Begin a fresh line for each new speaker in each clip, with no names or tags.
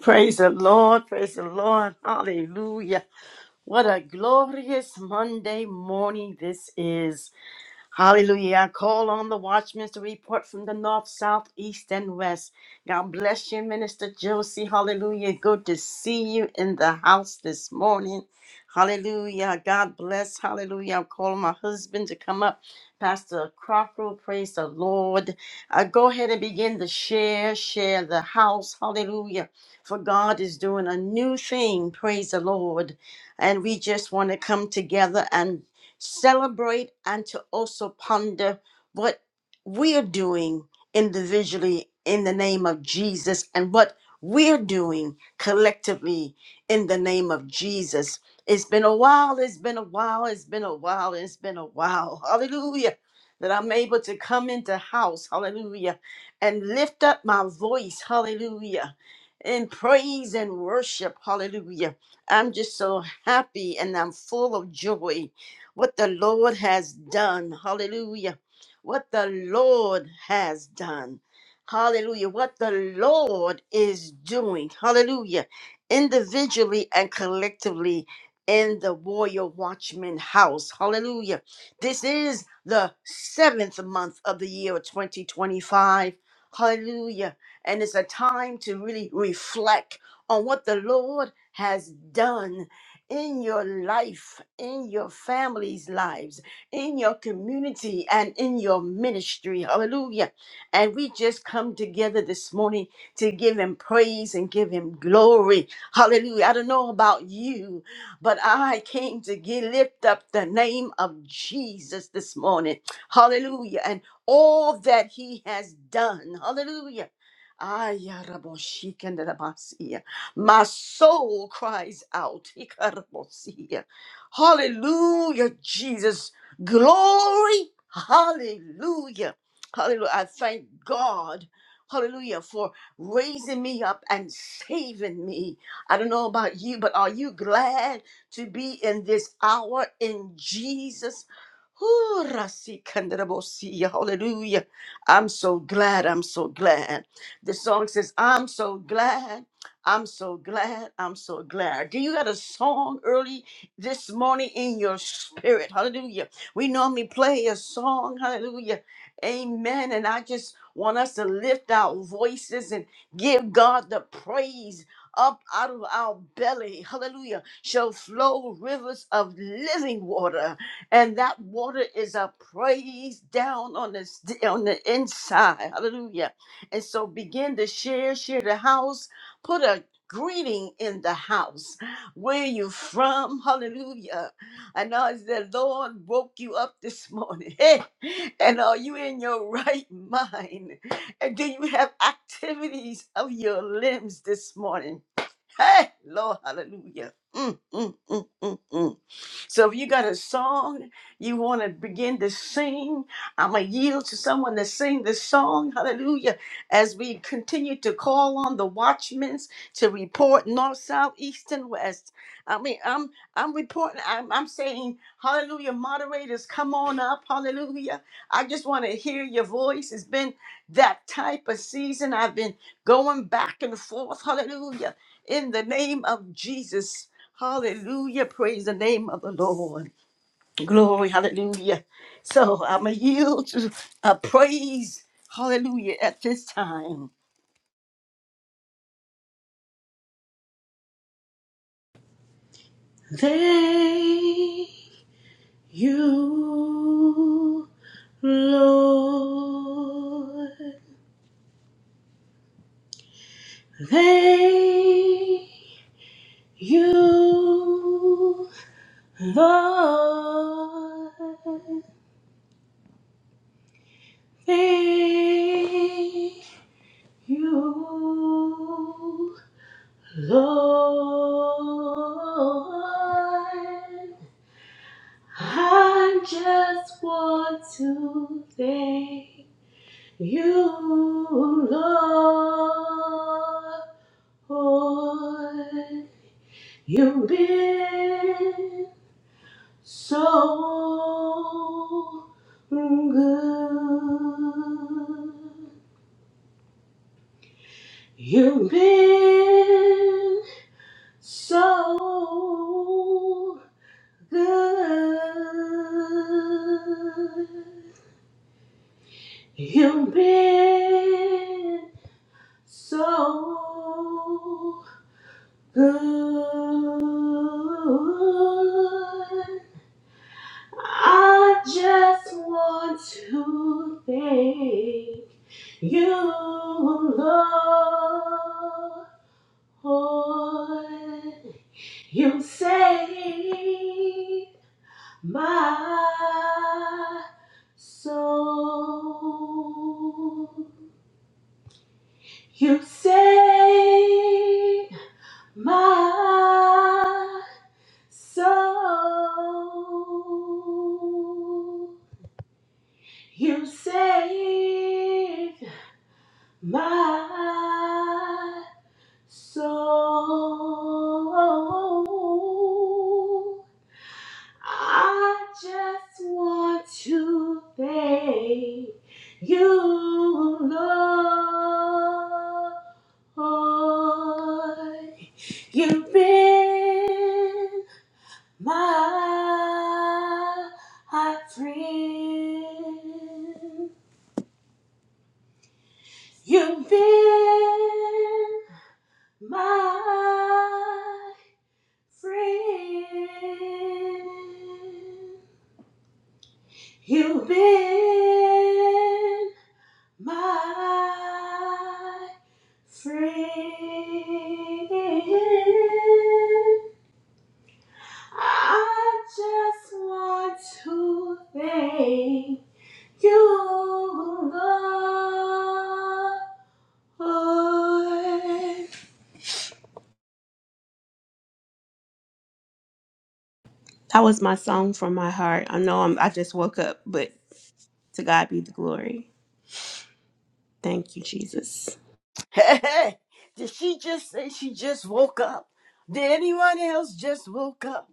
Praise the Lord, praise the Lord, hallelujah. What a glorious Monday morning this is. Hallelujah. I call on the watchmen to report from the north, south, east, and west. God bless you, Minister Josie. Hallelujah. Good to see you in the house this morning. Hallelujah. God bless. Hallelujah. I'm calling my husband to come up. Pastor Crocker, praise the Lord. Uh, go ahead and begin to share, share the house. Hallelujah. For God is doing a new thing. Praise the Lord. And we just want to come together and celebrate and to also ponder what we're doing individually in the name of Jesus and what we're doing collectively in the name of Jesus. It's been a while, it's been a while, it's been a while, it's been a while. Hallelujah. That I'm able to come into house, hallelujah, and lift up my voice, hallelujah, in praise and worship, hallelujah. I'm just so happy and I'm full of joy what the Lord has done. Hallelujah. What the Lord has done. Hallelujah. What the Lord is doing. Hallelujah. Individually and collectively in the Warrior Watchman house. Hallelujah. This is the seventh month of the year of 2025. Hallelujah. And it's a time to really reflect on what the Lord has done in your life, in your family's lives, in your community, and in your ministry. Hallelujah. And we just come together this morning to give him praise and give him glory. Hallelujah. I don't know about you, but I came to give, lift up the name of Jesus this morning. Hallelujah. And all that he has done. Hallelujah. Ay, ya rabo, shikanda rabasi. My soul cries out. Ikarabosia. Hallelujah, Jesus. Glory. Hallelujah. Hallelujah. I thank God. Hallelujah for raising me up and saving me. I don't know about you, but are you glad to be in this hour in Jesus? Ooh, Rasikandarabosia. Hallelujah. I'm so glad. I'm so glad. The song says, I'm so glad. I'm so glad. I'm so glad. Do you got a song early this morning in your spirit? Hallelujah. We normally play a song. Hallelujah. Amen. And I just want us to lift our voices and give God the praise. Up out of our belly, hallelujah, shall flow rivers of living water. And that water is a praise down on the, on the inside, hallelujah. And so begin to share, share the house put a greeting in the house. Where you from? Hallelujah. I know it's the Lord woke you up this morning. and are you in your right mind? And do you have activities of your limbs this morning? Hey, Lord, hallelujah. Mm, mm, mm, mm, mm. So if you got a song you want to begin to sing, I'm going to yield to someone to sing this song. Hallelujah. As we continue to call on the watchmen to report north, south, east, and west. I mean, I'm I'm reporting, I'm, I'm saying, hallelujah, moderators, come on up. Hallelujah. I just want to hear your voice. It's been that type of season. I've been going back and forth. Hallelujah. In the name of Jesus. Hallelujah. Praise the name of the Lord. Glory. Hallelujah. So I'm going to yield to a praise. Hallelujah. At this time.
Thank you, Lord. Thank you, Lord. Thank you, Lord. I just want to thank You, Lord, you've been so good. You've been so good. You've been so Good. I just want to thank you, Lord. You saved my soul. You saved my soul. You saved my soul. I just want to thank you, Lord. You've been my friend. You've been my friend. You've been my friend. I just want to thank you, Lord. That was my song from my heart. I know I'm, I just woke up, but to God be the glory. Thank you, Jesus.
Hey, hey, did she just say she just woke up? Did anyone else just woke up?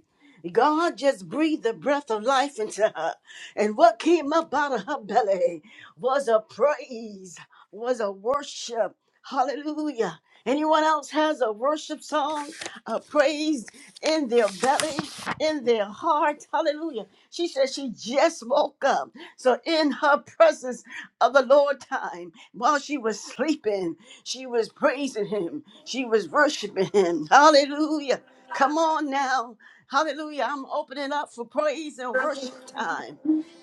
God just breathed the breath of life into her. And what came up out of her belly was a praise, was a worship. Hallelujah. Anyone else has a worship song, a praise in their belly, in their heart? Hallelujah. She said she just woke up. So, in her presence of the Lord time, while she was sleeping, she was praising him. She was worshiping him. Hallelujah. Come on now. Hallelujah. I'm opening up for praise and worship time.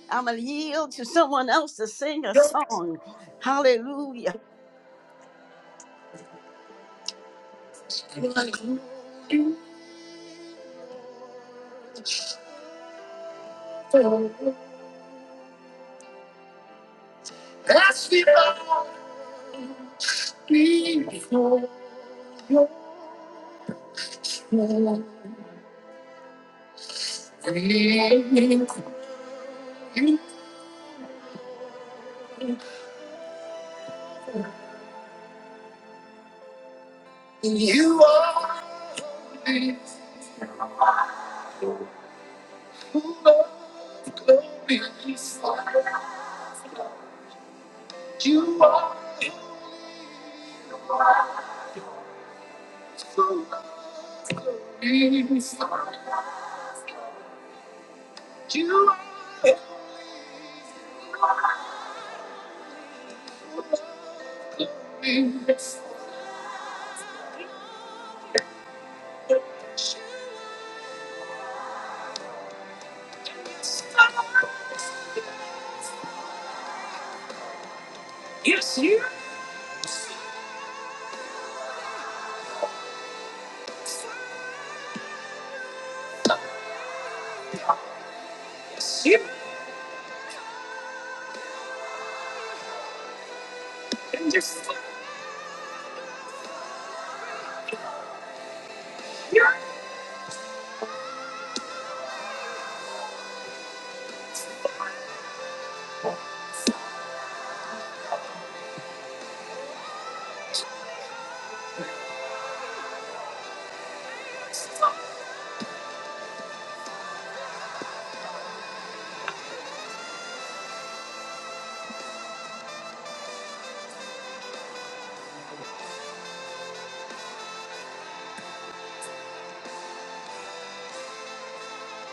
I'm going to yield to someone else to sing a song. Hallelujah.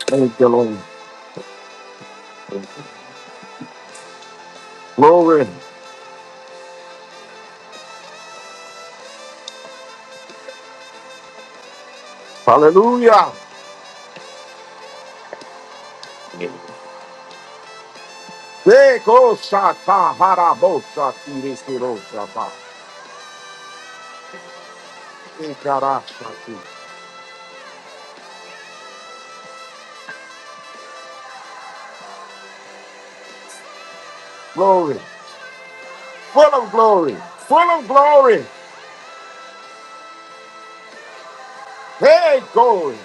Thank you, Lord. Glory. Hallelujah. Beko shata harabo shati restiro shata. Ikara shati. Glory. Full of glory. Full of glory. Hey, glory.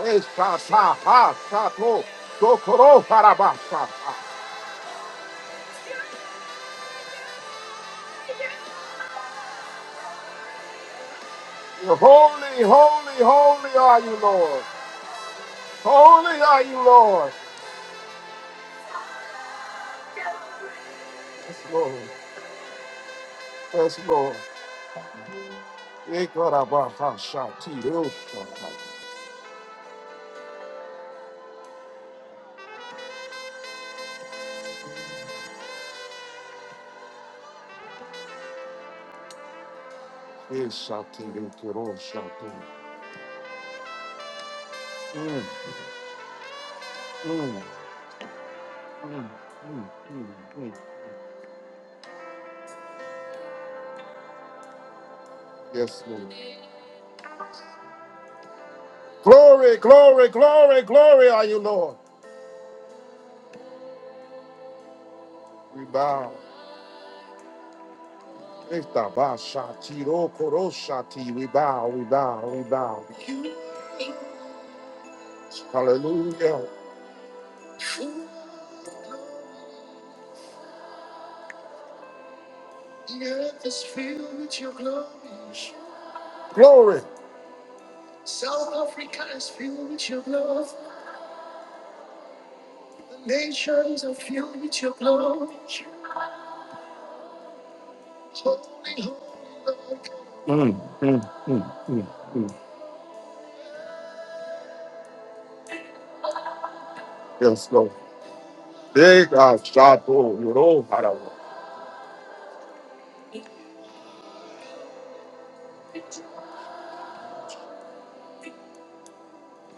Hey, shata ha shato. Dokoro haraba shata. You're Holy, holy, holy are you, Lord. Holy are you, Lord. Yes, Lord. Yes, Lord. Ikara ba ha shati ro shata. Mm. Yes, Lord. Glory, glory, glory, glory are you, Lord. We bow. Ektabashatirokorosati. We bow, we bow, we bow. Hallelujah. Glory. Mm, mm, mm, mm, mm. Yes, Lord. Ekashatoyoroharawa.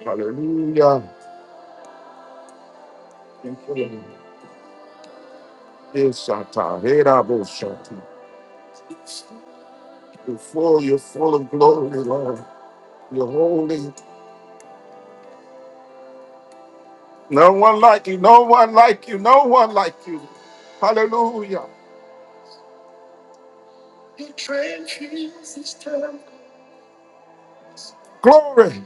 Hallelujah. Yes, Satan. You're full, you're full of glory, Lord. You're holy. No one like you, no one like you, no one like you. Hallelujah. Glory.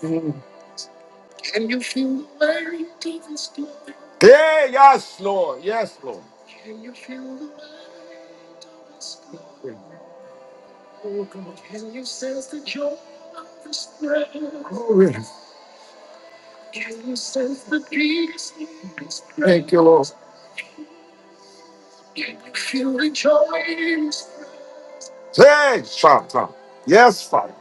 Mm. Yeah, yes, Lord. Yes, Lord. Glory. Thank you, Lord. Hey, Shanta. Yes, Father.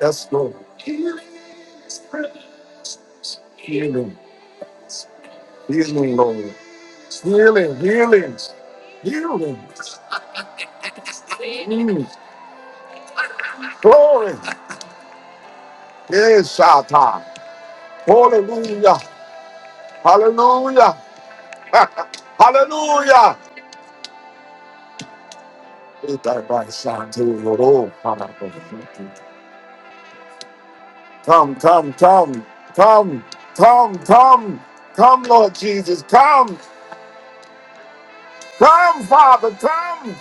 Yes, Lord. Mm. Healing, Lord. Healing, healings. Healing. Mm. Glory. Yes, Shanta. Hallelujah. Hallelujah. Hallelujah. Come, come, come, come, come, come, come, Lord Jesus, come, come, Father, come.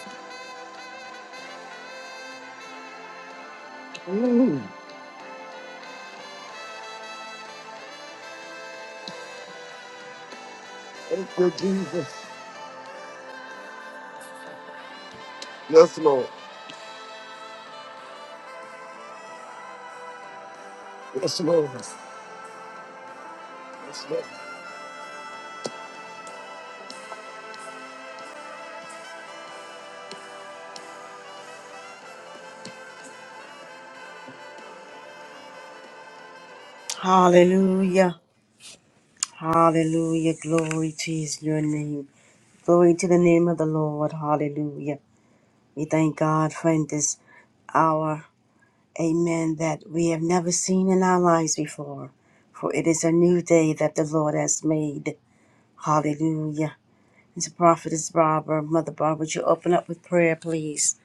Mm, Thank you, Jesus. Yes, Lord. Yes, Lord. Yes, Lord.
Hallelujah. Hallelujah. Glory to his your name. Glory to the name of the Lord. Hallelujah. We thank God for in this hour Amen. That we have never seen in our lives before. For it is a new day that the Lord has made. Hallelujah. It's a prophetess Barbara. Mother Barbara, would you open up with prayer, please?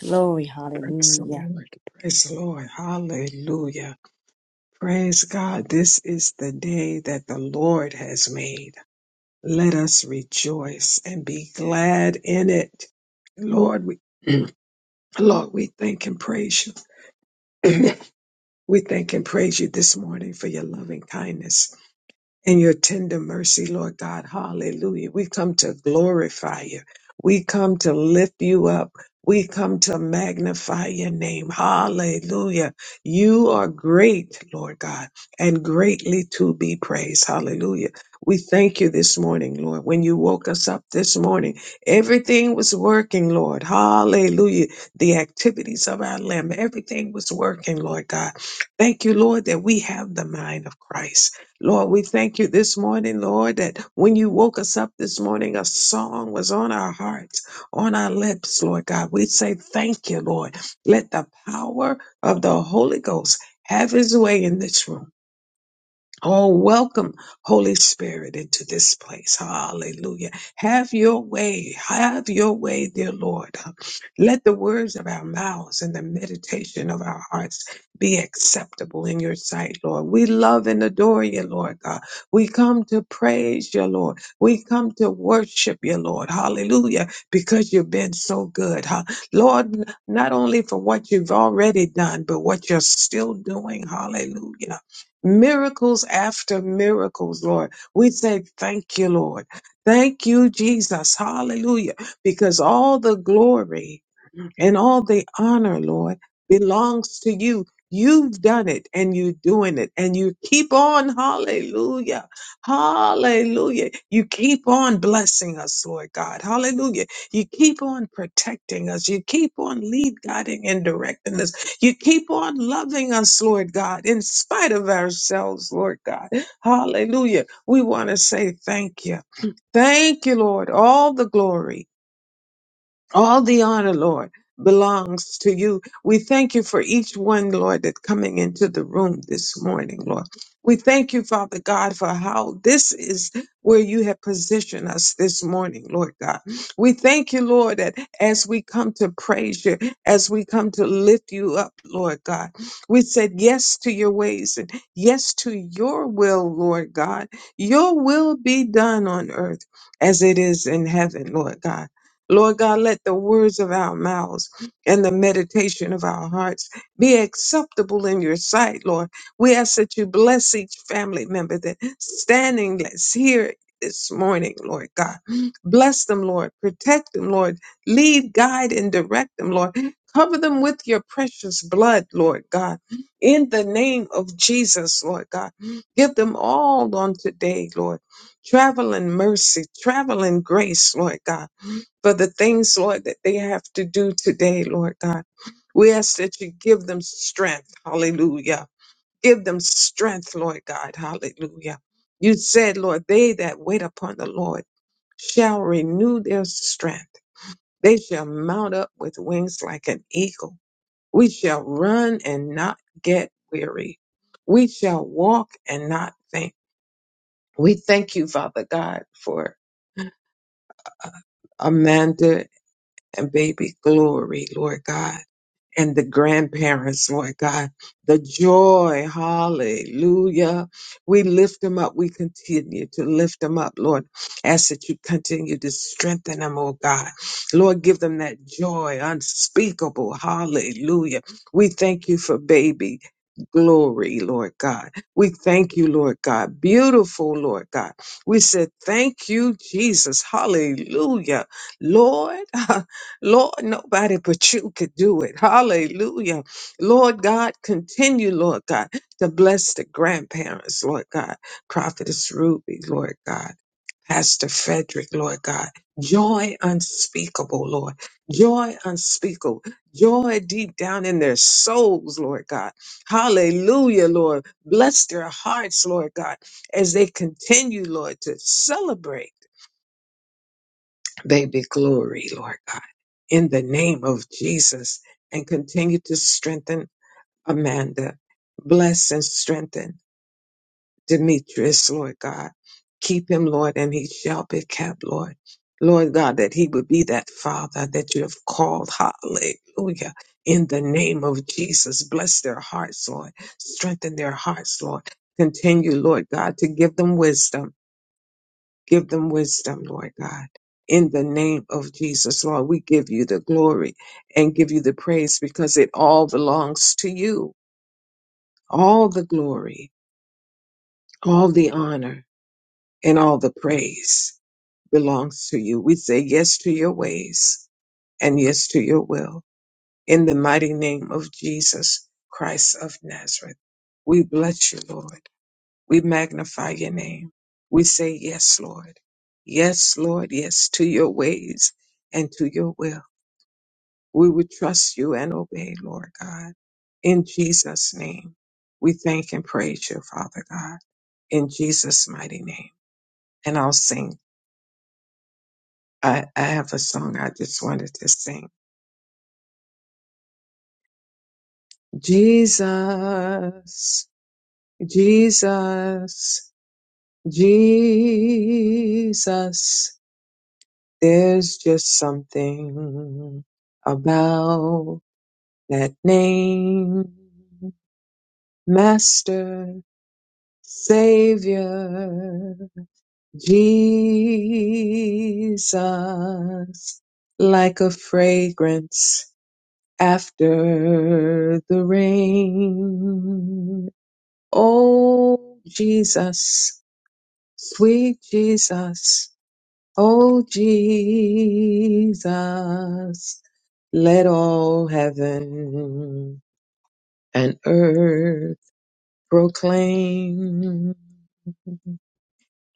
Glory.
Praise the
Hallelujah.
Lord. Praise the Lord. Hallelujah. Praise God. This is the day that the Lord has made. Let us rejoice and be glad in it. Lord, we, Lord, we thank and praise you. we thank and praise you this morning for your loving kindness. and your tender mercy, Lord God. Hallelujah. We come to glorify you. We come to lift you up. We come to magnify your name. Hallelujah. You are great, Lord God, and greatly to be praised. Hallelujah. We thank you this morning, Lord. When you woke us up this morning, everything was working, Lord. Hallelujah. The activities of our limb, everything was working, Lord God. Thank you, Lord, that we have the mind of Christ. Lord, we thank you this morning, Lord, that when you woke us up this morning, a song was on our hearts, on our lips, Lord God. We say thank you, Lord. Let the power of the Holy Ghost have his way in this room. Oh, welcome, Holy Spirit, into this place. Hallelujah. Have your way. Have your way, dear Lord. Let the words of our mouths and the meditation of our hearts be acceptable in your sight, Lord. We love and adore you, Lord God. We come to praise you, Lord. We come to worship you, Lord. Hallelujah. Because you've been so good, huh? Lord, n- not only for what you've already done, but what you're still doing. Hallelujah miracles after miracles, Lord. We say thank you, Lord. Thank you, Jesus. Hallelujah. Because all the glory and all the honor, Lord, belongs to you. You've done it and you're doing it and you keep on. Hallelujah. Hallelujah. You keep on blessing us, Lord God. Hallelujah. You keep on protecting us. You keep on lead guiding and directing us. You keep on loving us, Lord God, in spite of ourselves, Lord God. Hallelujah. We want to say thank you. Thank you, Lord. All the glory. All the honor, Lord, belongs to you. We thank you for each one, Lord, that coming into the room this morning, Lord. We thank you, Father God, for how this is where you have positioned us this morning, Lord God. We thank you, Lord, that as we come to praise you, as we come to lift you up, Lord God, we said yes to your ways and yes to your will, Lord God. Your will be done on earth as it is in heaven, Lord God. Lord God, let the words of our mouths and the meditation of our hearts be acceptable in your sight, Lord. We ask that you bless each family member that standing that's here this morning, Lord God. Bless them, Lord. Protect them, Lord. Lead, guide, and direct them, Lord. Cover them with your precious blood, Lord God. In the name of Jesus, Lord God. Give them all on today, Lord. Travel in mercy, travel in grace, Lord God for the things, Lord, that they have to do today, Lord God. We ask that you give them strength. Hallelujah. Give them strength, Lord God. Hallelujah. You said, Lord, they that wait upon the Lord shall renew their strength. They shall mount up with wings like an eagle. We shall run and not get weary. We shall walk and not faint. We thank you, Father God, for Amanda and baby glory, Lord God. and the grandparents, Lord God, the joy, hallelujah. We lift them up. We continue to lift them up, Lord. Ask that you continue to strengthen them, oh God. Lord, give them that joy unspeakable, hallelujah. We thank you for baby. Glory, Lord God. We thank you, Lord God. Beautiful, Lord God. We said, Thank you, Jesus. Hallelujah. Lord, Lord, nobody but you could do it. Hallelujah. Lord God, continue, Lord God, to bless the grandparents, Lord God. Prophetess Ruby, Lord God. Pastor Frederick, Lord God. Joy unspeakable, Lord. Joy unspeakable. Joy deep down in their souls, Lord God. Hallelujah, Lord. Bless their hearts, Lord God, as they continue, Lord, to celebrate. They be glory, Lord God, in the name of Jesus, and continue to strengthen Amanda. Bless and strengthen Demetrius, Lord God. Keep him, Lord, and he shall be kept, Lord. Lord God, that he would be that father that you have called. Hallelujah. In the name of Jesus, bless their hearts, Lord. Strengthen their hearts, Lord. Continue, Lord God, to give them wisdom Give them wisdom, Lord God. In the name of Jesus, Lord, we give you the glory and give you the praise because it all belongs to you. All the glory, all the honor, and all the praise belongs to you. We say yes to your ways and yes to your will. In the mighty name of Jesus Christ of Nazareth, we bless you, Lord. We magnify your name. We say, Yes, Lord. Yes, Lord. Yes, to your ways and to your will. We would trust you and obey, Lord God. In Jesus' name, we thank and praise you, Father God. In Jesus' mighty name. And I'll sing. I, I have a song I just wanted to sing. Jesus, Jesus, Jesus. There's just something about that name, Master, Savior, Jesus, like a fragrance after the rain. Oh, Jesus, sweet Jesus. O Jesus, let all heaven and earth proclaim.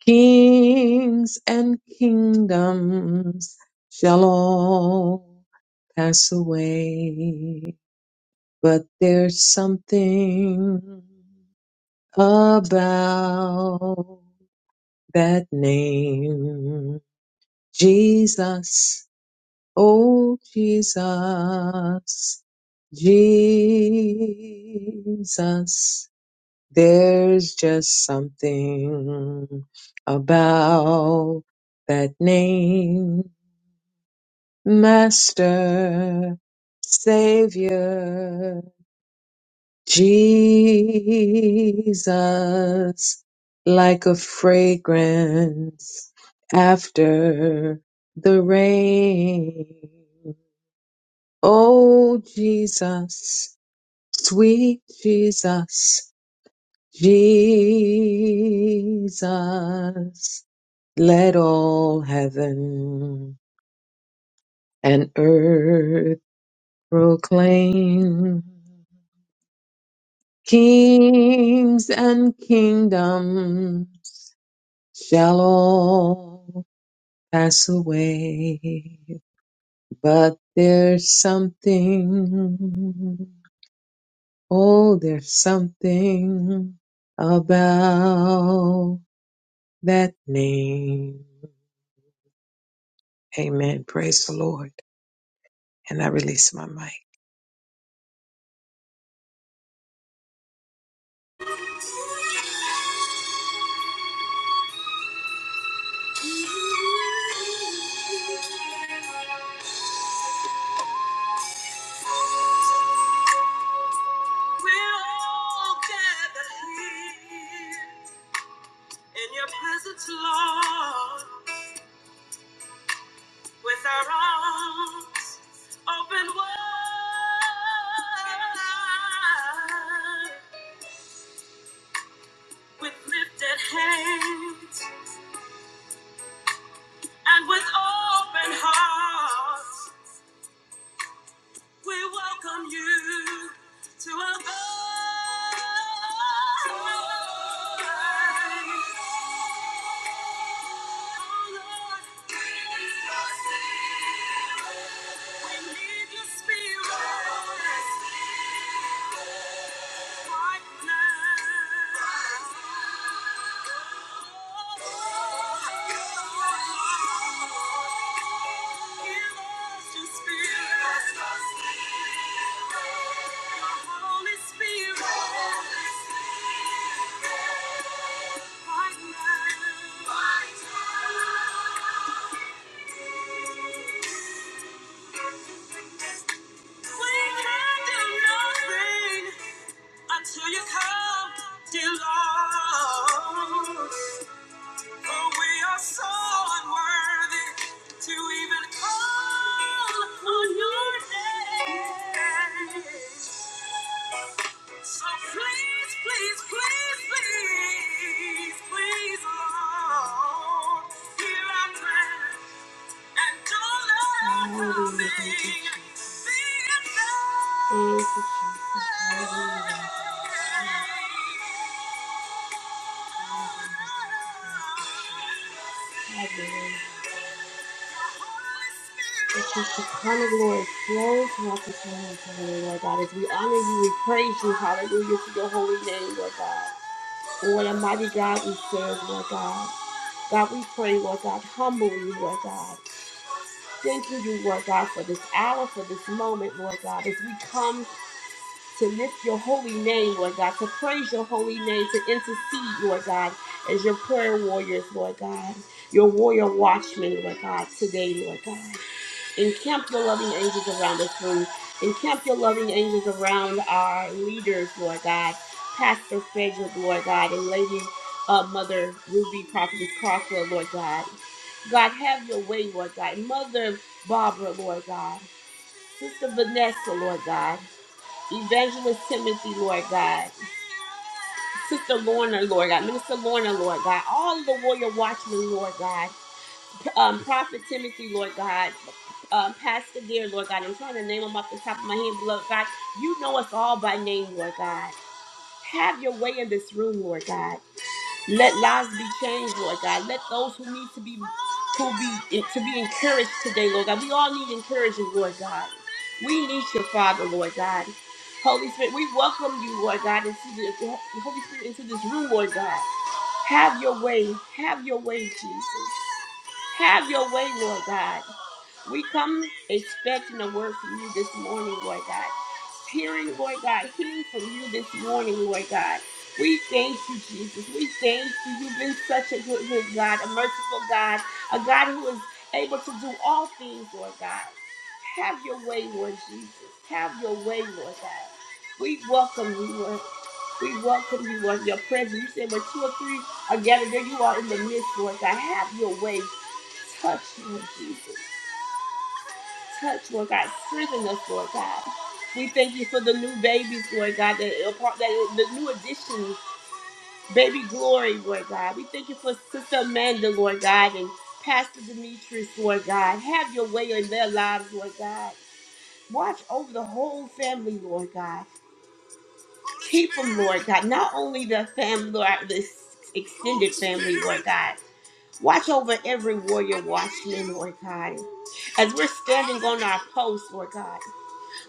Kings and kingdoms shall all pass away, but there's something about that name, Jesus. Oh Jesus, Jesus, there's just something about that name, Master, Savior, Jesus, like a fragrance after the rain. Oh Jesus, sweet Jesus, Jesus, let all heaven and earth proclaim. Kings and kingdoms shall all pass away, but there's something Oh, there's something about that name. Amen. Praise the Lord. And I release my mic.
We'll gather here. In your presence, Lord, with our arms open wide, with lifted hands and with open hearts, we welcome you to our God. We need your spirit. We can do nothing. until you come, dear Lord. For we are so unworthy to even call on your name. So please, please, please, please, please, Lord, hear our prayer. Hallelujah. Thank you, Jesus. Thank you, Jesus. Hallelujah. Hallelujah. That your Shekinah glory flow throughout this room today, Lord God, as we honor you, we praise you, hallelujah, for your holy name, Lord God. And what a mighty God we serve, Lord God. God, we pray, Lord God, humbly, Lord God. Thank you, you Lord God, for this hour, for this moment, Lord God, as we come to lift your holy name, Lord God, to praise your holy name, to intercede, Lord God, as your prayer warriors, Lord God, your warrior watchmen, Lord God, today, Lord God. Encamp your loving angels around this room. Encamp your loving angels around our leaders, Lord God. Pastor Frederick, Lord God, and Lady uh, Mother Ruby Prophetess Crosswell, Lord God. God, have your way, Lord God. Mother Barbara, Lord God. Sister Vanessa, Lord God. Evangelist Timothy, Lord God. Sister Lorna, Lord God. Minister Lorna, Lord God. All of the warrior watchmen, Lord God. Um, Prophet Timothy, Lord God um, Pastor Dear, Lord God. I'm trying to name them off the top of my head, Lord God. You know us all by name, Lord God. Have your way in this room, Lord God. Let lives be changed, Lord God. Let those who need to be who be to be encouraged today, Lord God. We all need encouraging, Lord God. We need your Father, Lord God. Holy Spirit, we welcome you, Lord God, into the Holy Spirit into this room, Lord God. Have your way. Have your way, Jesus. Have your way, Lord God. We come expecting a word from you this morning, Lord God. Hearing, Lord God, hearing from you this morning, Lord God. We thank you, Jesus. We thank you. You've been such a good, good God, a merciful God, a God who is able to do all things, Lord God. Have your way, Lord Jesus. Have your way, Lord God. We welcome you, Lord. We welcome you, Lord, your presence. You said when two or three are gathered, there you are in the midst, Lord God. Have your way. Touch, Lord Jesus. Touch, Lord God. Strengthen us, Lord God. We thank you for the new babies, Lord God, that, that the new additions, baby glory, Lord God. We thank you for Sister Amanda, Lord God, and Pastor Demetrius, Lord God. Have your way in their lives, Lord God. Watch over the whole family, Lord God. Keep them, Lord God. Not only the family, Lord, the extended family, Lord God. Watch over every warrior watchman, Lord God. As we're standing on our post, Lord God.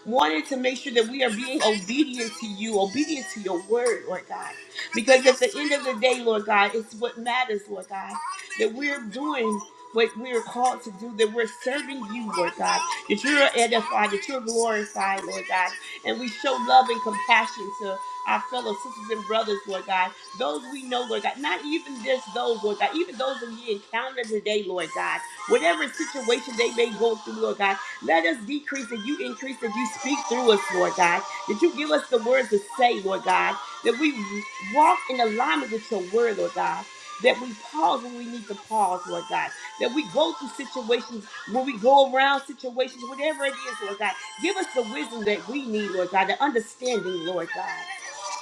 wanting to make sure that we are being obedient to you, obedient to your word, Lord God. Because at the end of the day, Lord God, it's what matters, Lord God, that we're doing what we're called to do, that we're serving you, Lord God, that you're edified, that you're glorified, Lord God, and we show love and compassion to our fellow sisters and brothers, Lord God, those we know, Lord God, not even just those, Lord God, even those that we encounter today, Lord God, whatever situation they may go through, Lord God, let us decrease and you increase that you speak through us, Lord God. That you give us the words to say, Lord God. That we walk in alignment with your word, Lord God. That we pause when we need to pause, Lord God. That we go through situations, when we go around situations, whatever it is, Lord God. Give us the wisdom that we need, Lord God, the understanding, Lord God.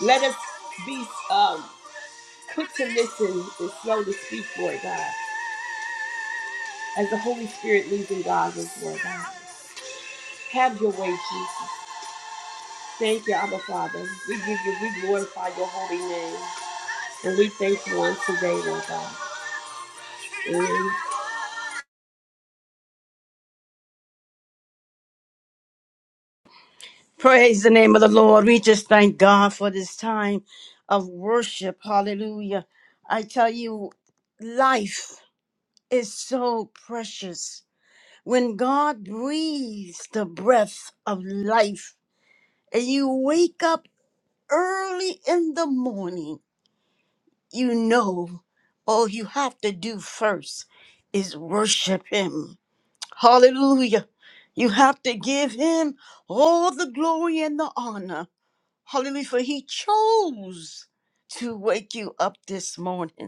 Let us be um, quick to listen and slow to speak, Lord God, as the Holy Spirit leads and guides us, Lord God. Have your way, Jesus. Thank you, Abba Father. We give you, we glorify your holy name. And we thank you on today, Lord God. Amen.
Praise the name of the Lord. We just thank God for this time of worship. Hallelujah. I tell you, life is so precious. When God breathes the breath of life and you wake up early in the morning, you know all you have to do first is worship Him. Hallelujah. You have to give Him all the glory and the honor. Hallelujah. For He chose to wake you up this morning.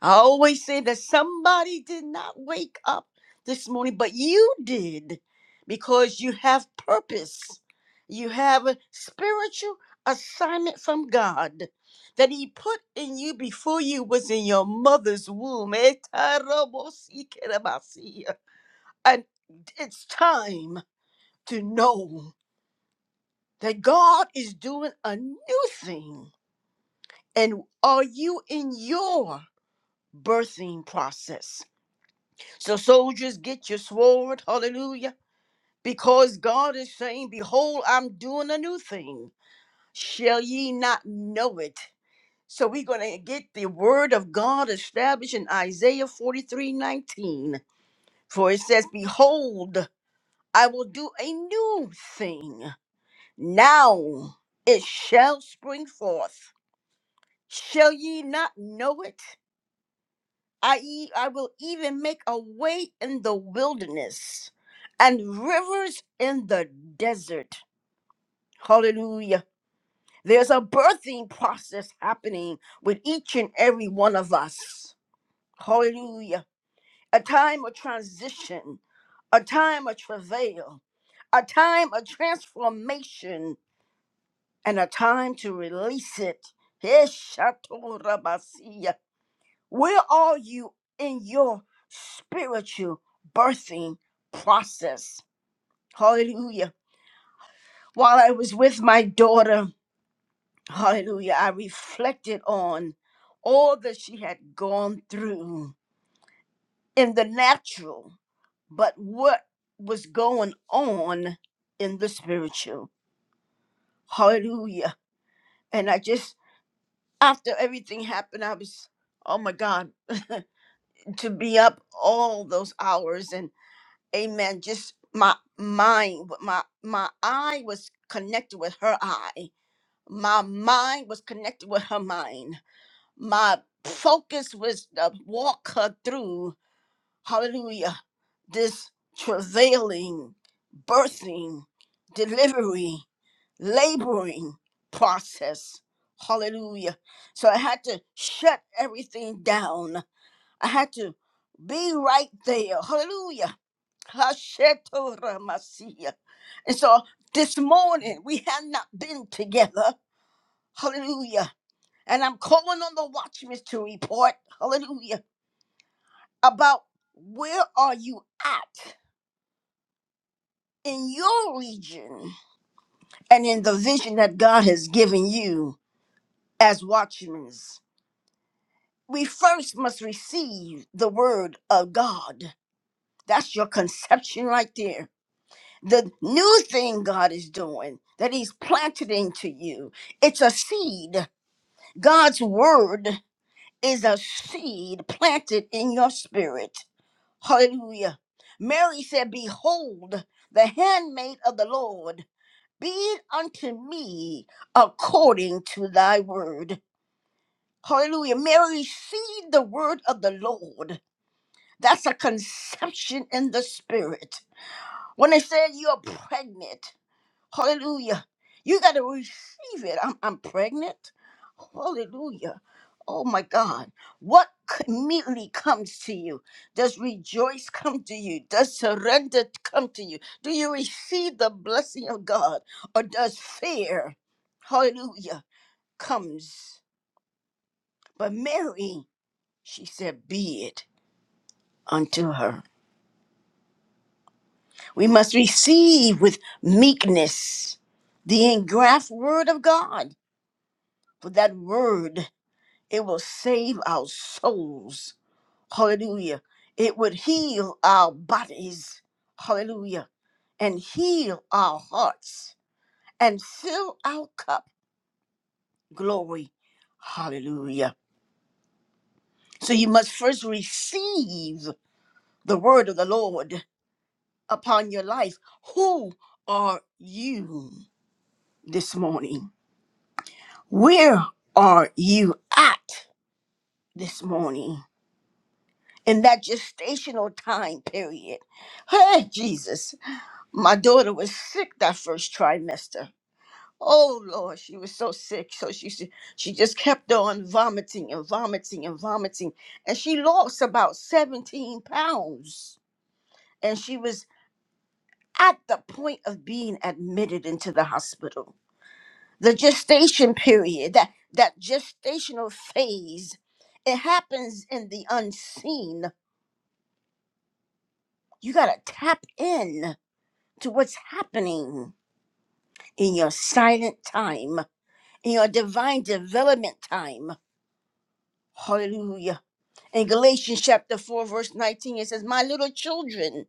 I always say that somebody did not wake up this morning, but you did because you have purpose. You have a spiritual assignment from God that He put in you before you was in your mother's womb. Etarabosikerabasi. And it's time to know that God is doing a new thing. And are you in your birthing process? So, soldiers, get your sword. Hallelujah. Because God is saying, Behold, I'm doing a new thing. Shall ye not know it? So, we're going to get the word of God established in Isaiah 43:19, For it says, Behold, I will do a new thing. Now it shall spring forth. Shall ye not know it? I, e- I will even make a way in the wilderness and rivers in the desert. Hallelujah. There's a birthing process happening with each and every one of us. Hallelujah. A time of transition, a time of travail, a time of transformation, and a time to release it. Heshatorabasia. Where are you in your spiritual birthing process? Hallelujah. While I was with my daughter, hallelujah, I reflected on all that she had gone through in the natural, but what was going on in the spiritual. Hallelujah. And I just, after everything happened, I was, oh my God, to be up all those hours and. amen just my mind my my eye was connected with her eye my mind was connected with her mind my focus was to walk her through hallelujah this travailing birthing delivery laboring process hallelujah so i had to shut everything down i had to be right there hallelujah Hasheto Ramasia. And so this morning we have not been together. Hallelujah. And I'm calling on the watchmen to report, hallelujah, about where are you at in your region and in the vision that God has given you as watchmen. We first must receive the word of God. That's your conception right there. the new thing God is doing that He's planted into you. It's a seed. God's word is a seed planted in your spirit. Hallelujah. Mary said, Behold, the handmaid of the Lord, be it unto me according to thy word. Hallelujah. Mary received the word of the Lord. That's a conception in the spirit. When they said you're pregnant, Hallelujah. You got to receive it. I'm, I'm pregnant. Hallelujah. Oh my God. What immediately comes to you? Does rejoice come to you? Does surrender come to you? Do you receive the blessing of God? Or does fear, hallelujah, comes? But Mary, she said, be it unto her. We must receive with meekness the engraft word of God. For that word It will save our souls. Hallelujah. It would heal our bodies. Hallelujah. And heal our hearts and fill our cup. Glory. Hallelujah. So you must first receive the word of the Lord upon your life. Who are you this morning? Where are you at this morning in that gestational time period? Hey, Jesus. My daughter was sick that first trimester. Oh Lord, she was so sick. So she she she just kept on vomiting and vomiting and vomiting, and she lost about seventeen pounds. And she was at the point of being admitted into the hospital. The gestation period, that that gestational phase, it happens in the unseen. You gotta tap in to what's happening in your silent time in your divine development time. Hallelujah. In Galatians chapter 4, verse 19, it says, My little children,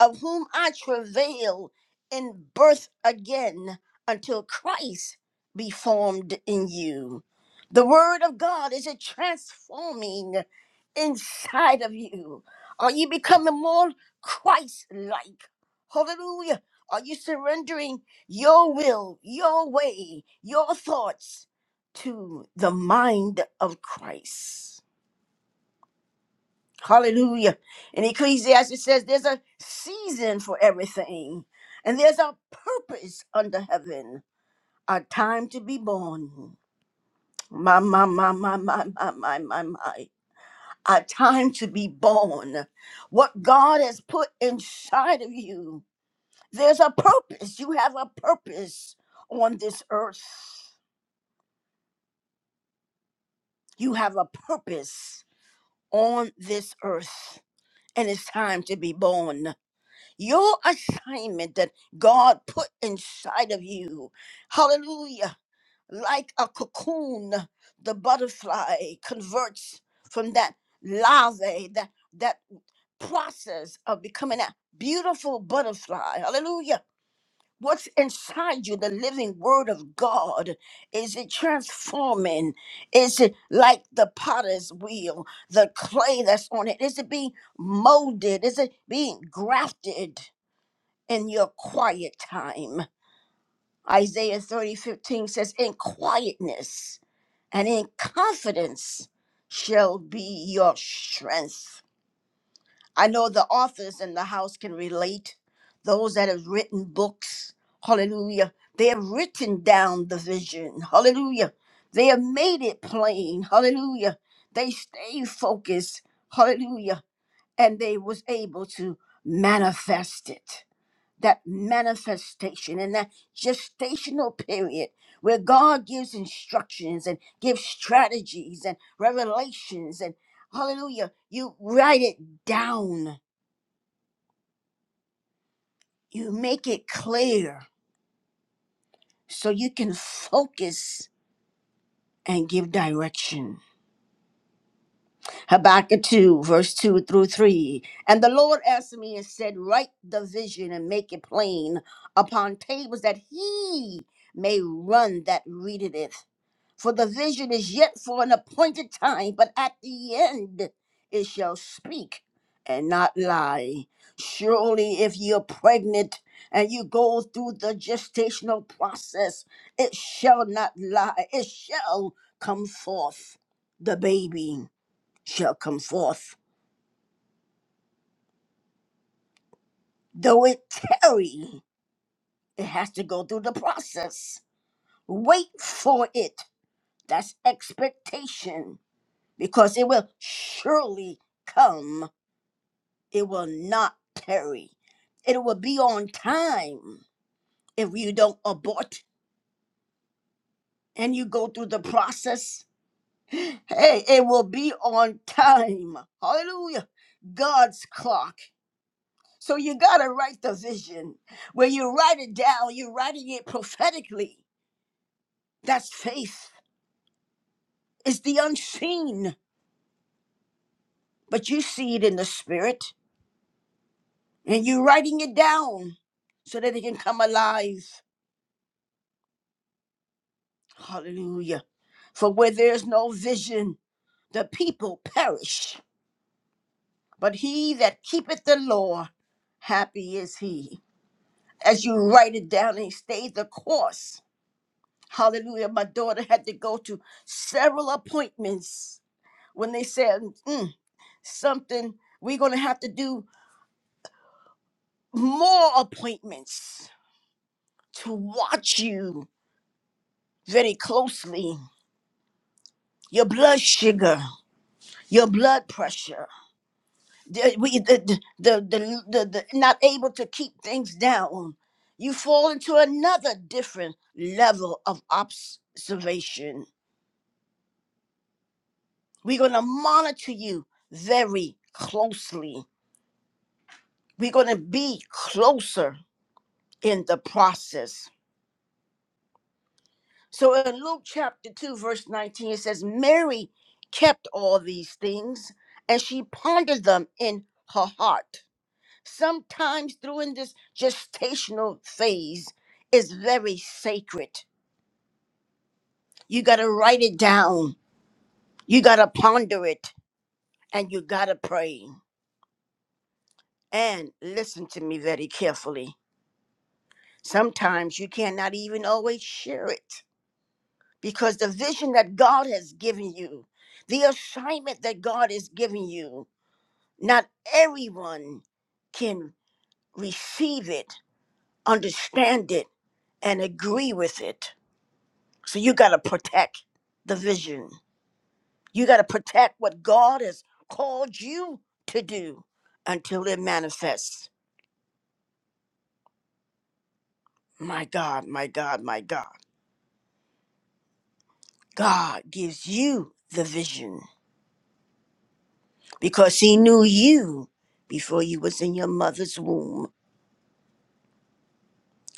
of whom I travail in birth again until Christ be formed in you. The word of God is a transforming inside of you. Are you becoming more Christ like? Hallelujah. Are you surrendering your will, your way, your thoughts to the mind of Christ? Hallelujah. And Ecclesiastes says there's a season for everything, and there's a purpose under heaven, a time to be born. My, my, my, my, my, my, my, my, my. A time to be born. What God has put inside of you, there's a purpose. You have a purpose on this earth. You have a purpose on this earth, and it's time to be born. your assignment that God put inside of you. Hallelujah. Like a cocoon, the butterfly converts from that larvae, that, that process of becoming a beautiful butterfly. Hallelujah. What's inside you, the living word of God, is it transforming? Is it like the potter's wheel, the clay that's on it? Is it being molded? Is it being grafted? in your quiet time. Isaiah 30 15 says, In quietness and in confidence shall be your strength. I know the authors in the house can relate, those that have written books. Hallelujah. They have written down the vision. Hallelujah. They have made it plain. Hallelujah. They stay focused. Hallelujah. And they was able to manifest it that manifestation and that gestational period where God gives instructions and gives strategies and revelations and hallelujah, you write it down, you make it clear so you can focus and give direction. Habakkuk 2, verse 2 through 3. And the Lord asked me and said, Write the vision and make it plain upon tables that he may run that readeth it. For the vision is yet for an appointed time, but at the end it shall speak and not lie. Surely, if you're pregnant and you go through the gestational process, it shall not lie. It shall come forth. The baby shall come forth. Though it tarry, it has to go through the process. Wait for it. That's expectation because it will surely come It will not tarry. It will be on time if you don't abort and you go through the process. Hey, it will be on time. Hallelujah. God's clock. So you got to write the vision. When you write it down, you're writing it prophetically. That's faith. It's the unseen, but you see it in the spirit and you're writing it down so that it can come alive. Hallelujah. For where there's no vision, the people perish, but he that keepeth the law, happy is he. As you write it down and stay the course. Hallelujah. My daughter had to go to several appointments when they said "Mm, something, we're going to have to do more appointments to watch you very closely. Your blood sugar, your blood pressure. the, uh, we, the, the, the, the, the, the not able to keep things down. You fall into another different level of observation. We're going to monitor you very closely. We're going to be closer in the process. So in Luke chapter 2, verse 19, it says, Mary kept all these things and she pondered them in her heart. sometimes during this gestational phase is very sacred. You got to write it down, you got to ponder it, and you got to pray. And listen to me very carefully. Sometimes you cannot even always share it because the vision that God has given you, the assignment that God is giving you, not everyone can receive it, understand it, and agree with it. So you got to protect the vision. You got to protect what God has called you to do until it manifests. My God, my God, my God. God gives you the vision because he knew you before you was in your mother's womb.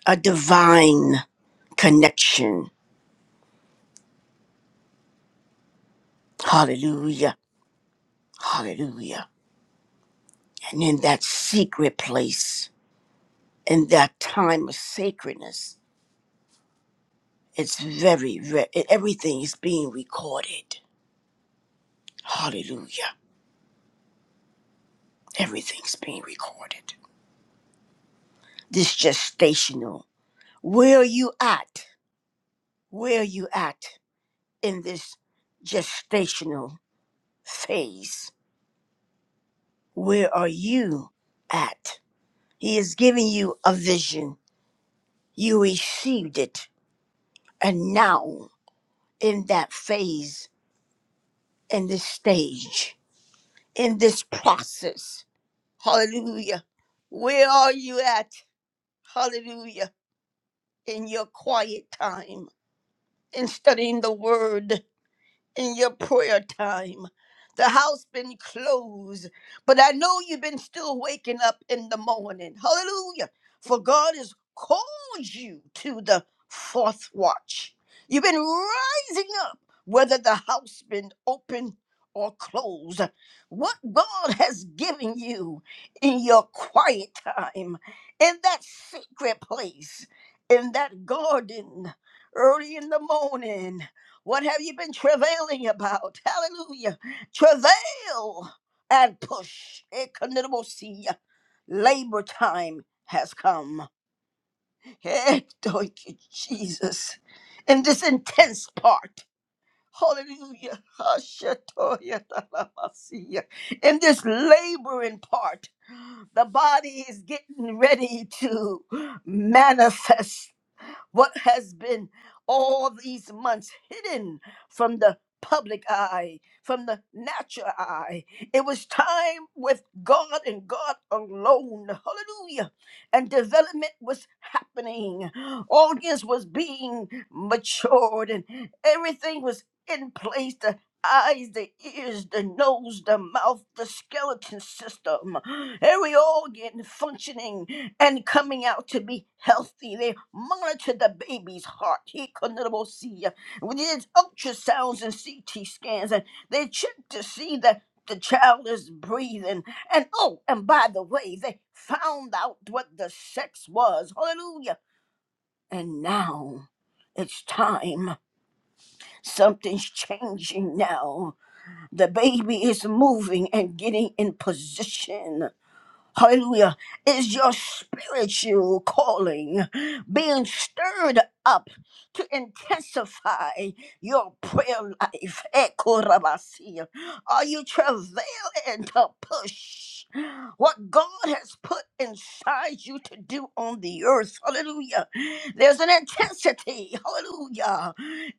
A divine connection. Hallelujah. Hallelujah. And in that secret place, in that time of sacredness, It's very, very, e, everything is being recorded. Hallelujah. Everything's being recorded. This gestational. Where are you at? Where are you at in this gestational phase? Where are you at? He is giving you a vision. You received it. And now, in that phase, in this stage, in this process, hallelujah. Where are you at? Hallelujah. In your quiet time in studying the word in your prayer time. The house been closed, but I know you've been still waking up in the morning. Hallelujah. For God has called you to the fourth watch. You've been rising up, whether the house been open or closed. What God has given you in your quiet time, in that secret place, in that garden, early in the morning. What have you been travailing about? Hallelujah. Travail and push. Economosia. Labor time has come. Eh, Thank you, Jesus. In this intense part. Hallelujah. Hashatoya talamasia. In this laboring part, the body is getting ready to manifest what has been all these months hidden from the public eye, from the natural eye. It was time with God and God alone. Hallelujah. And development was happening. Audience was being matured and everything was in place eyes, the ears, the nose, the mouth, the skeleton system, every organ functioning and coming out to be healthy. They monitor the baby's heart. He could not see. We did ultrasounds and CT scans, and they check to see that the child is breathing. And oh, and by the way, they found out what the sex was. Hallelujah. And now it's time. Something's changing now. The baby is moving and getting in position. Hallelujah. Is your spiritual calling being stirred up to intensify your prayer life? Ekorabasia. Are you travailing to push what God has put inside you to do on the earth? Hallelujah. There's an intensity. Hallelujah.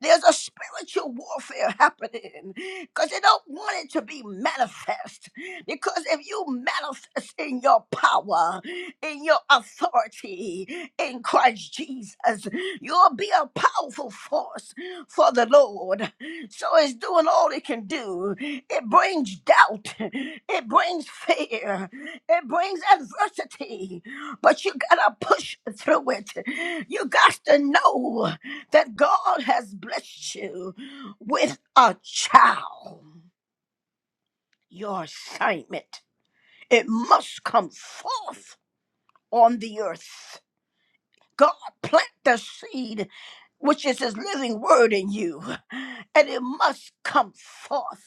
There's a spiritual warfare happening because they don't want it to be manifest. Because if you manifest in your power, in your authority in Christ Jesus, you'll be a powerful force for the Lord. So it's doing all it can do. It brings doubt, it brings fear, it brings adversity, but you gotta push through it. You got to know that God has blessed you with a child. Your assignment, it must come forth on the earth. God plant the seed, which is his living word in you, and it must come forth.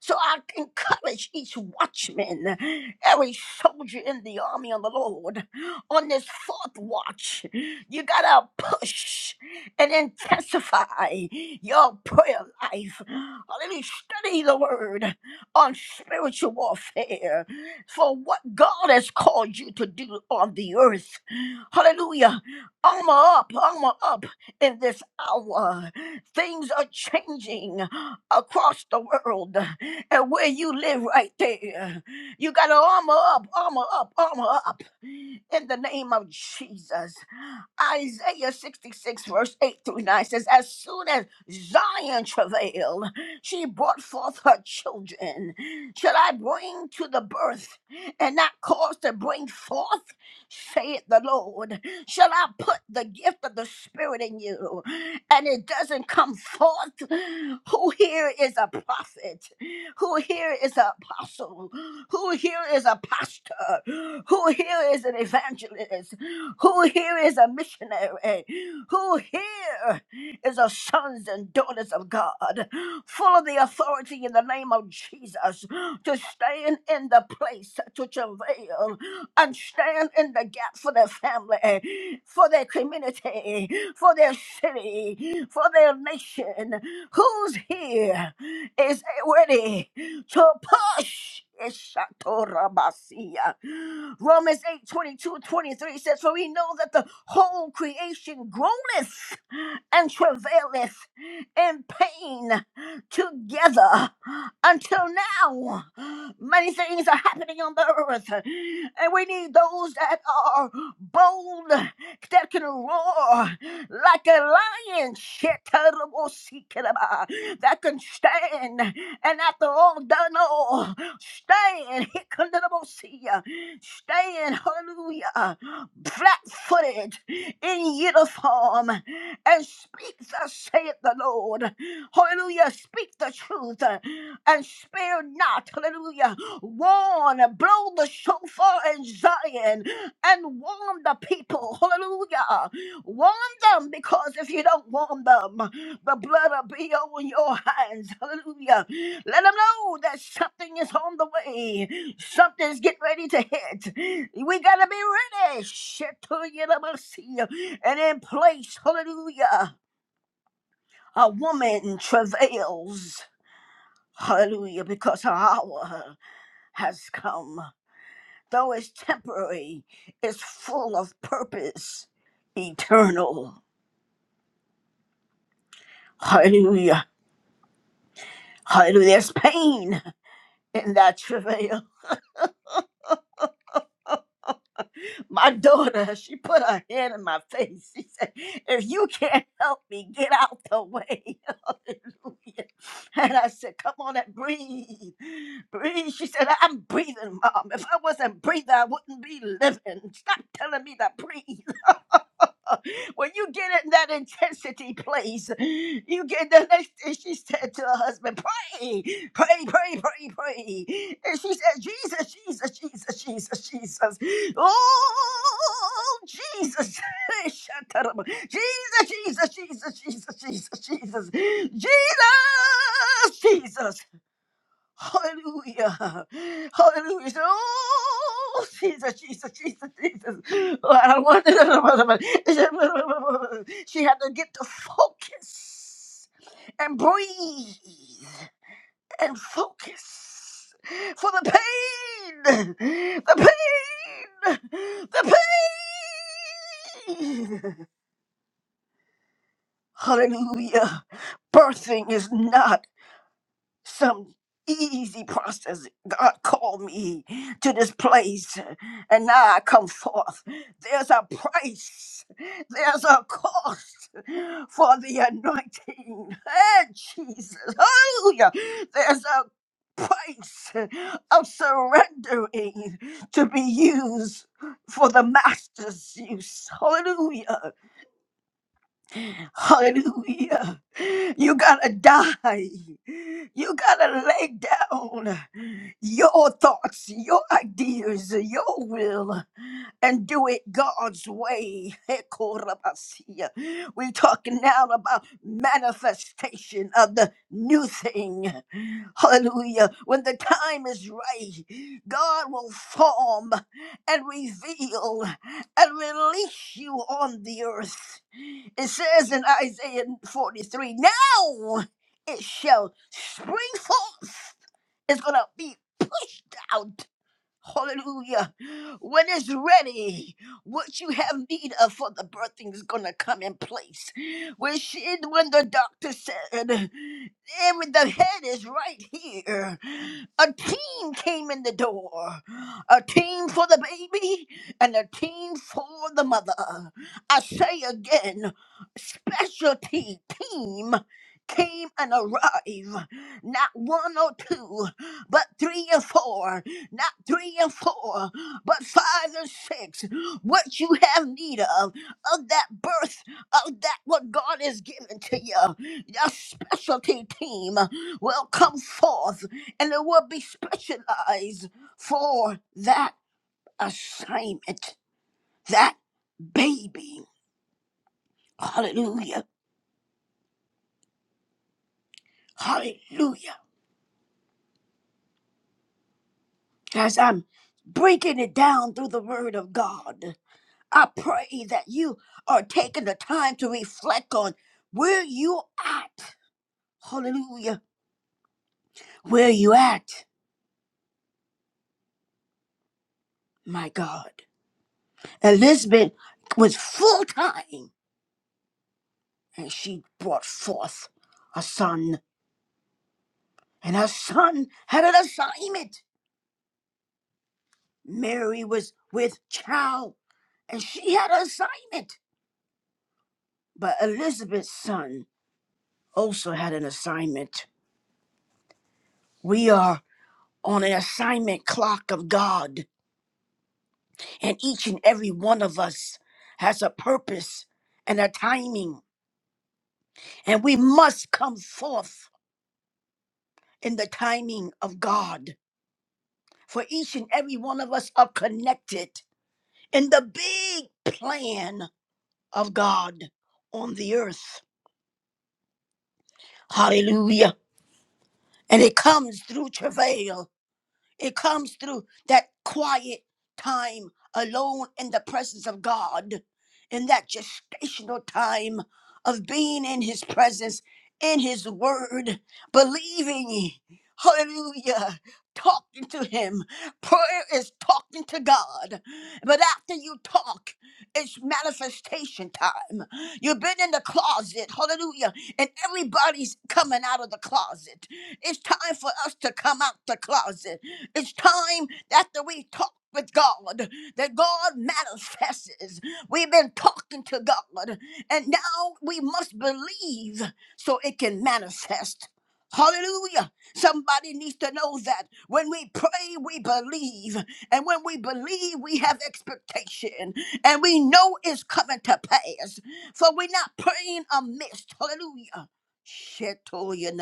So I encourage each watchman, every soldier in the army of the Lord, on this fourth watch, you gotta push and intensify your prayer life. Hallelujah. Study the word on spiritual warfare for what God has called you to do on the earth. Hallelujah. Armor up, armor up in this hour. Things are changing across the world and where you live right there. You got to armor up, armor up, armor up in the name of Jesus. Isaiah 66, verse 8 through 9 says, As soon as Zion travailed, she brought forth her children. Shall I bring to the birth and not cause to bring forth? saith the Lord. Shall I put the gift of the Spirit in you and it doesn't come forth? Who here is a prophet? Who here is an apostle? Who here is a pastor? Who here is an evangelist? Who here is a missionary? Who here is a sons and daughters of God, full of the authority in the name of Jesus to stand in the place to travail and stand in the gap for their family, for their community, for their city, for their nation? Who's here? is ready to push. Ishatorabasia. Romans 8 22 23 says, For we know that the whole creation groaneth and travaileth in pain together until now. Many things are happening on the earth, and we need those that are bold that can roar like a lion, Shetarabosikiraba, that can stand and after all done all, stand, Hikanarabosia, stand, hallelujah, flat footed in uniform and speak, thus saith the Lord, hallelujah, speak the truth uh, and spare not, hallelujah, warn, blow the shofar in Zion and warm the people. Hallelujah. Warm them because if you don't warm them, the blood will be on your hands. Hallelujah. Let them know that something is on the way. Something's getting ready to hit. We got to be ready. Shit to you, let me see. And in place, hallelujah, a woman travails. Hallelujah, because her hour has come. Though it's temporary, it's full of purpose, eternal. Hallelujah. Hallelujah. There's pain in that travail. My daughter, she put her hand in my face. She said, If you can't help me, get out the way. Hallelujah. And I said, Come on and breathe. Breathe. She said, I'm breathing, Mom. If I wasn't breathing, I wouldn't be living. Stop telling me to breathe. when you get in that intensity place, you get the next thing she said to her husband, pray, pray, pray, pray, pray. And she said, Jesus, Jesus, Jesus, Jesus, Jesus. Oh, Jesus. Shut up. Jesus, Jesus, Jesus, Jesus, Jesus, Jesus. Jesus, Jesus. Hallelujah. Hallelujah. So, Oh, Jesus, Jesus, Jesus, Jesus. Oh, I don't want to. She had to get to focus and breathe and focus for the pain, the pain, the pain. Hallelujah. Birthing is not some easy process. God called me to this place, and now I come forth. There's a price, there's a cost for the anointing. Hey, Jesus, hallelujah! There's a price of surrendering to be used for the master's use. Hallelujah. Hallelujah. You gotta die. You gotta lay down your thoughts, your ideas, your will, and do it God's way. Hekorabasia. We're talking now about manifestation of the new thing. Hallelujah. When the time is right, God will form and reveal and release you on the earth. It says in Isaiah 43, now it shall spring forth. It's going to be pushed out. Hallelujah. When it's ready, what you have need of for the birthing is gonna come in place. When she when the doctor said and when the head is right here, a team came in the door. A team for the baby and a team for the mother. I say again, specialty team came and arrived. Not one or two, but three or four not three and four, but five and six. What you have need of, of that birth, of that what God has given to you, your specialty team will come forth and it will be specialized for that assignment, that baby. Hallelujah. Hallelujah. As I'm breaking it down through the word of God, I pray that you are taking the time to reflect on where you at. Hallelujah. Where you at, my God. Elizabeth was full time and she brought forth a son. And her son had an assignment. Mary was with child and she had an assignment. But Elizabeth's son also had an assignment. We are on an assignment clock of God. And each and every one of us has a purpose and a timing. And we must come forth in the timing of God. For each and every one of us are connected in the big plan of God on the earth. Hallelujah. And it comes through travail. It comes through that quiet time alone in the presence of God, in that gestational time of being in His presence, in His Word, believing, hallelujah, talking to Him. Prayer is talking to God. But after you talk, it's manifestation time. You've been in the closet, hallelujah, and everybody's coming out of the closet. It's time for us to come out the closet. It's time after we talk with God that God manifests. We've been talking to God, and now we must believe so it can manifest. Hallelujah. Somebody needs to know that when we pray, we believe. And when we believe, we have expectation. And we know it's coming to pass. For we're not praying amiss. Hallelujah. Shetoya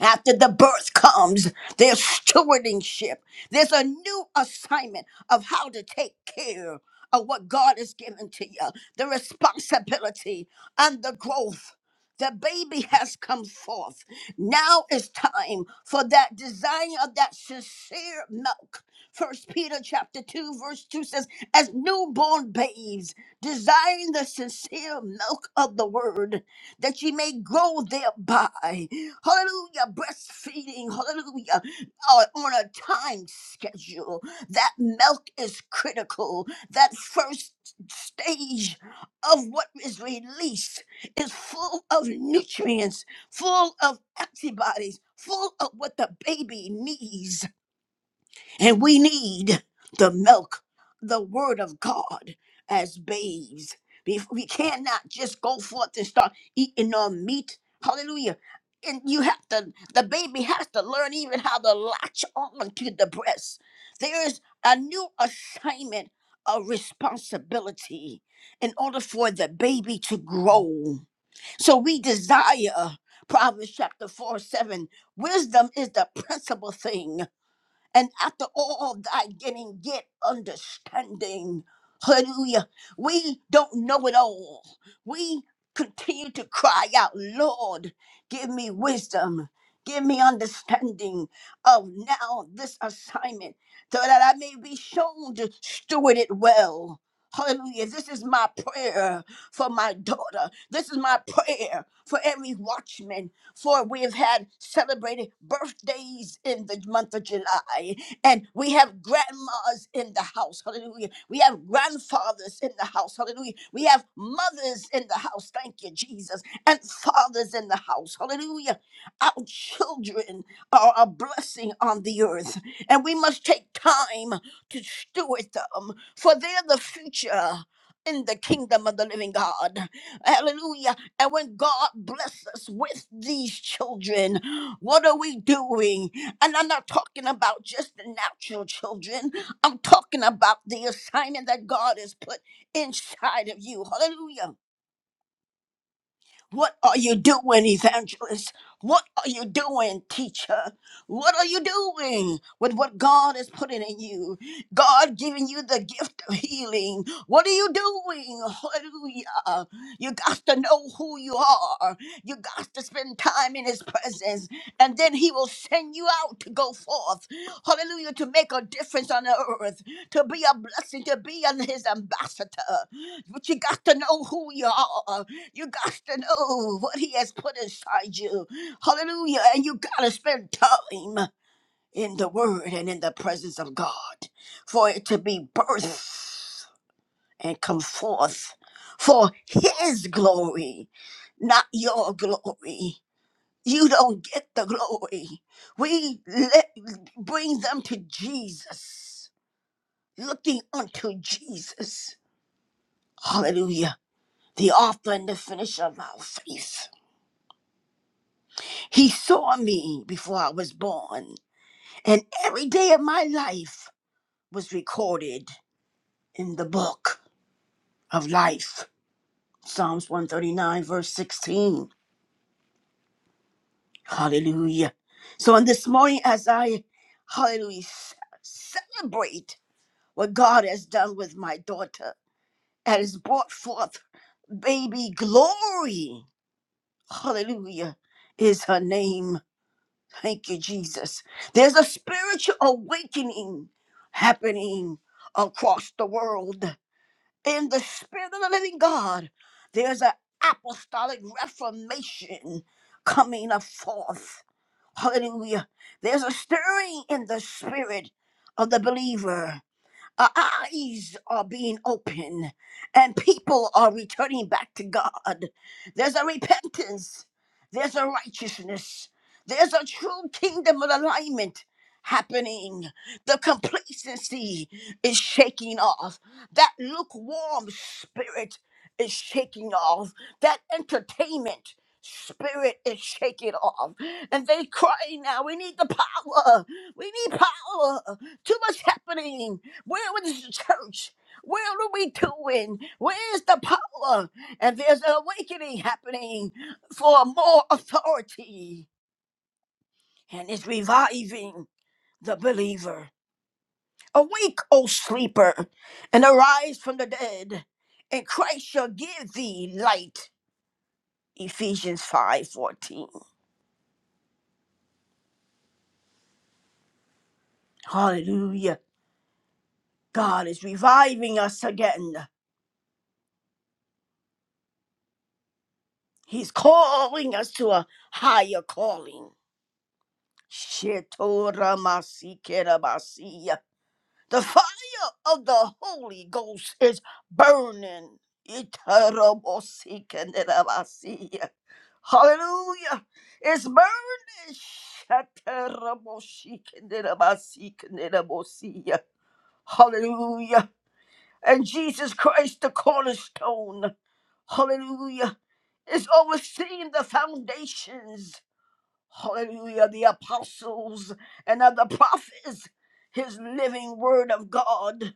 after the birth comes, there's stewardship. There's a new assignment of how to take care of what God has given to you, the responsibility and the growth. The baby has come forth. Now is time for that desire of that sincere milk. First Peter chapter 2, verse 2 says, As newborn babes, desiring the sincere milk of the word, that ye may grow thereby hallelujah, breastfeeding, hallelujah, are on a time schedule. That milk is critical. That first stage of what is released is full of nutrients, full of antibodies, full of what the baby needs. And we need the milk, the word of God as babes. We we cannot just go forth and start eating on meat. Hallelujah. And you have to, the baby has to learn even how to latch on to the breast. There is a new assignment of responsibility in order for the baby to grow. So we desire, Proverbs chapter 4 7, wisdom is the principal thing. And after all thy getting, get understanding. Hallelujah. We don't know it all. We continue to cry out, Lord, give me wisdom. Give me understanding of now this assignment so that I may be shown to steward it well. Hallelujah. This is my prayer for my daughter. This is my prayer for every watchman for we have had celebrated birthdays in the month of July, and we have grandmas in the house, hallelujah. We have grandfathers in the house, hallelujah. We have mothers in the house, thank you, Jesus, and fathers in the house, hallelujah. Our children are a blessing on the earth, and we must take time to steward them, for they're the future in the kingdom of the living God. Hallelujah. And when God blesses us with these children, what are we doing? And I'm not talking about just the natural children, I'm talking about the assignment that God has put inside of you. Hallelujah. What are you doing, evangelist? What are you doing, teacher? What are you doing with what God is putting in you? God giving you the gift of healing. What are you doing? Hallelujah. You got to know who you are. You got to spend time in His presence, and then He will send you out to go forth. Hallelujah. To make a difference on the earth, to be a blessing, to be an- His ambassador. But you got to know who you are. You got to know what He has put inside you. Hallelujah. And you got to spend time in the Word and in the presence of God for it to be birthed and come forth for His glory, not your glory. You don't get the glory. We let, bring them to Jesus, looking unto Jesus. Hallelujah. The author and the finisher of our faith. He saw me before I was born, and every day of my life was recorded in the book of life. Psalms 139, verse 16. Hallelujah. So, on this morning, as I, hallelujah, ce- celebrate what God has done with my daughter and has brought forth baby glory, hallelujah, is her name. Thank you, Jesus. There's a spiritual awakening happening across the world. In the Spirit of the Living God, there's an apostolic reformation coming forth. Hallelujah. There's a stirring in the spirit of the believer. Uh, eyes are being opened and people are returning back to God. There's a repentance, there's a righteousness, there's a true kingdom of alignment happening. The complacency is shaking off, that lukewarm spirit is shaking off, that entertainment. Spirit is shaking off, and they cry now. We need the power, we need power. Too much happening, where is the church? Where are we doing? Where's the power? And there's an awakening happening for more authority, and it's reviving the believer. Awake, O sleeper, and arise from the dead, and Christ shall give thee light. Ephesians 5:14. Hallelujah. God is reviving us again. He's calling us to a higher calling. Shetoramasikerabasiya. The fire of the Holy Ghost is burning. Itarabosikerabasiya. Hallelujah. It's burning. Shatarabosikerabasikerabasiya. Hallelujah. And Jesus Christ, the cornerstone. Hallelujah. Is overseeing the foundations hallelujah, the apostles and of the prophets, his living word of God.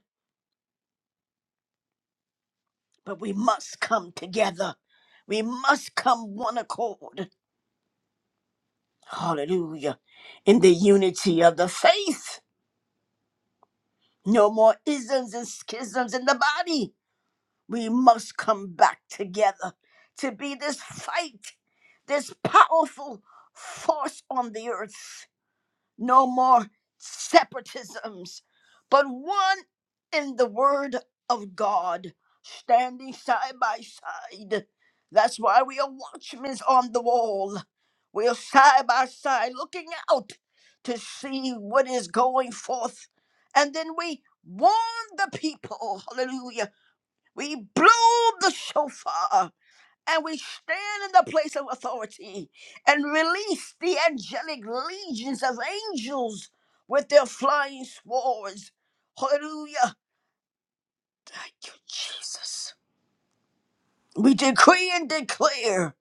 But we must come together. We must come one accord. Hallelujah. In the unity of the faith. No more isms and schisms in the body. We must come back together to be this fight, this powerful force on the earth. no more separatisms, but one in the Word of God, standing side by side. That's why we are watchmen on the wall. We are side by side looking out to see what is going forth. And then we warn the people. Hallelujah. We blow the shofar and we stand in the place of authority and release the angelic legions of angels with their flying swords. Hallelujah. Thank you, Jesus. We decree and declare,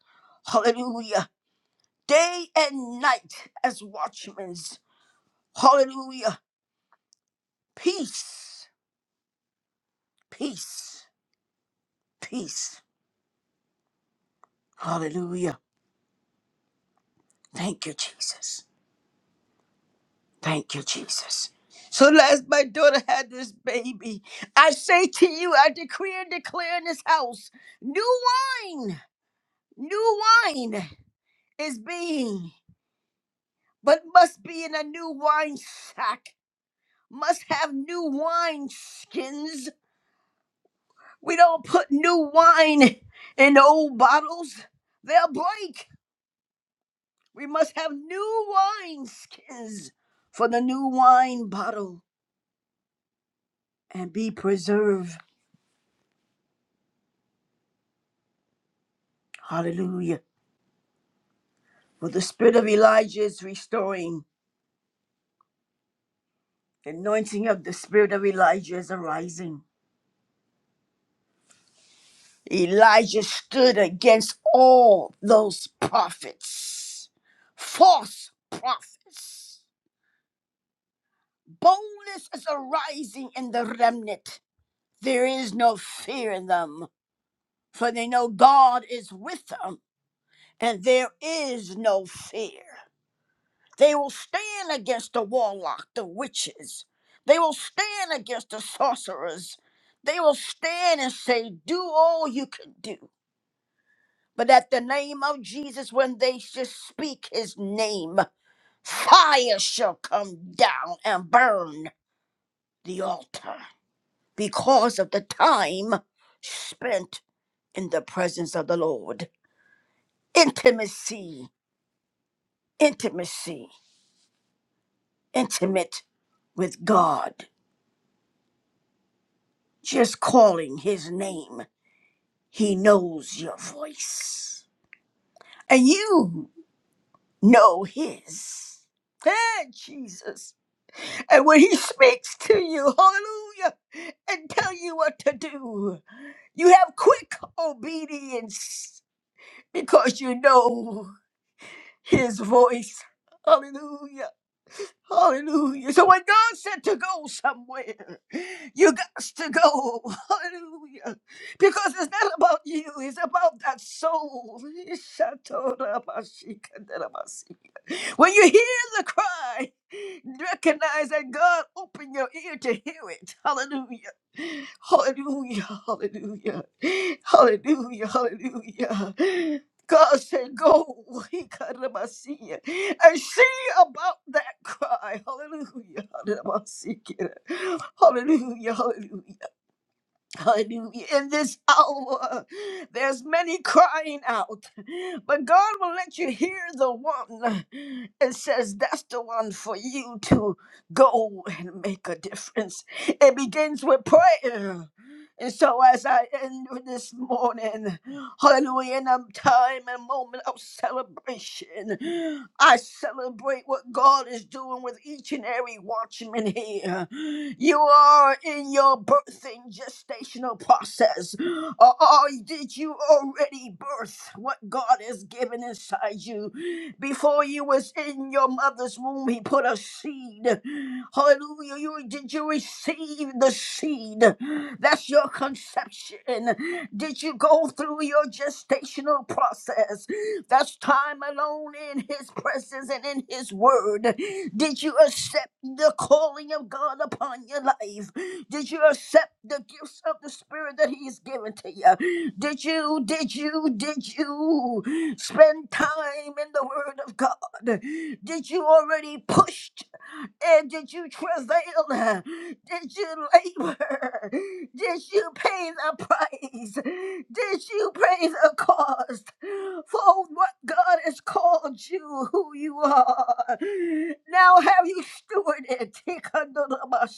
hallelujah, day and night as watchmen. Hallelujah. Peace, peace, peace. Hallelujah. Thank you, Jesus. Thank you, Jesus. So last my daughter had this baby, I say to you, I decree and declare in this house, new wine, new wine is being, but must be in a new wine sack, must have new wine skins. We don't put new wine in old bottles, they'll break. We must have new wine skins for the new wine bottle and be preserved. Hallelujah. For the spirit of Elijah is restoring. The anointing of the spirit of Elijah is arising. Elijah stood against all those prophets, false prophets. Boldness is arising in the remnant. There is no fear in them, for they know God is with them, and there is no fear. They will stand against the warlock, the witches. They will stand against the sorcerers. They will stand and say, Do all you can do. But at the name of Jesus, when they just speak his name, fire shall come down and burn the altar because of the time spent in the presence of the Lord. Intimacy, intimacy, intimate with God. Just calling his name, he knows your voice. And you know his. Ah, Jesus. And when he speaks to you, hallelujah, and tell you what to do, you have quick obedience because you know his voice. Hallelujah. Hallelujah. So when God said to go somewhere, you got to go. Hallelujah. Because it's not about you, it's about that soul. When you hear the cry, recognize that God opened your ear to hear it. Hallelujah. Hallelujah. Hallelujah. Hallelujah. Hallelujah. God said, Go he cut karamasiya, and see about that cry. Hallelujah. Hallelujah. Hallelujah. Hallelujah. Hallelujah. In this hour, there's many crying out, but God will let you hear the one and says, That's the one for you to go and make a difference. It begins with prayer. And so, as I end with this morning, hallelujah, in a time and moment of celebration, I celebrate what God is doing with each and every watchman here. You are in your birthing gestational process. Or, or did did you already birth what God has given inside you. Before you was in your mother's womb, He put a seed. Hallelujah. You, did you receive the seed? That's your conception. Did you go through your gestational process? That's time alone in His presence and in His word. Did you accept the calling of God upon your life? Did you accept the gifts of the Spirit that He has given to you? Did you, did you, did you spend time in the Word of God? Did you already push? And did you travail? Did you labor? Did you pay the price? Did you pay the cost for what God has called you, who you are? Now have you stewarded? Steward what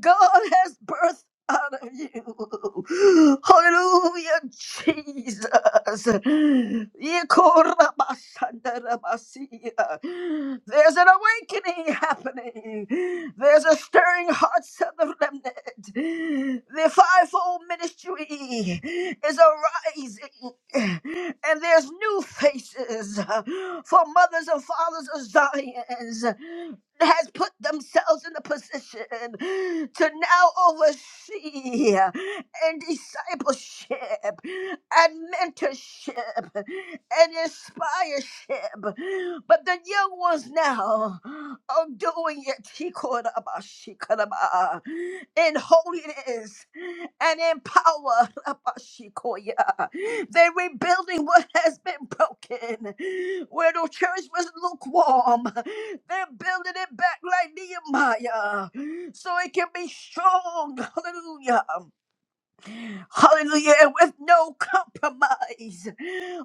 God has birthed out of you. Hallelujah, Jesus. Yekorabasandarabasia. There's an awakening happening. There's a stirring hearts of the remnant. The fivefold ministry is arising and there's new faces uh, for mothers and fathers of Zion's uh, has put themselves in the position to now oversee uh, and discipleship and mentorship and inspireship. But the young ones now are doing it Tikoraba, shikoraba, in holiness and in power. Rabashikoya. They're rebuilding what has been broken. Where the church was lukewarm, they're building it back like Nehemiah so it can be strong. Hallelujah. Hallelujah. And with no compromise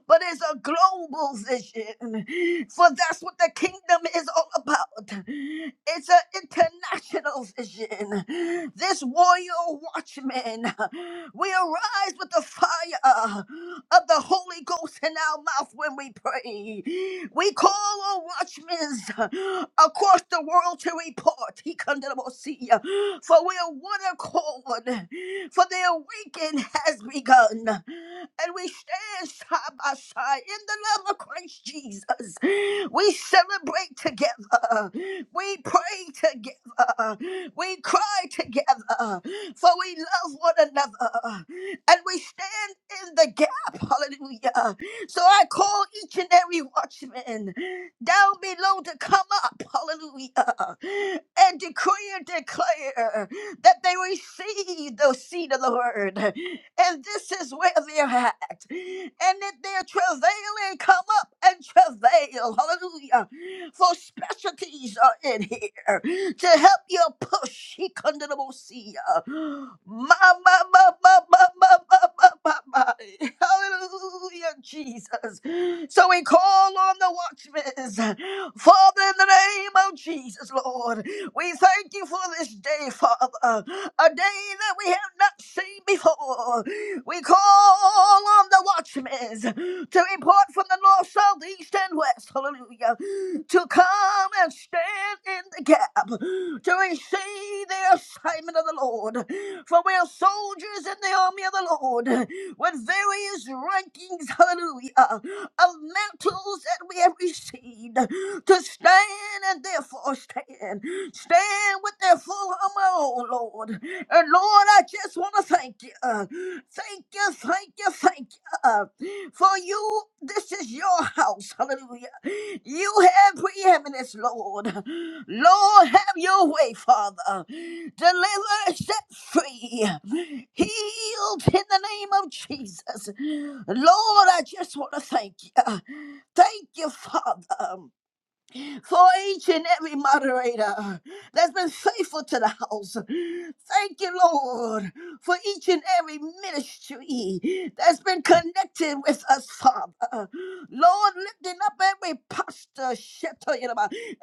but it's a global vision. For that's what the kingdom is all about. It's an international vision. This warrior watchman, we arise with the fire of the Holy Ghost in our mouth when we pray. We call on watchmen across the world to report. He come to the most see For we are one accord, for the awakening has begun and we stand side by side in the love of Christ Jesus. We celebrate together. We pray together. We cry together. For we love one another. And we stand in the gap. Hallelujah. So I call each and every watchman down below to come up. Hallelujah. And decree and declare that they receive the seed of the word and this is where they're at. And that they're travailing, come up and travail. Hallelujah. For specialties are in here to help you push. He come to the most see ya. Ma, ma, ma, ma, ma, ma, ma, ma, ma, ma. Hallelujah, Jesus. So we call on the watchmen. Father, in the name of Jesus, Lord. We thank you for this day, Father, a day that we have not seen before. We call on the watchmen to report from the north, south, east, and west, hallelujah, to come and stand in the gap, to receive the assignment of the Lord. For we are soldiers in the army of the Lord with various rankings, hallelujah of mantles that we have received to stand and therefore stand. Stand with their full armor, oh Lord. And Lord, I just want to thank you. Thank you, thank you, thank you for you, this is your house. Hallelujah. You have preeminence, Lord. Lord, have your way, Father. Deliver, set free, healed in the name of Jesus. Lord, I just want to thank you. Thank you, Father for each and every moderator that's been faithful to the house. Thank you, Lord, for each and every ministry that's been connected with us, Father. Lord, lifting up every pastor, shepherd,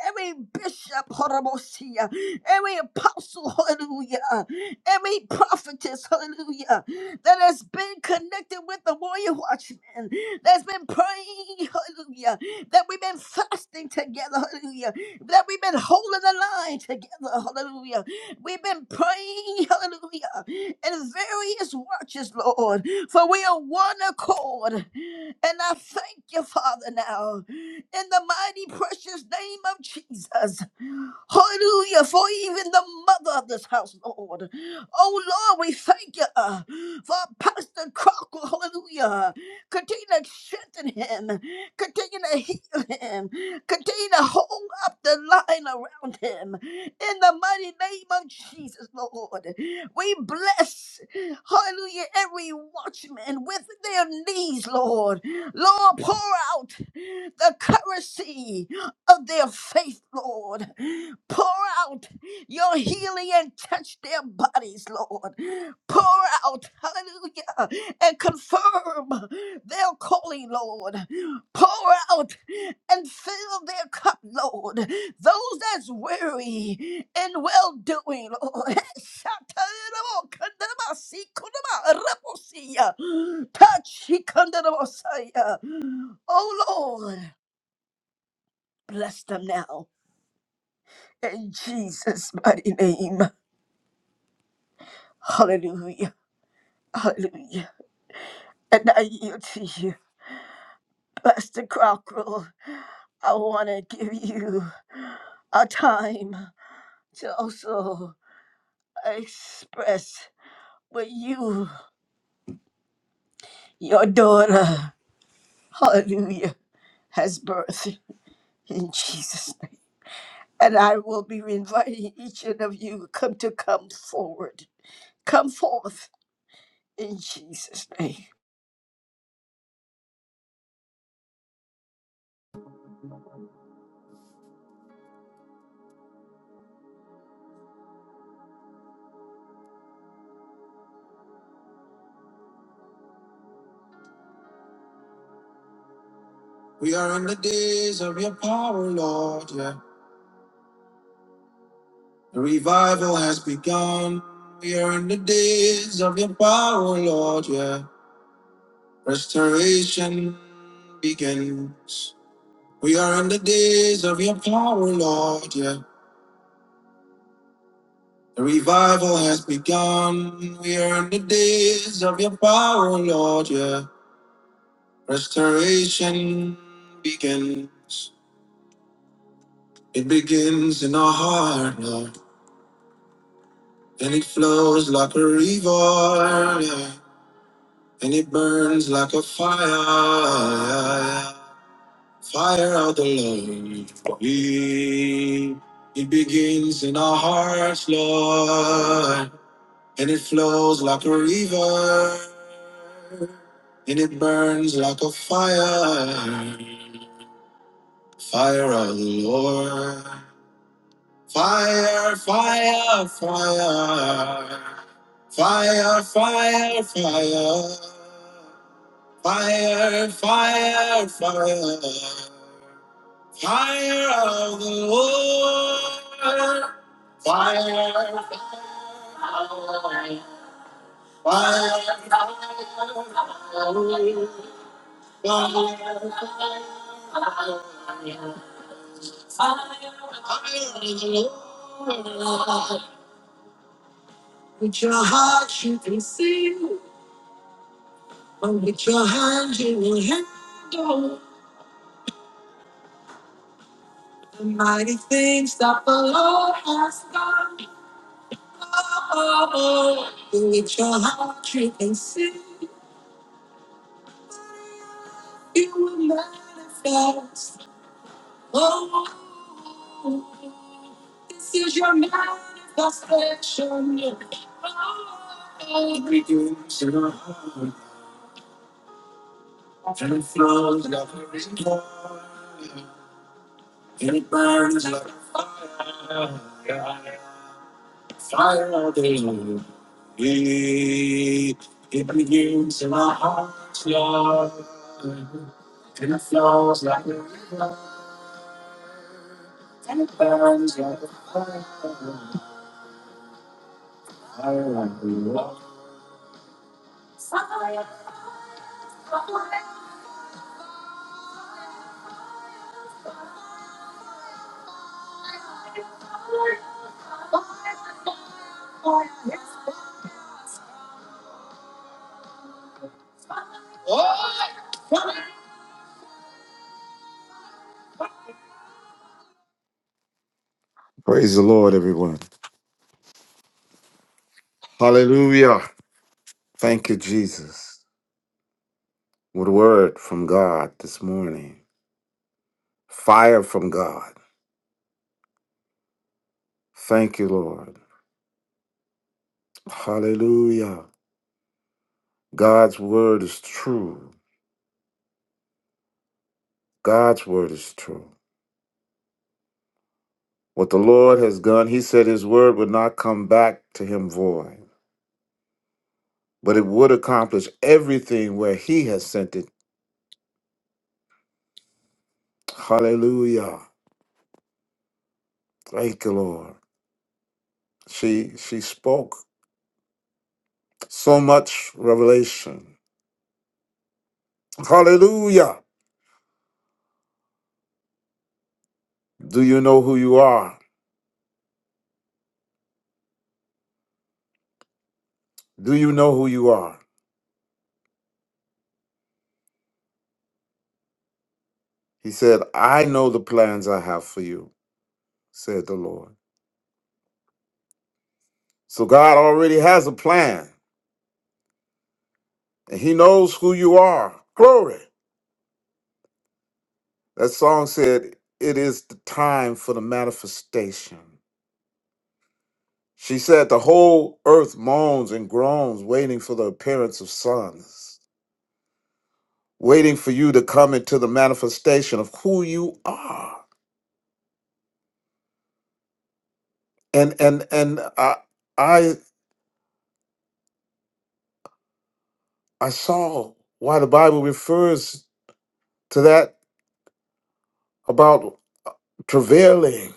every bishop, hallelujah, every apostle, hallelujah every prophetess, hallelujah, that has been connected with the warrior watchman, that's been praying, hallelujah, that we've been fasting together, hallelujah, that we've been holding the line together, hallelujah. We've been praying, hallelujah, in various watches, Lord, for we are one accord. And I thank you, Father, now, in the mighty precious name of Jesus. Hallelujah. For even the mother of this house, Lord. Oh, Lord, we thank you uh, for Pastor Crocker. Hallelujah. Continue to strengthen him. Continue to heal him. Continue to hold up the line around him. In the mighty name of Jesus, Lord. We bless, hallelujah, every watchman with their knees, Lord. Lord, pour out the currency of their faith, Lord. Pour out your healing and touch their bodies, Lord. Pour out, hallelujah, and confirm their calling, Lord. Pour out and fill their cup, Lord. Those that's weary and well doing, Lord. Touch, he come to the Messiah. Oh Lord. Bless them now. In Jesus' mighty name. Hallelujah. Hallelujah. And I yield to you, Pastor Crockrell. I want to give you a time to also express what you, your daughter, hallelujah, has birthed in Jesus' name. And I will be inviting each one of you come to come forward. Come forth in Jesus' name.
We are in the days of your power, Lord. Yeah. The revival has begun. We are in the days of your power, Lord. Yeah. Restoration begins. We are in the days of your power, Lord, yeah. The revival has begun. We are in the days of your power, Lord, yeah. Restoration begins. It begins in our heart, Lord. And it flows like a river, yeah. And it burns like a fire, yeah, yeah. Fire of the Lord. We it begins in our hearts, Lord. and it flows like a river, and it burns like a fire. Fire of the Lord. Fire, fire, fire. Fire, fire, fire. Fire, fire, fire. Fire of the Lord. Fire, fire, fire. The mighty things that the Lord has done. Oh, oh, oh. with your heart you can see, you will manifest. Oh, oh, oh. this is your manifestation. And it flows like a river, and it burns like a fire all day long. It it begins in our hearts, Lord. And it flows like a river, and it burns like a fire, fire like a fire. Praise the Lord, everyone. Hallelujah. Thank you, Jesus. What a word from God this morning. Fire from God. Thank you, Lord. Hallelujah. God's word is true. God's word is true. What the Lord has done, he said his word would not come back to him void, but it would accomplish everything where he has sent it Hallelujah. Thank you, Lord. She she spoke so much revelation. Hallelujah. Do you know who you are? Do you know who you are? He said, I know the plans I have for you, said the Lord. So God already has a plan, and He knows who you are. Glory. That song said, It is the time for the manifestation. She said, The whole earth moans and groans, waiting for the appearance of sons. waiting for you to come into the manifestation of who you are. And and and I I I saw why the Bible refers to that about travailing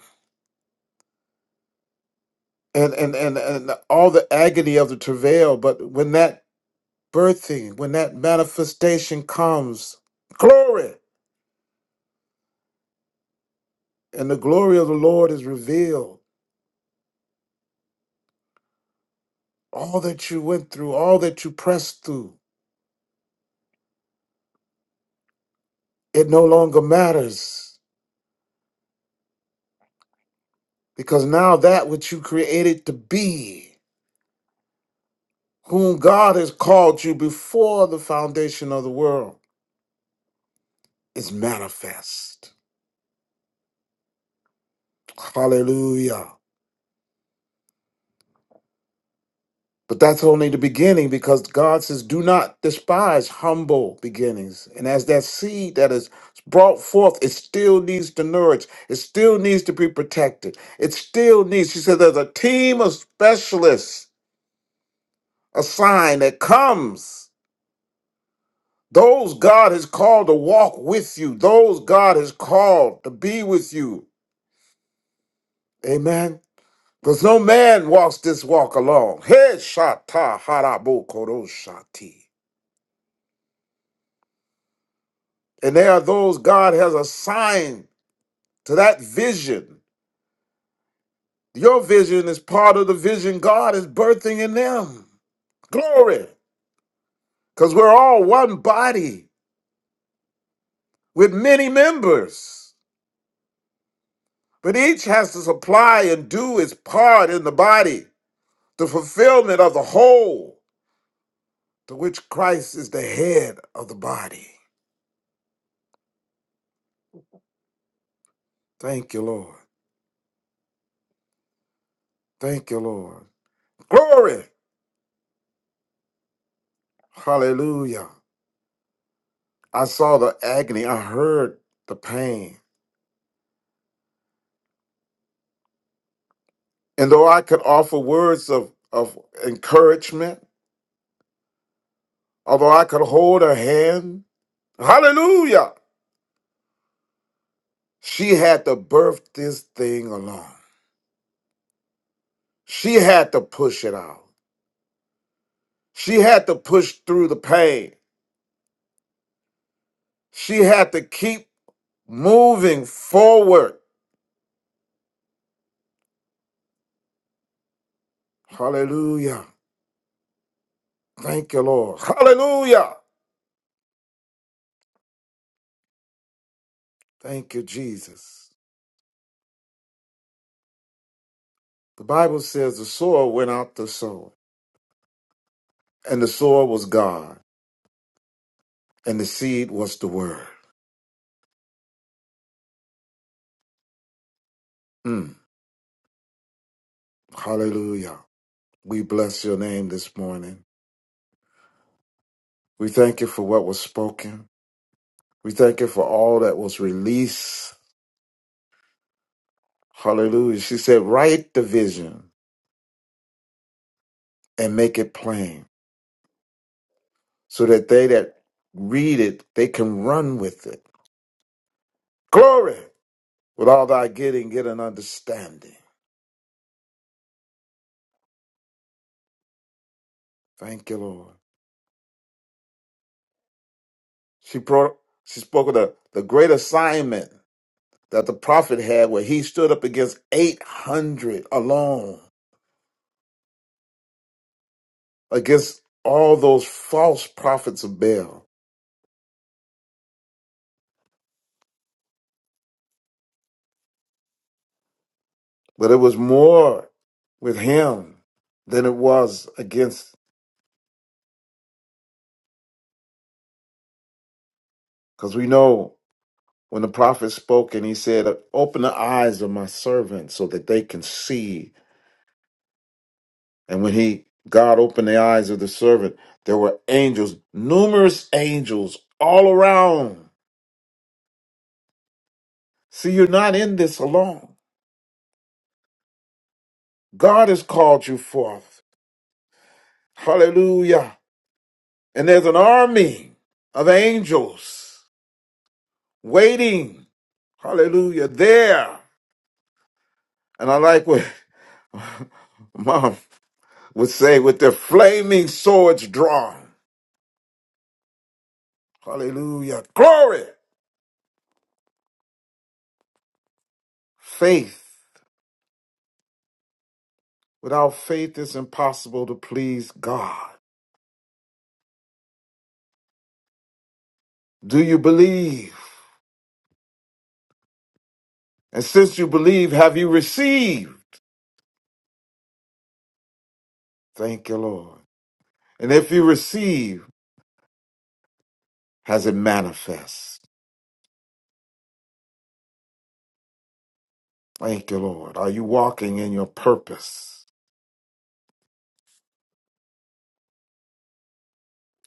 and and and and all the agony of the travail. But when that birthing, when that manifestation comes, glory and the glory of the Lord is revealed. All that you went through, all that you pressed through, it no longer matters Because now that which you created to be, whom God has called you before the foundation of the world, is manifest. Hallelujah. But that's only the beginning because God says, do not despise humble beginnings. And as that seed that is brought forth, it still needs to nourish, it still needs to be protected. It still needs, she said, there's a team of specialists, a sign that comes. Those God has called to walk with you. Those God has called to be with you. Amen. Because no man walks this walk alone. Hey, shata harabo shati. And there are those God has assigned to that vision. Your vision is part of the vision God is birthing in them. Glory. Because we're all one body with many members. But each has to supply and do its part in the body. the fulfillment of the whole to which Christ is the head of the body. Thank you, Lord. Thank you, Lord. Glory. Hallelujah. I saw the agony. I heard the pain. And though I could offer words of, of encouragement, although I could hold her hand, hallelujah, she had to birth this thing alone. She had to push it out. She had to push through the pain. She had to keep moving forward. Hallelujah. Thank you, Lord. Hallelujah. Thank you, Jesus. The Bible says the sower went out to sow, and the sower was God, and the seed was the word. Mm. Hallelujah. We bless your name this morning. We thank you for what was spoken. We thank you for all that was released. Hallelujah. She said, Write the vision and make it plain so that they that read it, they can run with it. Glory. With all thy getting, get an understanding. Thank you, Lord. She pro- she spoke of the, the great assignment that the prophet had where he stood up against 800 alone, against all those false prophets of Baal. But it was more with him than it was against, because we know when the prophet spoke and he said, Open the eyes of my servants so that they can see And when he God opened the eyes of the servant, there were angels, numerous angels all around. See, you're not in this alone. God has called you forth. Hallelujah. And there's an army of angels waiting. Hallelujah. There. And I like what mom would say with their flaming swords drawn. Hallelujah. Glory. Faith. Without faith, it's impossible to please God. Do you believe? And since you believe, have you received? Thank you, Lord. And if you receive, has it manifest? Thank you, Lord. Are you walking in your purpose?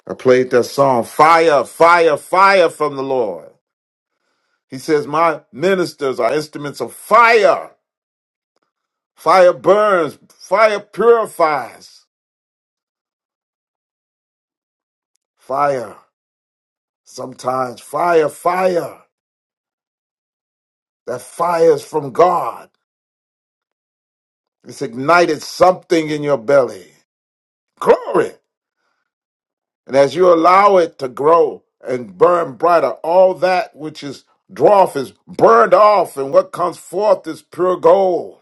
I played that song, Fire, Fire, Fire from the Lord. He says, My ministers are instruments of fire. Fire burns, fire purifies. Fire, sometimes fire, fire. That fire is from God. It's ignited something in your belly. Glory. And as you allow it to grow and burn brighter, all that which is dwarf is burned off, and what comes forth is pure gold.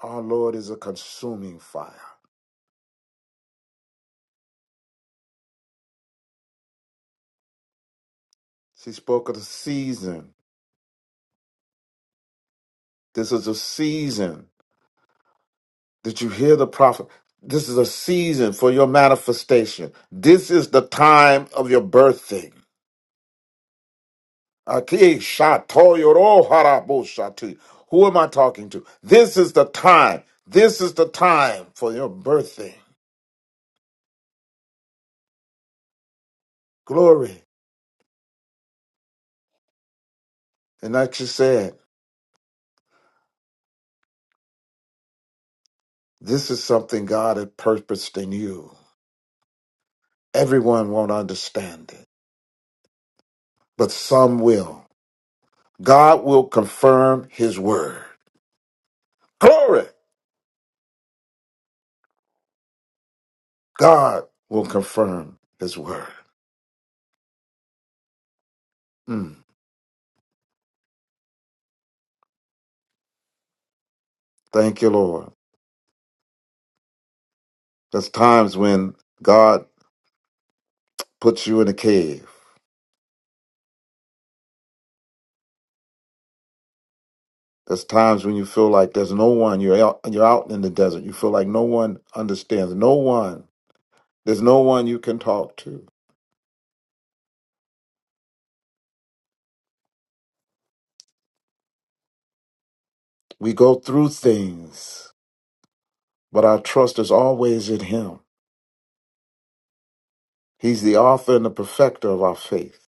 Our Lord is a consuming fire. She spoke of the season. This is a season. Did you hear the prophet? This is a season for your manifestation. This is the time of your birthing. Ati shatoyoro haraboshati. Who am I talking to? This is the time. This is the time for your birthday. Glory. And like you said, this is something God had purposed in you. Everyone won't understand it, but some will. God will confirm his word. Glory. God will confirm his word. Mm. Thank you, Lord. There's times when God puts you in a cave. There's times when you feel like there's no one. You're out, you're out in the desert. You feel like no one understands. No one. There's no one you can talk to. We go through things, but our trust is always in Him. He's the author and the perfecter of our faith.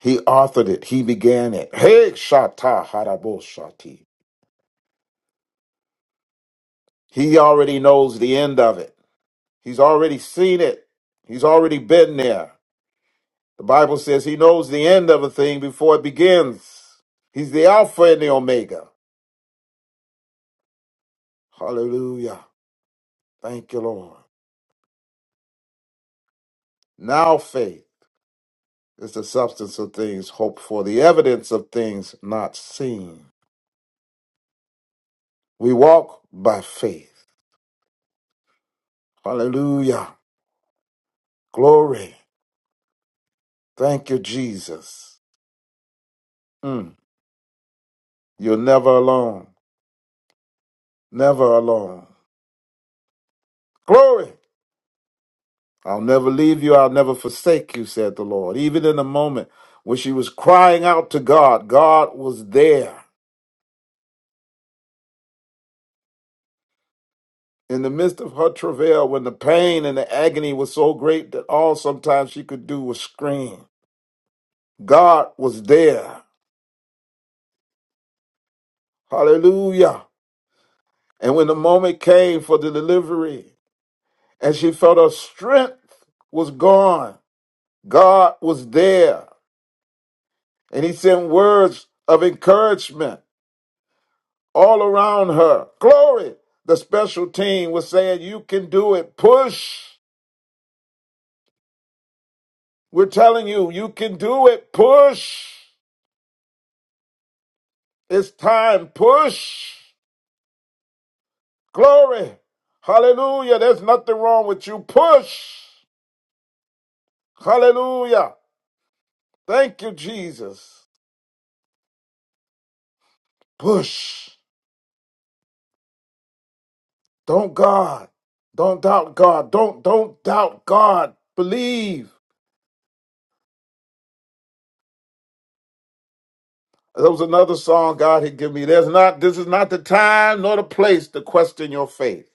He authored it. He began it. Hey, shata harabo shati. He already knows the end of it. He's already seen it. He's already been there. The Bible says He knows the end of a thing before it begins. He's the Alpha and the Omega. Hallelujah. Thank you, Lord. Now faith is the substance of things hoped for, the evidence of things not seen. We walk by faith. Hallelujah. Glory. Thank you, Jesus. Mm. You're never alone. Never alone. Glory. I'll never leave you. I'll never forsake you, said the Lord. Even in the moment when she was crying out to God, God was there. In the midst of her travail, when the pain and the agony was so great that all sometimes she could do was scream, God was there. Hallelujah. And when the moment came for the delivery and she felt her strength was gone, God was there. And he sent words of encouragement all around her. Glory. The special team was saying, You can do it. Push. We're telling you, you can do it. Push. It's time. Push. Glory. Hallelujah. There's nothing wrong with you. Push. Hallelujah. Thank you, Jesus. Push. Don't God. Don't doubt God. Don't don't doubt God. Believe. There was another song God had given me. There's not this is not the time nor the place to question your faith.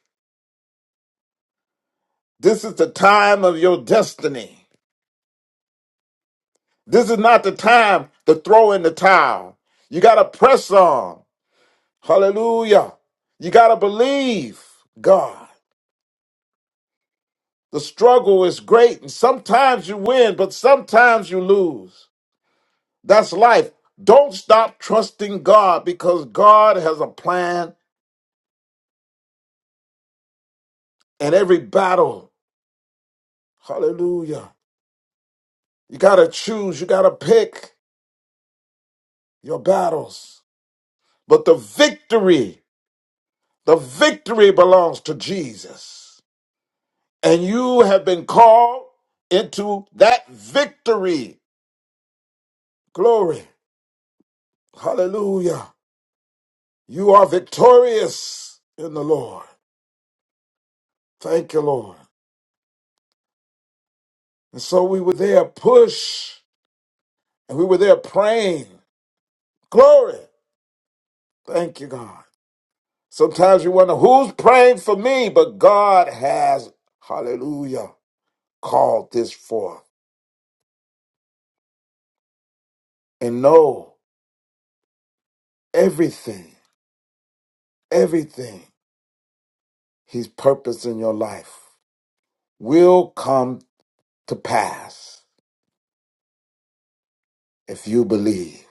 This is the time of your destiny. This is not the time to throw in the towel. You gotta press on. Hallelujah. You got to believe God. The struggle is great, and sometimes you win, but sometimes you lose. That's life. Don't stop trusting God because God has a plan in every battle. Hallelujah. You got to choose, you got to pick your battles. But the victory, the victory belongs to Jesus. And you have been called into that victory. Glory. Hallelujah. You are victorious in the Lord. Thank you, Lord. And so we were there push and we were there praying. Glory. Thank you, God. Sometimes you wonder who's praying for me, but God has, hallelujah, called this forth. And know everything, everything He's purposed in your life will come to pass if you believe.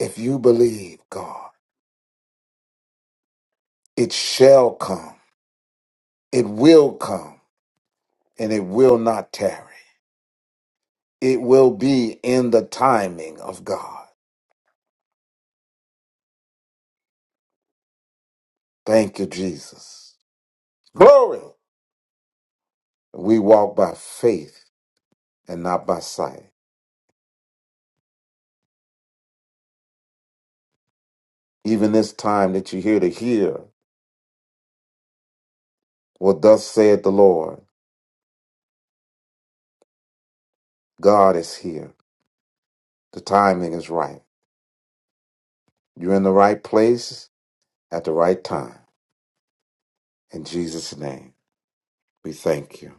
If you believe God, it shall come. It will come and it will not tarry. It will be in the timing of God. Thank you, Jesus. Glory. We walk by faith and not by sight. Even this time that you hear to hear, well, thus saith the Lord, God is here. The timing is right. You're in the right place at the right time. In Jesus' name, we thank you.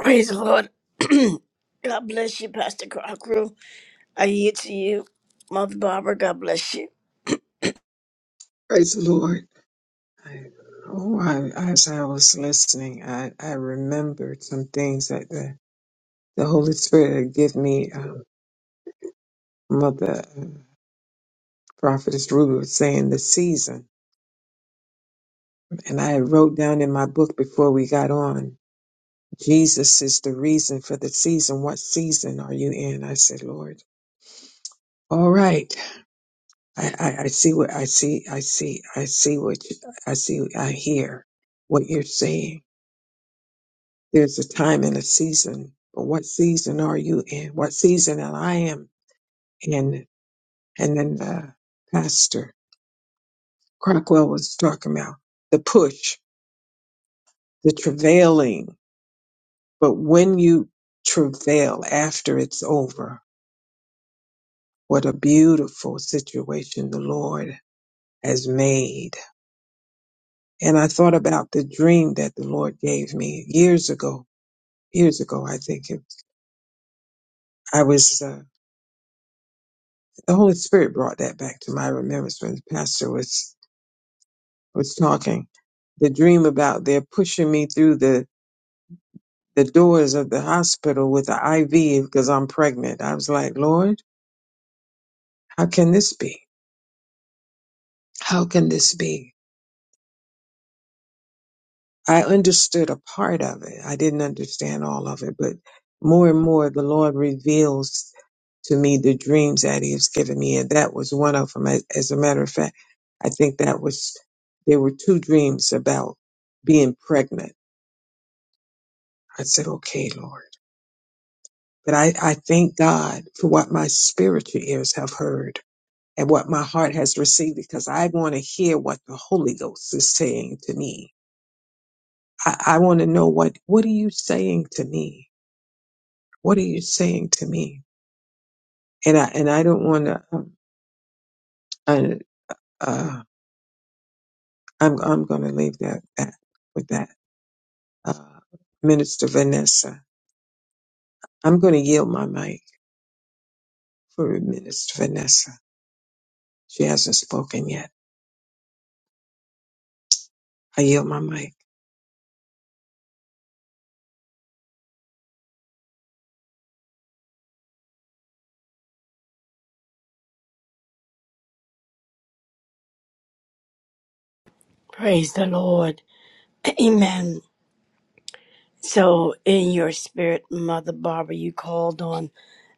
Praise the Lord. God bless you, Pastor Crocker. I yield to you, Mother Barbara. God bless you.
Praise the Lord. I, oh, I, as I was listening, I, I remembered some things that the, the Holy Spirit had given me. Um, Mother uh, Prophetess Ruby was saying the season. And I wrote down in my book before we got on, Jesus is the reason for the season. What season are you in? I said, Lord. All right. I, I, I see what I see. I see. I see what you, I see. I hear what you're saying. There's a time and a season, but what season are you in? What season am I am in? And then the pastor Crockwell was talking about the push, the travailing. But when you travail after it's over, what a beautiful situation the Lord has made And I thought about the dream that the Lord gave me years ago. Years ago, I think it, I was, uh, the Holy Spirit brought that back to my remembrance when the pastor was, was talking. The dream about they're pushing me through the, the doors of the hospital with the IV because I'm pregnant. I was like, Lord, how can this be? How can this be? I understood a part of it. I didn't understand all of it, but more and more the Lord reveals to me the dreams that He has given me, and that was one of them. As as a matter of fact, I think that was there were two dreams about being pregnant. I said, "Okay, Lord," but I I thank God for what my spiritual ears have heard and what my heart has received because I want to hear what the Holy Ghost is saying to me. I, I want to know what what are you saying to me what are you saying to me? And I and I don't want to. Um, I, uh, I'm I'm going to leave that that with that. Uh, Minister Vanessa, I'm going to yield my mic for Minister Vanessa. She hasn't spoken yet. I yield my mic.
Praise the Lord. Amen. So, in your spirit, Mother Barbara, you called on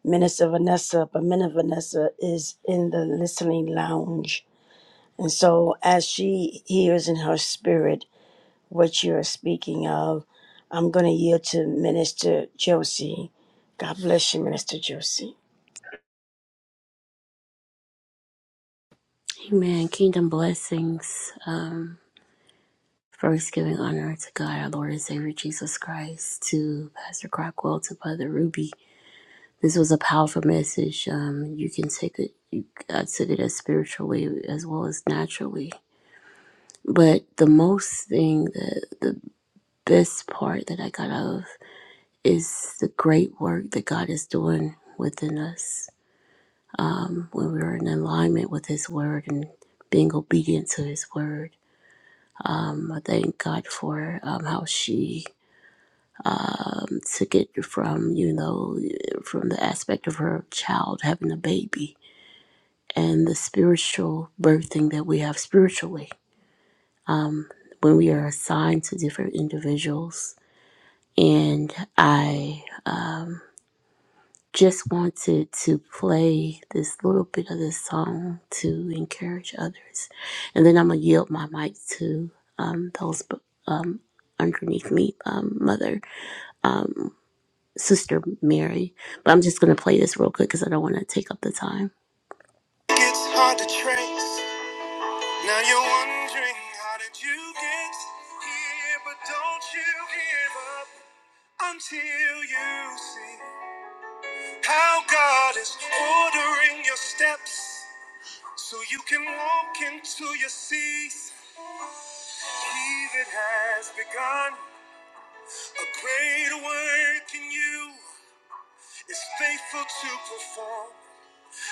Minister Vanessa, but Minister Vanessa is in the listening lounge. And so, as she hears in her spirit what you're speaking of, I'm going to yield to Minister Josie. God bless you, Minister Josie.
Amen. Kingdom blessings. Um, first, giving honor to God, our Lord and Savior Jesus Christ, to Pastor Crockwell, to Brother Ruby. This was a powerful message. Um, you can take it. You, I took it as spiritually as well as naturally. But the most thing, the the best part that I got out of is the great work that God is doing within us um, when we're in alignment with His Word and being obedient to His Word. Um, I thank God for um, how she um, took it from, you know, from the aspect of her child having a baby and the spiritual birthing that we have spiritually um, when we are assigned to different individuals. And I. um, just wanted to play this little bit of this song to encourage others. And then I'm going to yield my mic to um, those um, underneath me, um, Mother, um, Sister Mary. But I'm just going to play this real quick because I don't want to take up the time. It's hard to trace. Now you're wondering how did you get here, but don't you give up until you see. How God is ordering your steps so you can walk into your season. He that has begun a great work in you is faithful to perform.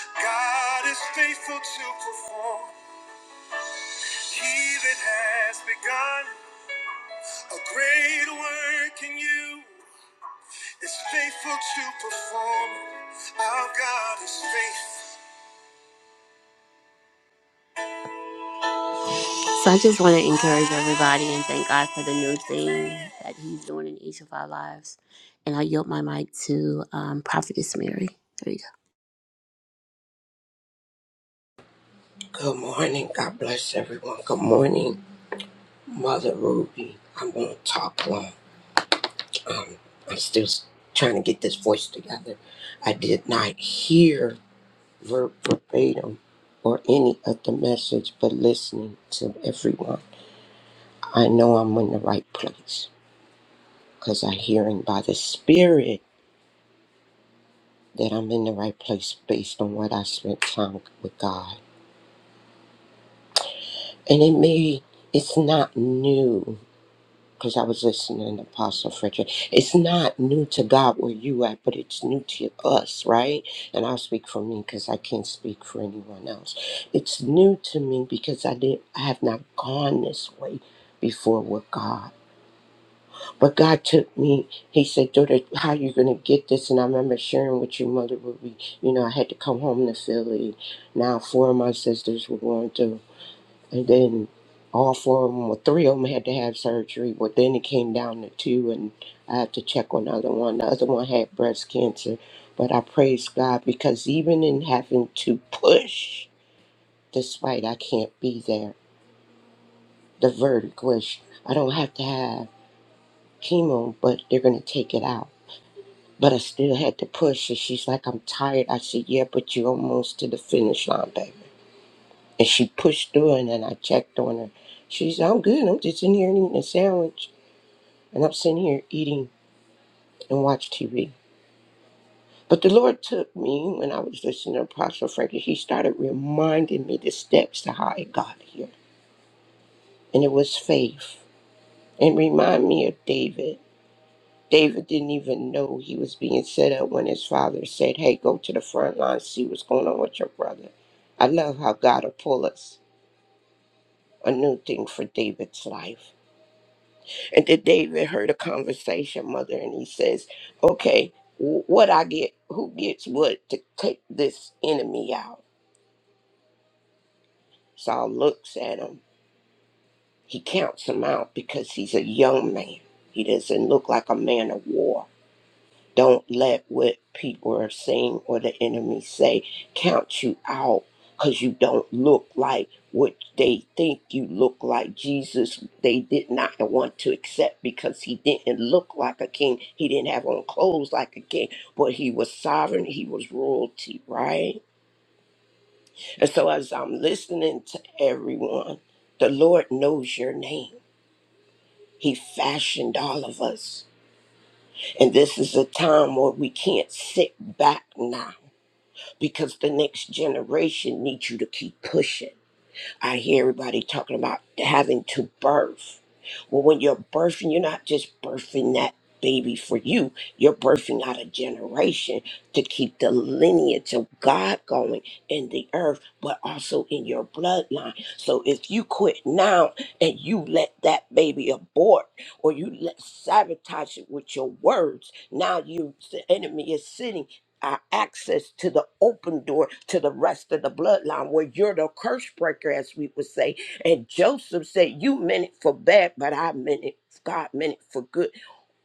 God is faithful to perform. He that has begun a great work in you is faithful to perform. Our God is faithful. So I just want to encourage everybody and thank God for the new thing that He's doing in each of our lives. And I yield my mic to um, Prophetess Mary. There you
Good morning. God bless everyone. Good morning, Mother Ruby. I'm going to talk long. Um, I'm still s- trying to get this voice together. I did not hear ver- verbatim or any of the message, but listening to everyone, I know I'm in the right place because I'm hearing by the Spirit that I'm in the right place based on what I spent time with God. And it may, it's not new because I was listening to Apostle Frederick. It's not new to God where you at, but it's new to us, right? And I'll speak for me because I can't speak for anyone else. It's new to me because I didn't, I have not gone this way before with God. But God took me. He said, "Daughter, how you gonna get this?" And I remember sharing with your mother. Would we, you know, I had to come home to Philly. Now four of my sisters were going through. And then all four of them, or three of them, had to have surgery. But then it came down to two, and I had to check on the other one. The other one had breast cancer. But I praise God because even in having to push, despite I can't be there, the verdict was I don't have to have chemo, but they're going to take it out. But I still had to push. And she's like, I'm tired. I said, Yeah, but you're almost to the finish line, baby. And she pushed through, and then I checked on her. She's, I'm good. I'm just in here eating a sandwich. and I'm sitting here eating and watch TV. But the Lord took me when I was listening to Apostle Frankie. He started reminding me the steps to how I got here, and it was faith. And remind me of David. David didn't even know he was being set up when his father said, "Hey, go to the front line, see what's going on with your brother." I love how God will pull us a new thing for David's life. And then David heard a conversation, mother, and he says, Okay, wh- what I get, who gets what to take this enemy out? Saul looks at him. He counts him out because he's a young man. He doesn't look like a man of war. Don't let what people are saying or the enemy say count you out because you don't look like what they think you look like. Jesus, they did not want to accept because he didn't look like a king. He didn't have on clothes like a king, but he was sovereign. He was royalty, right? And so as I'm listening to everyone, the Lord knows your name. He fashioned all of us. And this is a time where we can't sit back now because the next generation needs you to keep pushing. I hear everybody talking about having to birth. Well, when you're birthing, you're not just birthing that baby for you, you're birthing out a generation to keep the lineage of God going in the earth, but also in your bloodline. So if you quit now and you let that baby abort or you let sabotage it with your words, now you the enemy is sitting our access to the open door to the rest of the bloodline where you're the curse breaker as we would say and joseph said you meant it for bad but i meant it god meant it for good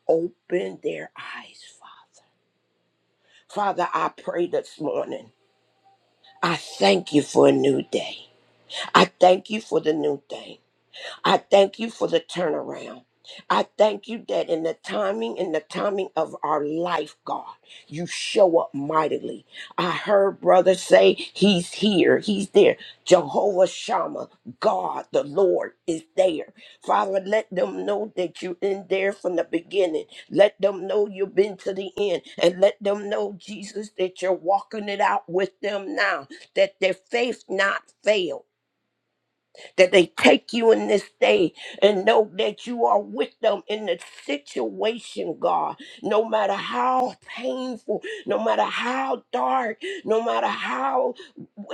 open their eyes father father i pray this morning i thank you for a new day i thank you for the new thing I thank you for the turnaround. I thank you that in the timing, in the timing of our life, God, you show up mightily. I heard brother say, He's here, He's there. Jehovah Shammah, God, the Lord, is there. Father, let them know that you're in there from the beginning. Let them know you've been to the end. And let them know, Jesus, that you're walking it out with them now, that their faith not fail that they take you in this day and know that you are with them in the situation, God. No matter how painful, no matter how dark, no matter how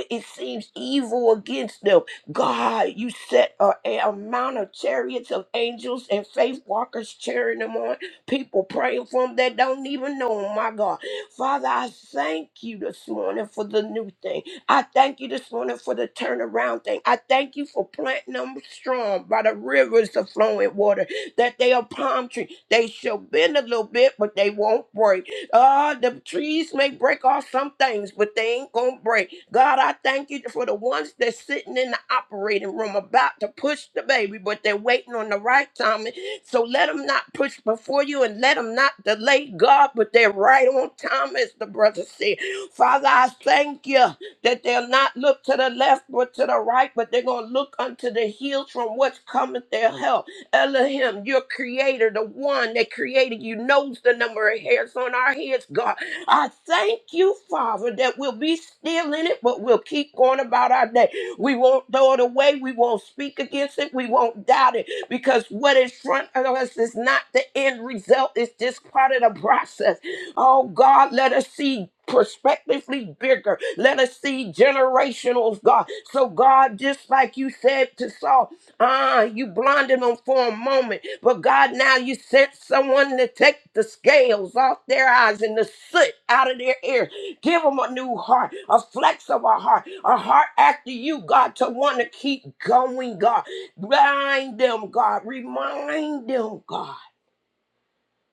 it seems evil against them, God, you set a, a amount of chariots of angels and faith walkers cheering them on, people praying for them that don't even know them, my God. Father, I thank you this morning for the new thing. I thank you this morning for the turnaround thing. I thank you for planting them strong by the rivers of flowing water, that they are palm tree. They shall bend a little bit, but they won't break. Ah, the trees may break off some things, but they ain't gonna break. God, I thank you for the ones that's sitting in the operating room about to push the baby, but they're waiting on the right timing. So let them not push before you and let them not delay God, but they're right on time, as the brother said. Father, I thank you that they'll not look to the left or to the right, but they're going to look unto the hills from which cometh their help. Elohim, your creator, the one that created you, knows the number of hairs on our heads, God. I thank you, Father, that we'll be still in it, but we'll keep going about our day. We won't throw it away. We won't speak against it. We won't doubt it because what is front of us is not the end result. It's just part of the process. Oh God, let us see prospectively bigger. Let us see generational, God. So God, just like you said to Saul, ah, you blinded them for a moment, but God, now you sent someone to take the scales off their eyes and the soot out of their ears. Give them a new heart, a flex of a heart, a heart after you, God, to want to keep going, God. Remind them, God. Remind them, God,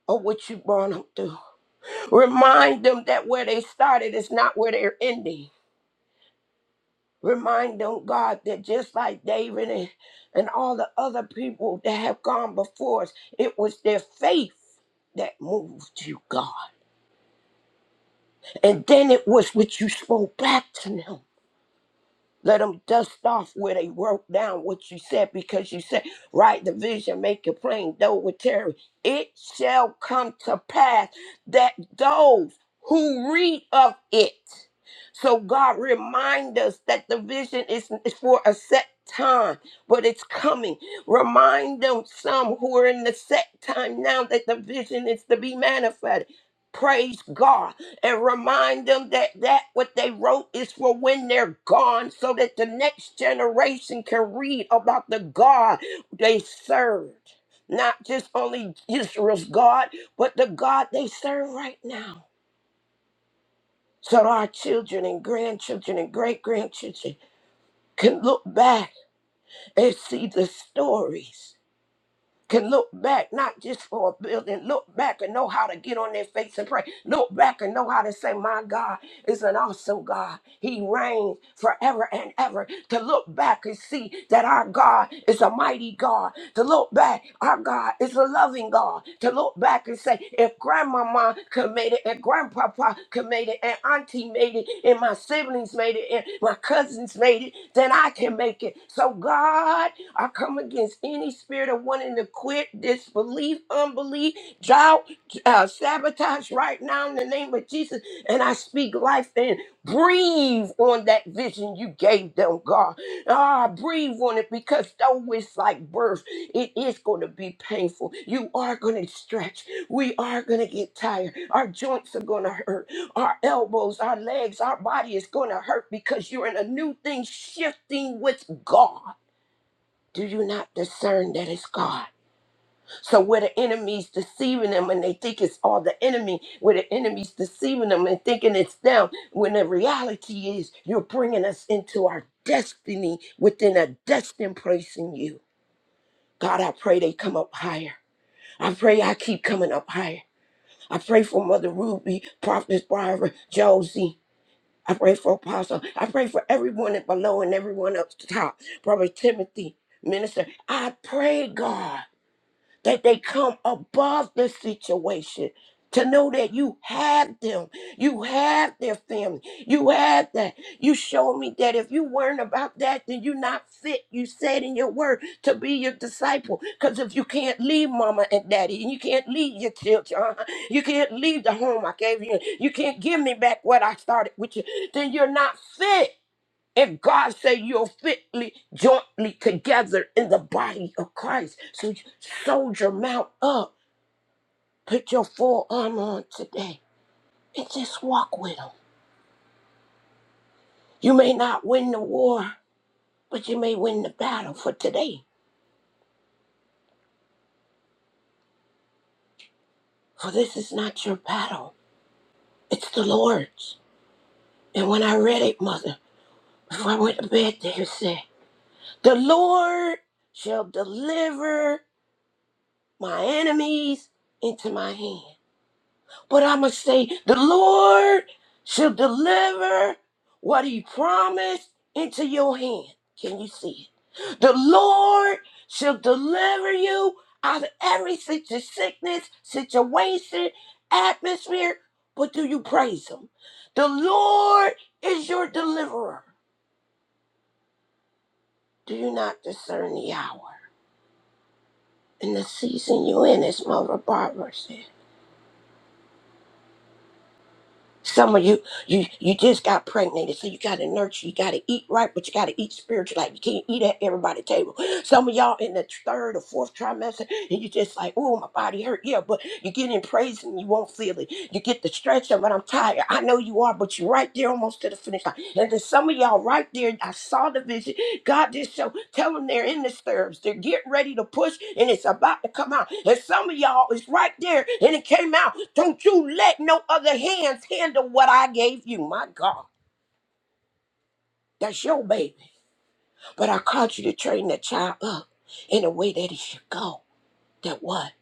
of what you brought them through. Remind them that where they started is not where they're ending. Remind them, God, that just like David and, and all the other people that have gone before us, it was their faith that moved you, God. And then it was what you spoke back to them. Let them dust off where they wrote down what you said because you said, write the vision, make it plain, though with Terry. It shall come to pass that those who read of it. So God remind us that the vision is, is for a set time, but it's coming. Remind them some who are in the set time now that the vision is to be manifested. Praise God and remind them that that what they wrote is for when they're gone so that the next generation can read about the God they served. Not just only Israel's God, but the God they serve right now. So that our children and grandchildren and great grandchildren can look back and see the stories can look back, not just for a building, look back and know how to get on their face and pray. Look back and know how to say, My God is an awesome God. He reigns forever and ever. To look back and see that our God is a mighty God. To look back, our God is a loving God. To look back and say, If grandmama could made it, and grandpapa could made it, and auntie made it, and my siblings made it, and my cousins made it, then I can make it. So, God, I come against any spirit of wanting to quit, disbelief, unbelief, doubt, uh, sabotage right now in the name of Jesus. And I speak life and breathe on that vision you gave them, God. Ah, breathe on it because though it's like birth, it is going to be painful. You are going to stretch. We are going to get tired. Our joints are going to hurt. Our elbows, our legs, our body is going to hurt because you're in a new thing shifting with God. Do you not discern that it's God? So where the enemy's deceiving them and they think it's all the enemy, where the enemy's deceiving them and thinking it's them, when the reality is you're bringing us into our destiny within a destined place in you. God, I pray they come up higher. I pray I keep coming up higher. I pray for Mother Ruby, Prophetess Barbara, Josie. I pray for Apostle. I pray for everyone at below and everyone up top. Brother Timothy, Minister. I pray, God. that they come above the situation to know that you have them you have their family you have that you showed me that if you weren't about that then you're not fit you said in your word to be your disciple because if you can't leave mama and daddy and you can't leave your children uh-huh, you can't leave the home i gave you you can't give me back what i started with you then you're not fit and God said you're fitly, jointly together in the body of Christ. So you sold your mount up. Put your full armor on today and just walk with him. You may not win the war, but you may win the battle for today. For this is not your battle, it's the Lord's. And when I read it, Mother, before I went to bed, there it said, The Lord shall deliver my enemies into my hand. But I'm going to say, the Lord shall deliver what he promised into your hand. Can you see it? The Lord shall deliver you out of every situ- sickness, situation, atmosphere. But do you praise him? The Lord is your deliverer. Do you not discern the hour and the season you in, as Mother Barbara said? Some of you, you, you just got pregnant, so you got to nurture. You got to eat right, but you got to eat spiritual. Like you can't eat at everybody's table. Some of y'all in the third or fourth trimester, and you just like, oh, my body hurt. Yeah, but you get in praise and you won't feel it. You get the stretch of it. I'm tired. I know you are, but you're right there almost to the finish line. And then some of y'all right there, I saw the vision. God just show, tell them they're in the stirrups. They're getting ready to push, and it's about to come out. And some of y'all is right there, and it came out. Don't you let no other hands handle what I gave you. My God, that's your baby. But I called you to train that child up in a way that he should go that what?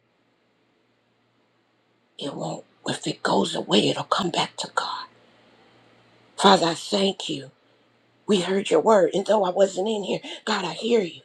It won't. If it goes away, it'll come back to God. Father, I thank you. We heard your word, and though I wasn't in here, God, I hear you.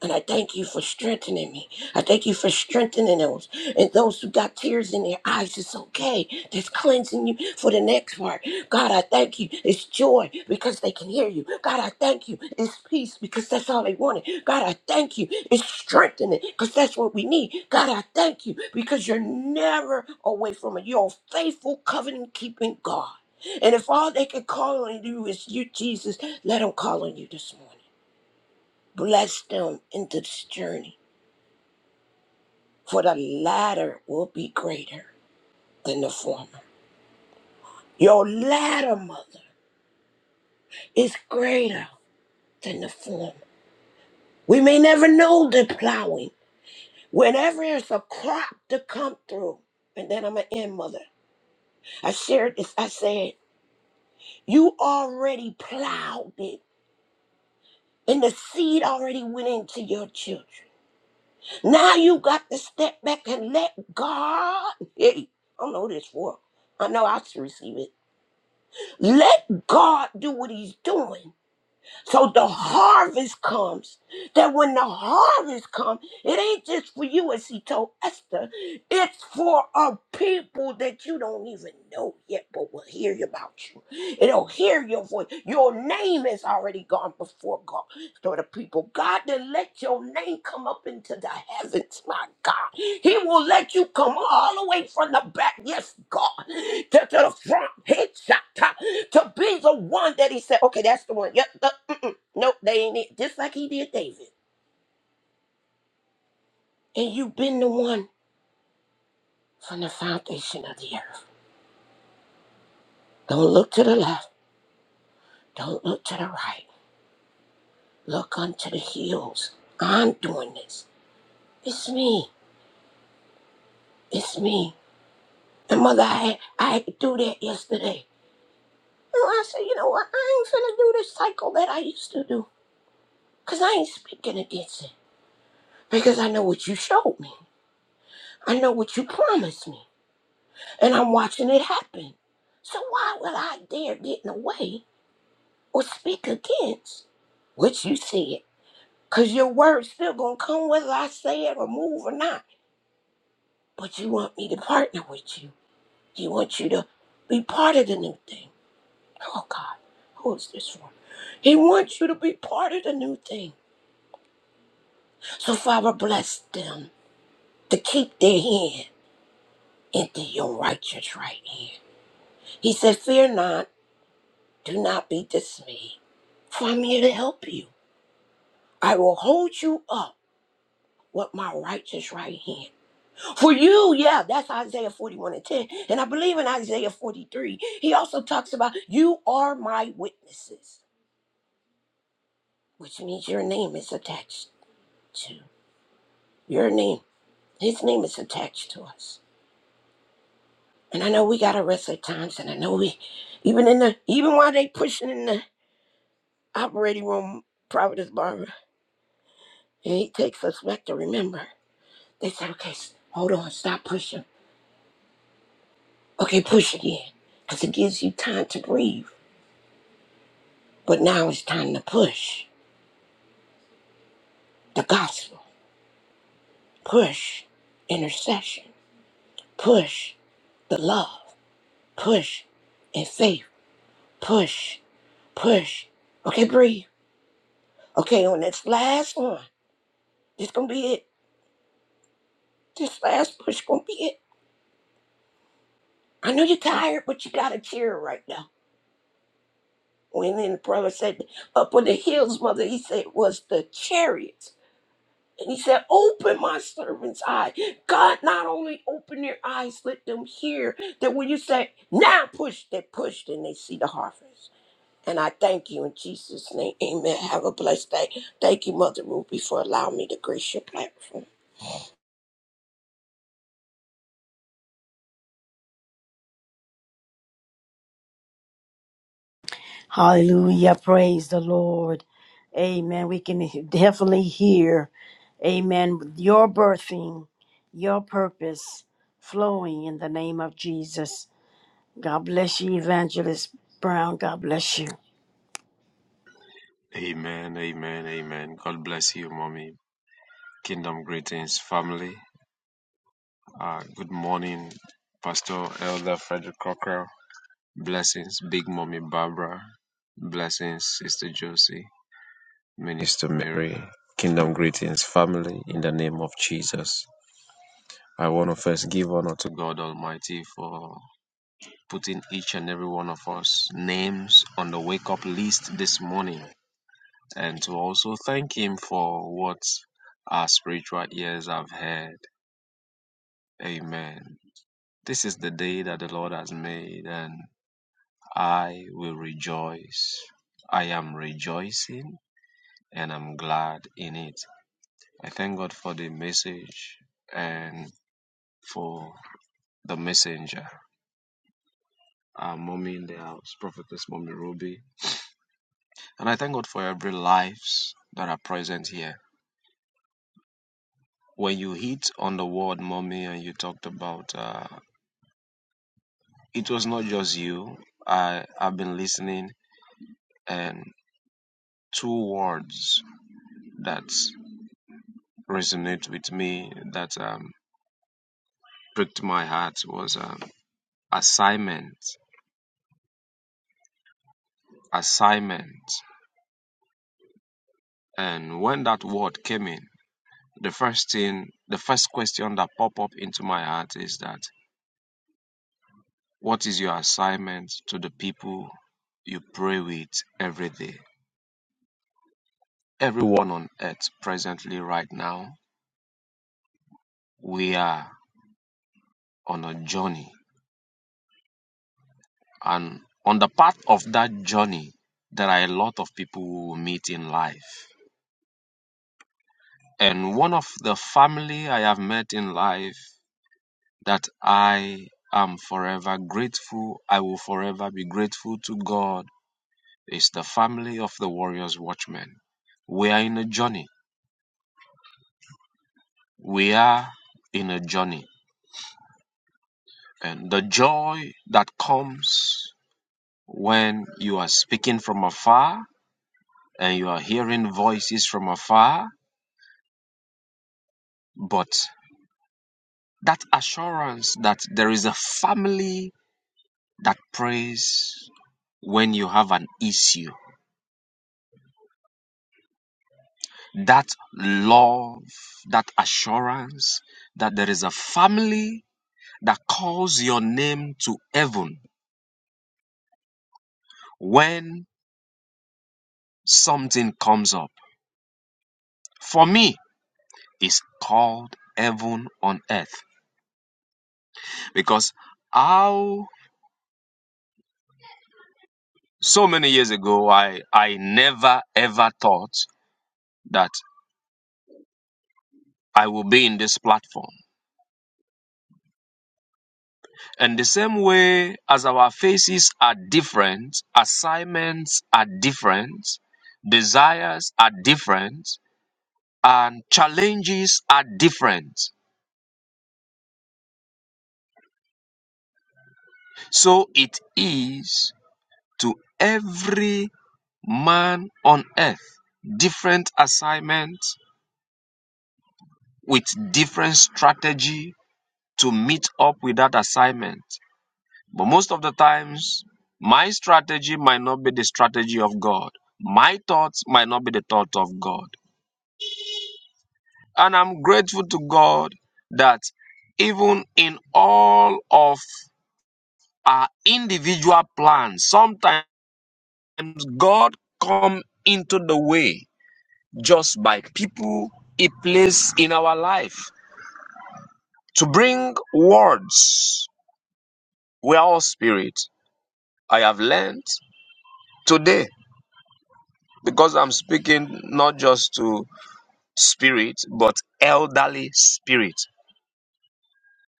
And I thank you for strengthening me. I thank you for strengthening those. And those who got tears in their eyes, it's okay. That's cleansing you for the next part. God, I thank you. It's joy because they can hear you. God, I thank you. It's peace because that's all they wanted. God, I thank you. It's strengthening because that's what we need. God, I thank you because you're never away from it. You're a faithful, covenant keeping God. And if all they can call on you is you, Jesus, let them call on you this morning. Bless them into this journey, for the latter will be greater than the former. Your latter, mother, is greater than the former. We may never know the plowing. Whenever there's a crop to come through, and then I'm going to end, mother. I shared this. I said, You already plowed it, and the seed already went into your children. Now you got to step back and let God. Hey, I don't know this for. I know I should receive it. Let God do what he's doing. So the harvest comes. That when the harvest comes, it ain't just for you, as he told Esther. It's for a people that you don't even know yet, but will hear about you. It'll hear your voice. Your name has already gone before God. Lord the people, God, then let your name come up into the heavens, my God. He will let you come all the way from the back, yes, God, to, to the front, headshot to be the one that He said, okay, that's the one. Yep, uh, mm-mm, nope, they ain't it. Just like He did David. And you've been the one from the foundation of the earth. Don't look to the left, don't look to the right, look unto the hills. I'm doing this. It's me, it's me. And mother, I, I had to do that yesterday. No, I said, you know what? I ain't finna do this cycle that I used to do. Because I ain't speaking against it. Because I know what you showed me. I know what you promised me. And I'm watching it happen. So why would I dare get in the way or speak against what you said? Because your word's still going to come whether I say it or move or not. But you want me to partner with you. You want you to be part of the new thing. Oh, God. Who is this for? He wants you to be part of the new thing. So, Father, bless them to keep their hand into your righteous right hand. He said, Fear not, do not be dismayed, for I'm here to help you. I will hold you up with my righteous right hand. For you, yeah, that's Isaiah 41 and 10. And I believe in Isaiah 43, he also talks about, You are my witnesses, which means your name is attached to your name. His name is attached to us. And I know we gotta rest at times, and I know we, even in the, even while they pushing in the operating room, Providence Barber, and he takes us back to remember. They said, okay, s- hold on, stop pushing. Okay, push again, because it gives you time to breathe. But now it's time to push the gospel, push intercession, push the love, push and faith, push, push. Okay, breathe. Okay, on this last one, this gonna be it. This last push gonna be it. I know you're tired, but you gotta cheer right now. When then the brother said, Up on the hills, mother, he said, was the chariots. And he said, Open my servant's eye. God not only open their eyes, let them hear that when you say, Now push, they pushed and they see the harvest. And I thank you in Jesus' name. Amen. Have a blessed day. Thank you, Mother Ruby, for allowing me to grace your platform.
Hallelujah. Praise the Lord. Amen. We can definitely hear, amen, your birthing, your purpose flowing in the name of Jesus. God bless you, Evangelist Brown. God bless you.
Amen, amen, amen. God bless you, mommy. Kingdom greetings, family. Uh, good morning, Pastor Elder Frederick Cockrell. Blessings, Big Mommy Barbara. Blessings, Sister Josie, Minister Mary. Kingdom greetings, family, in the name of Jesus. I want to first give honor to God Almighty for putting each and every one of us names on the wake up list this morning. and to also thank Him for what our spiritual ears have heard. Amen. This is the day that the Lord has made, and I will rejoice. I am rejoicing and I'm glad in it. I thank God for the message and for the messenger, our mommy in the house, prophetess mommy Ruby. And I thank God for every lives that are present here. When you hit on the word mommy and you talked about uh, It was not just you. I have been listening, and two words that resonate with me that um, pricked my heart was um, assignment. Assignment. And when that word came in, the first thing, the first question that popped up into my heart is that what is your assignment to the people you pray with every day? Everyone on earth presently right now, we are on a journey And on the path of that journey, there are a lot of people who will meet in life. And one of the family I have met in life that I am forever grateful, I will forever be grateful to God, is the family of the Warriors Watchmen. We are in a journey. We are in a journey. And the joy that comes when you are speaking from afar and you are hearing voices from afar, but. that assurance that there is a family that prays when you have an issue, that love, that assurance that there is a family that calls your name to heaven when something comes up. For me, it's called heaven on earth because how so many years ago I, I never ever thought that I will be in this platform. In the same way as our faces are different, assignments are different, desires are different, and challenges are different. So it is to every man on earth different assignment with different strategy to meet up with that assignment. But most of the times, my strategy might not be the strategy of God. My thoughts might not be the thoughts of God. And I'm grateful to God that even in all of our individual plans, sometimes God come into the way just by people he placed in our life to bring words. We are all spirit. I have learned today because I'm speaking not just to spirit, but elderly spirit.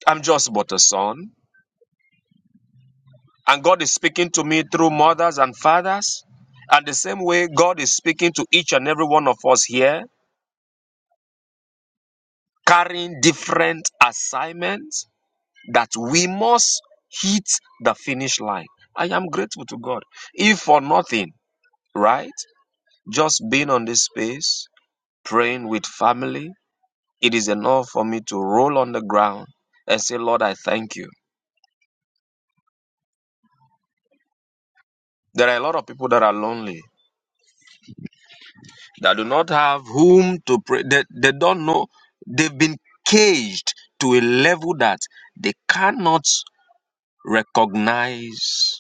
I'm just but a son. And God is speaking to me through mothers and fathers. And the same way, God is speaking to each and every one of us here, carrying different assignments that we must hit the finish line. I am grateful to God. If for nothing, right? Just being on this space, praying with family, it is enough for me to roll on the ground and say, Lord, I thank you. There are a lot of people that are lonely, that do not have whom to pray. They, they don't know. They've been caged to a level that they cannot recognize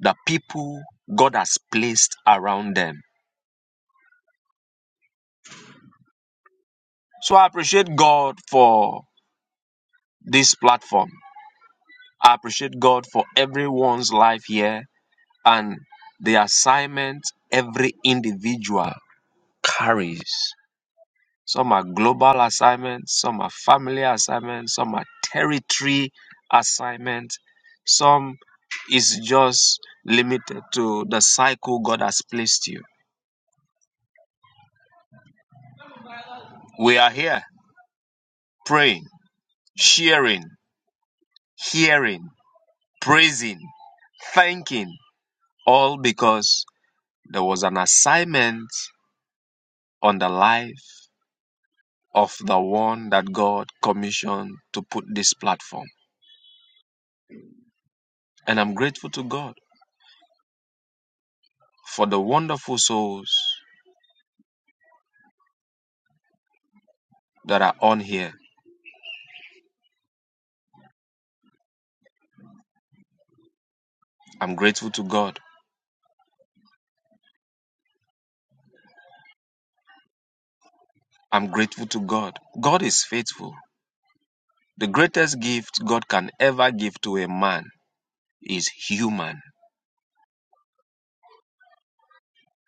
the people God has placed around them. So I appreciate God for this platform. I appreciate God for everyone's life here and the assignment every individual carries. Some are global assignments, some are family assignments, some are territory assignments, some is just limited to the cycle God has placed you. We are here praying, sharing, hearing, praising, thanking, all because there was an assignment on the life of the one that God commissioned to put this platform. And I'm grateful to God for the wonderful souls that are on here. I'm grateful to God. I'm grateful to God. God is faithful. The greatest gift God can ever give to a man is human.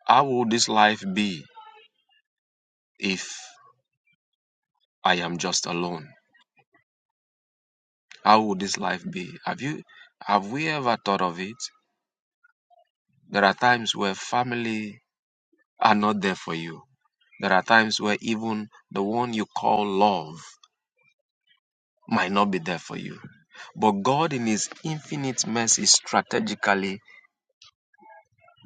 How would this life be if I am just alone? How would this life be? Have you have we ever thought of it? There are times where family are not there for you. There are times where even the one you call love might not be there for you. But God, in His infinite mercy, strategically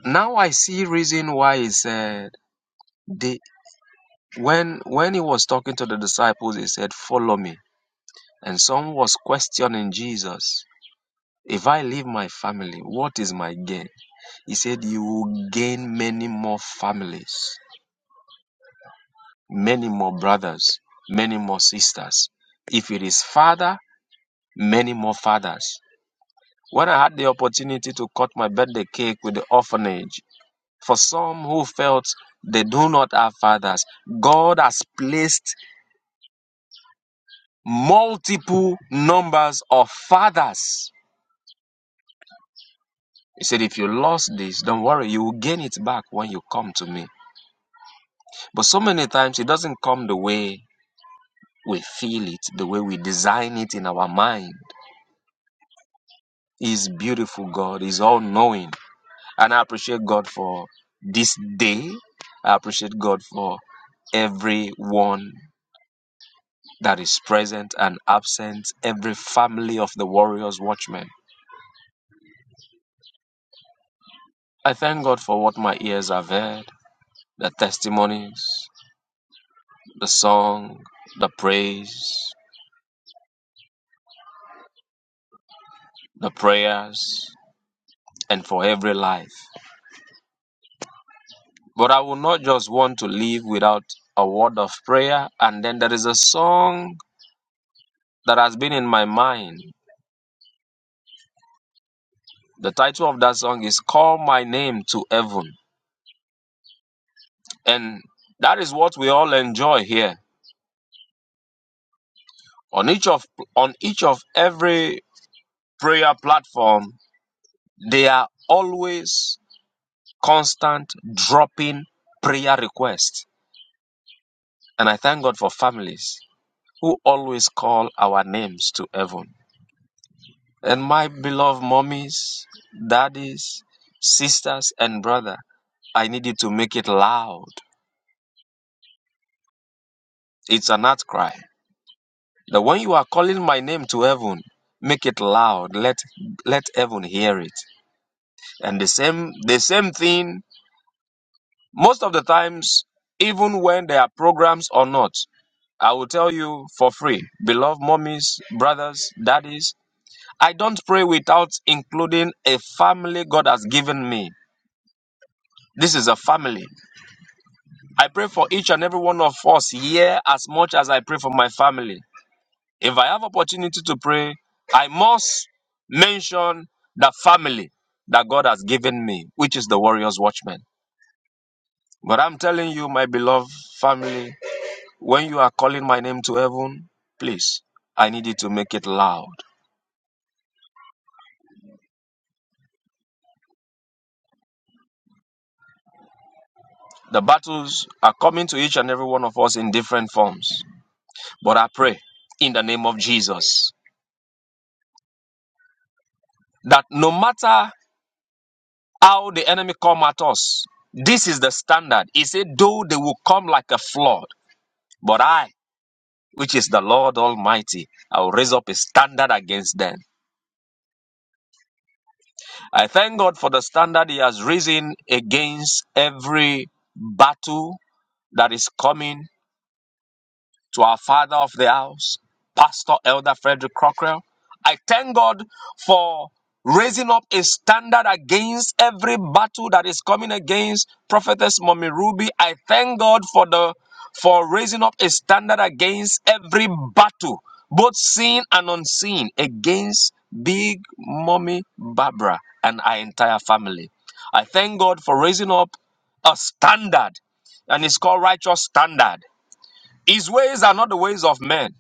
Now I see reason why he said they when when he was talking to the disciples, he said, Follow me. And some was questioning Jesus. If I leave my family, what is my gain? He said, You will gain many more families, many more brothers, many more sisters. If it is father, many more fathers. When I had the opportunity to cut my birthday cake with the orphanage, For some who felt they do not have fathers, God has placed multiple numbers of fathers. He said, if you lost this, don't worry, you will gain it back when you come to me. But so many times it doesn't come the way we feel it, the way we design it in our mind. He's beautiful, God. He's all knowing. And I appreciate God for this day. I appreciate God for everyone that is present and absent, every family of the warrior's watchmen. I thank God for what my ears have heard the testimonies, the song, the praise, the prayers, and for every life. But I will not just want to live without a word of prayer. And then there is a song that has been in my mind. The title of that song is Call My Name to Heaven. And that is what we all enjoy here. On each of on each of every prayer platform, they are always constant dropping prayer requests. And I thank God for families who always call our names to heaven. And my beloved mommies, daddies, sisters, and brother, I need you to make it loud. It's an outcry. That when you are calling my name to heaven, make it loud. Let let heaven hear it. And the same the same thing Most of the times, even when there are programs or not, I will tell you for free, beloved mommies, brothers, daddies, I don't pray without including a family God has given me. This is a family. I pray for each and every one of us here as much as I pray for my family. If I have opportunity to pray, I must mention the family that God has given me, which is the Warriors Watchmen. But I'm telling you, my beloved family, When you are calling my name to heaven, please, I need you to make it loud. The battles are coming to each and every one of us in different forms. But I pray in the name of Jesus that no matter how the enemy come at us, this is the standard. He said, though they will come like a flood, but I, which is the Lord Almighty, I will raise up a standard against them. I thank God for the standard He has risen against every battle that is coming to our father of the house, Pastor Elder Frederick Crocker, I thank God for raising up a standard against every battle that is coming against Prophetess Mommy Ruby. I thank God for the for raising up a standard against every battle, both seen and unseen, against Big Mommy Barbara and our entire family. I thank God for raising up a standard, and it's called righteous standard his ways are not the ways of men.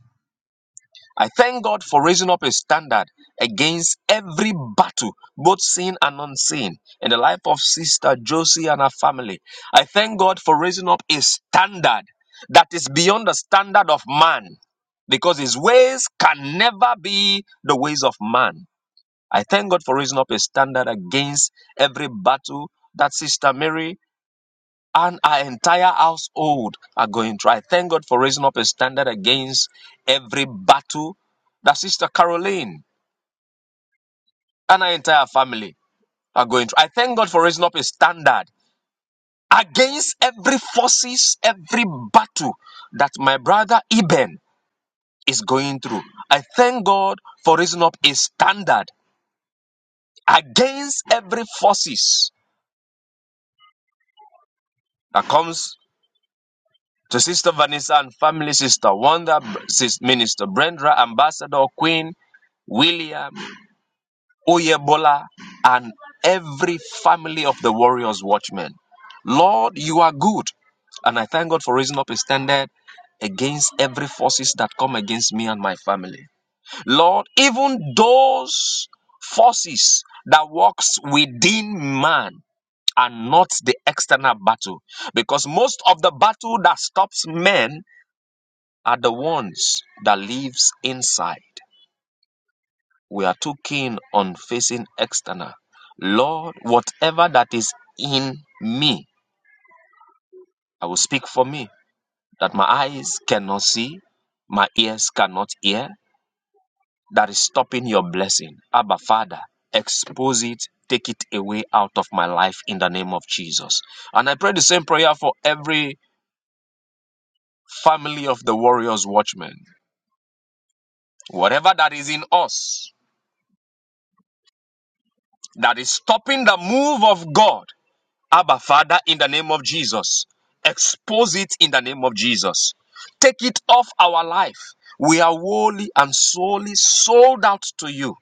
I thank God for raising up a standard against every battle, both seen and unseen, in the life of Sister Josie and her family. I thank God for raising up a standard that is beyond the standard of man, because his ways can never be the ways of man. I thank God for raising up a standard against every battle that Sister Mary and our entire household are going through. I thank God for raising up a standard against every battle that Sister Caroline and our entire family are going through. I thank God for raising up a standard against every forces, every battle that my brother Eben is going through. I thank God for raising up a standard against every forces that comes to Sister Vanessa and family, Sister Wanda, Sister Minister Brenda, Ambassador Queen, William, Oyebola, and every family of the Warriors Watchmen. Lord, you are good. And I thank God for raising up a standard against every forces that come against me and my family. Lord, even those forces that works within man are not the external battle. Because most of the battle that stops men are the ones that lives inside. We are too keen on facing external. Lord, whatever that is in me, I will speak for me, that my eyes cannot see, my ears cannot hear, that is stopping your blessing. Abba, Father, expose it, take it away out of my life in the name of Jesus. And I pray the same prayer for every family of the Warriors Watchmen. Whatever that is in us that is stopping the move of God Abba, Father, in the name of Jesus. Expose it in the name of Jesus. Take it off our life. We are wholly and solely sold out to you,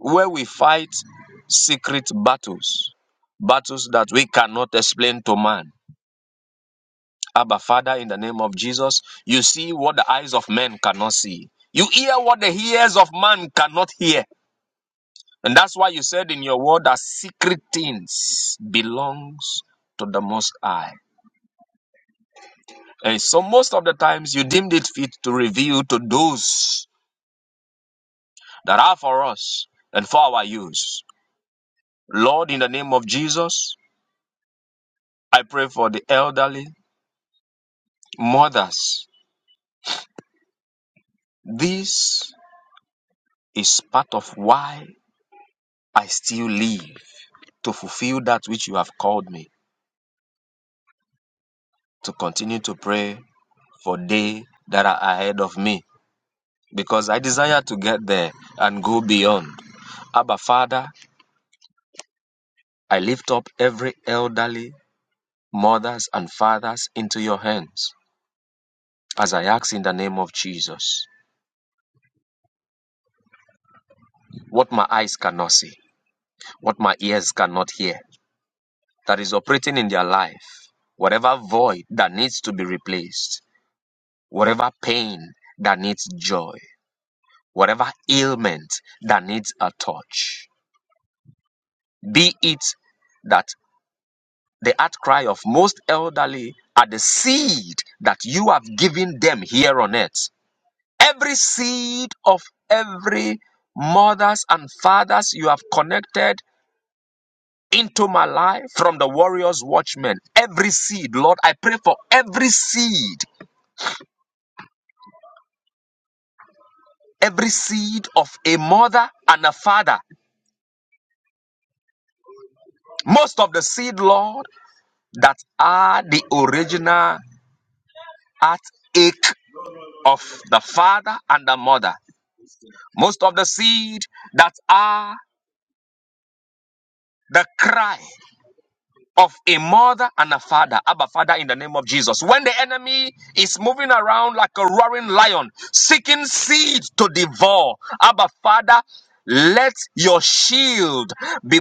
where we fight secret battles, battles that we cannot explain to man. Abba, Father, in the name of Jesus, you see what the eyes of men cannot see. You hear what the ears of man cannot hear. And that's why you said in your word that secret things belongs to the Most High. Eh, so most of the times you deemed it fit to reveal to those that are for us and for our use. Lord, in the name of Jesus, I pray for the elderly, mothers. This is part of why I still live to fulfill that which you have called me to continue to pray for they that are ahead of me because I desire to get there and go beyond. Abba Father, I lift up every elderly mothers and fathers into your hands. As I ask in the name of Jesus, what my eyes cannot see, what my ears cannot hear, that is operating in their life, whatever void that needs to be replaced, whatever pain that needs joy, whatever ailment that needs a touch, be it that the outcry of most elderly are the seed that you have given them here on earth Every seed of every mothers and fathers you have connected into my life from the warriors watchmen. Every seed, Lord, I pray for every seed. Every seed of a mother and a father. Most of the seed, Lord, that are the original heartache of the father and the mother. Most of the seed that are the cry of a mother and a father. Abba, Father, in the name of Jesus. When the enemy is moving around like a roaring lion, seeking seed to devour, Abba, Father, let your shield be,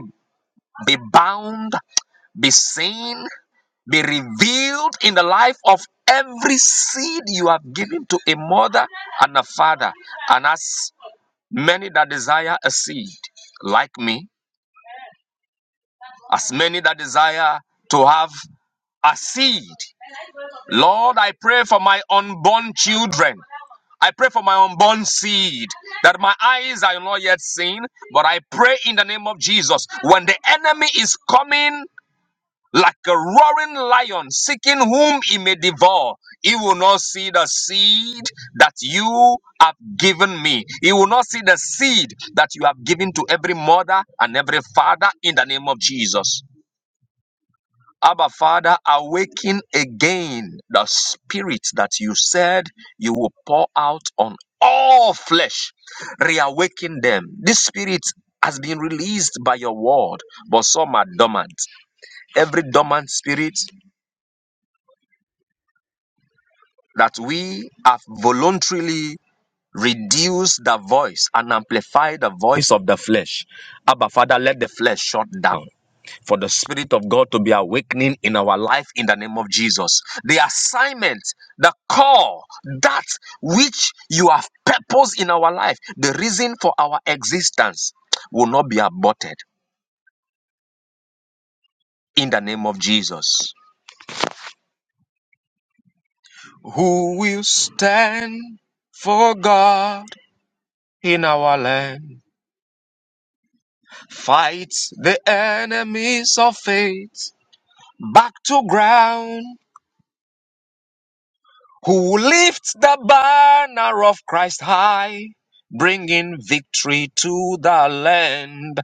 be bound, be seen, be revealed in the life of every seed you have given to a mother and a father. And as many that desire a seed, like me, as many that desire to have a seed, Lord, I pray for my unborn children. I pray for my unborn seed that my eyes are not yet seen, but I pray in the name of Jesus when the enemy is coming like a roaring lion seeking whom he may devour. He will not see the seed that you have given me. He will not see the seed that you have given to every mother and every father in the name of Jesus. Abba, Father, awaken again the spirit that you said you will pour out on all flesh. Reawaken them. This spirit has been released by your word, but some are dormant. Every dormant spirit that we have voluntarily reduced the voice and amplified the voice of the flesh. Abba, Father, let the flesh shut down. for the Spirit of God to be awakening in our life in the name of Jesus. The assignment, the call, that which you have purposed in our life, the reason for our existence will not be aborted in the name of Jesus. Who will stand for God in our land? Fight the enemies of faith back to ground who lifts the banner of Christ high, bringing victory to the land,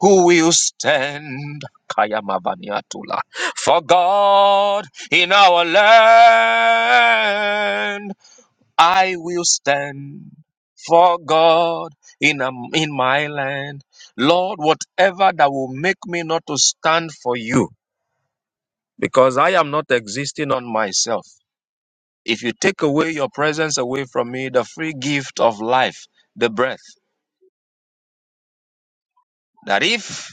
who will stand. Kaya Mavaniatula. For God in our land, I will stand. For God in, am- in my land, Lord, whatever that will make me not to stand for you, because I am not existing on myself. If you take away your presence away from me, the free gift of life, the breath, that if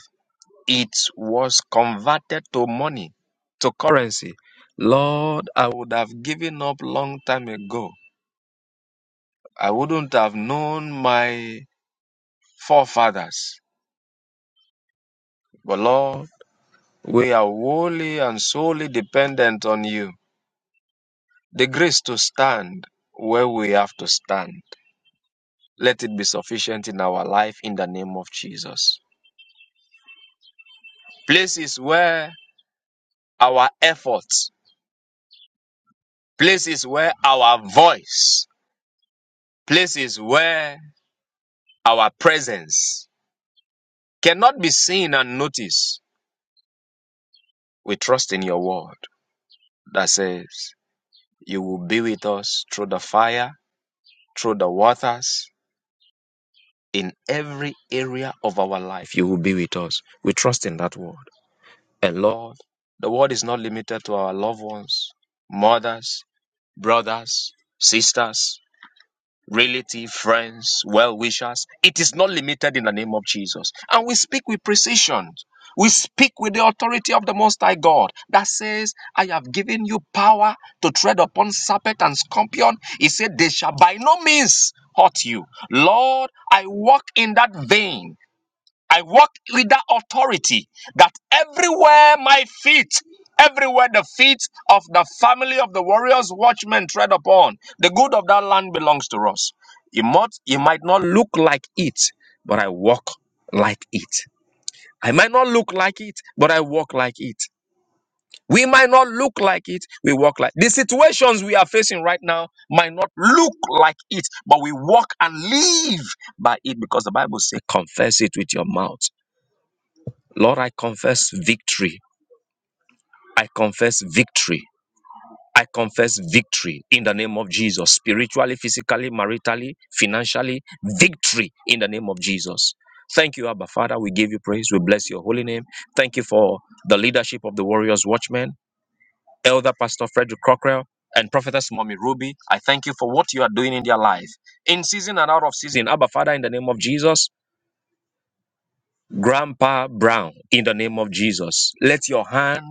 it was converted to money, to currency, Lord, I would have given up long time ago. I wouldn't have known my forefathers. But Lord, we are wholly and solely dependent on you. The grace to stand where we have to stand. Let it be sufficient in our life in the name of Jesus. Places where our efforts, places where our voice, places where our presence cannot be seen and noticed. We trust in your word that says, You will be with us through the fire, through the waters, in every area of our life. You will be with us. We trust in that word. And Lord, the word is not limited to our loved ones, mothers, brothers, sisters. relative, friends, well wishers. It is not limited in the name of Jesus. And we speak with precision. We speak with the authority of the Most High God that says, I have given you power to tread upon serpent and scorpion. He said, They shall by no means hurt you. Lord, I walk in that vein. I walk with that authority that everywhere my feet, everywhere the feet of the family of the warriors, watchmen tread upon, the good of that land belongs to us. It might, it might not look like it, but I walk like it. I might not look like it, but I walk like it. We might not look like it, we walk like the situations we are facing right now might not look like it, but we walk and live by it because the Bible says, confess it with your mouth Lord, I confess victory. I confess victory. I confess victory in the name of Jesus, spiritually, physically, maritally, financially, victory in the name of Jesus. Thank you, Abba Father. We give you praise. We bless your holy name. Thank you for the leadership of the Warriors Watchmen, Elder Pastor Frederick Cockrell, and Prophetess Mommy Ruby. I thank you for what you are doing in their life, in season and out of season. Abba Father, in the name of Jesus, Grandpa Brown, in the name of Jesus, let your hand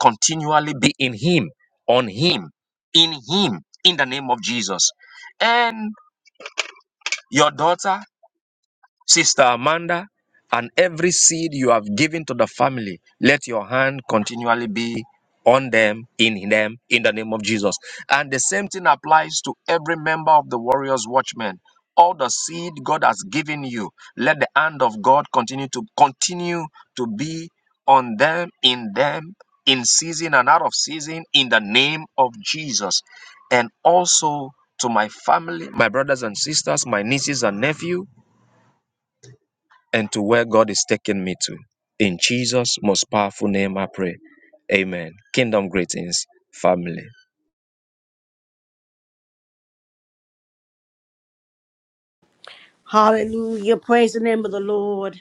continually be in him, on him, in him, in the name of Jesus. And your daughter Sister Amanda, and every seed you have given to the family, let your hand continually be on them, in them, in the name of Jesus. And the same thing applies to every member of the Warriors Watchmen. All the seed God has given you, let the hand of God continue to continue to be on them, in them, in season and out of season, in the name of Jesus. And also to my family, my brothers and sisters, my nieces and nephew and to where God is taking me to. In Jesus' most powerful name, I pray. Amen. Kingdom greetings, family.
Hallelujah. Praise the name of the Lord.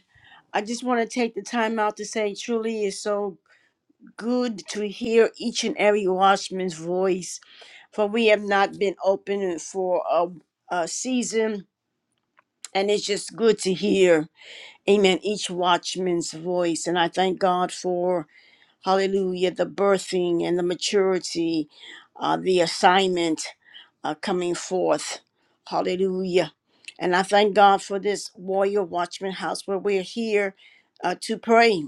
I just want to take the time out to say, truly, it's so good to hear each and every watchman's voice, for we have not been open for a, a season And it's just good to hear, amen, each watchman's voice. And I thank God for hallelujah, the birthing and the maturity, uh, the assignment uh, coming forth, hallelujah. And I thank God for this Warrior Watchman House where we're here uh, to pray,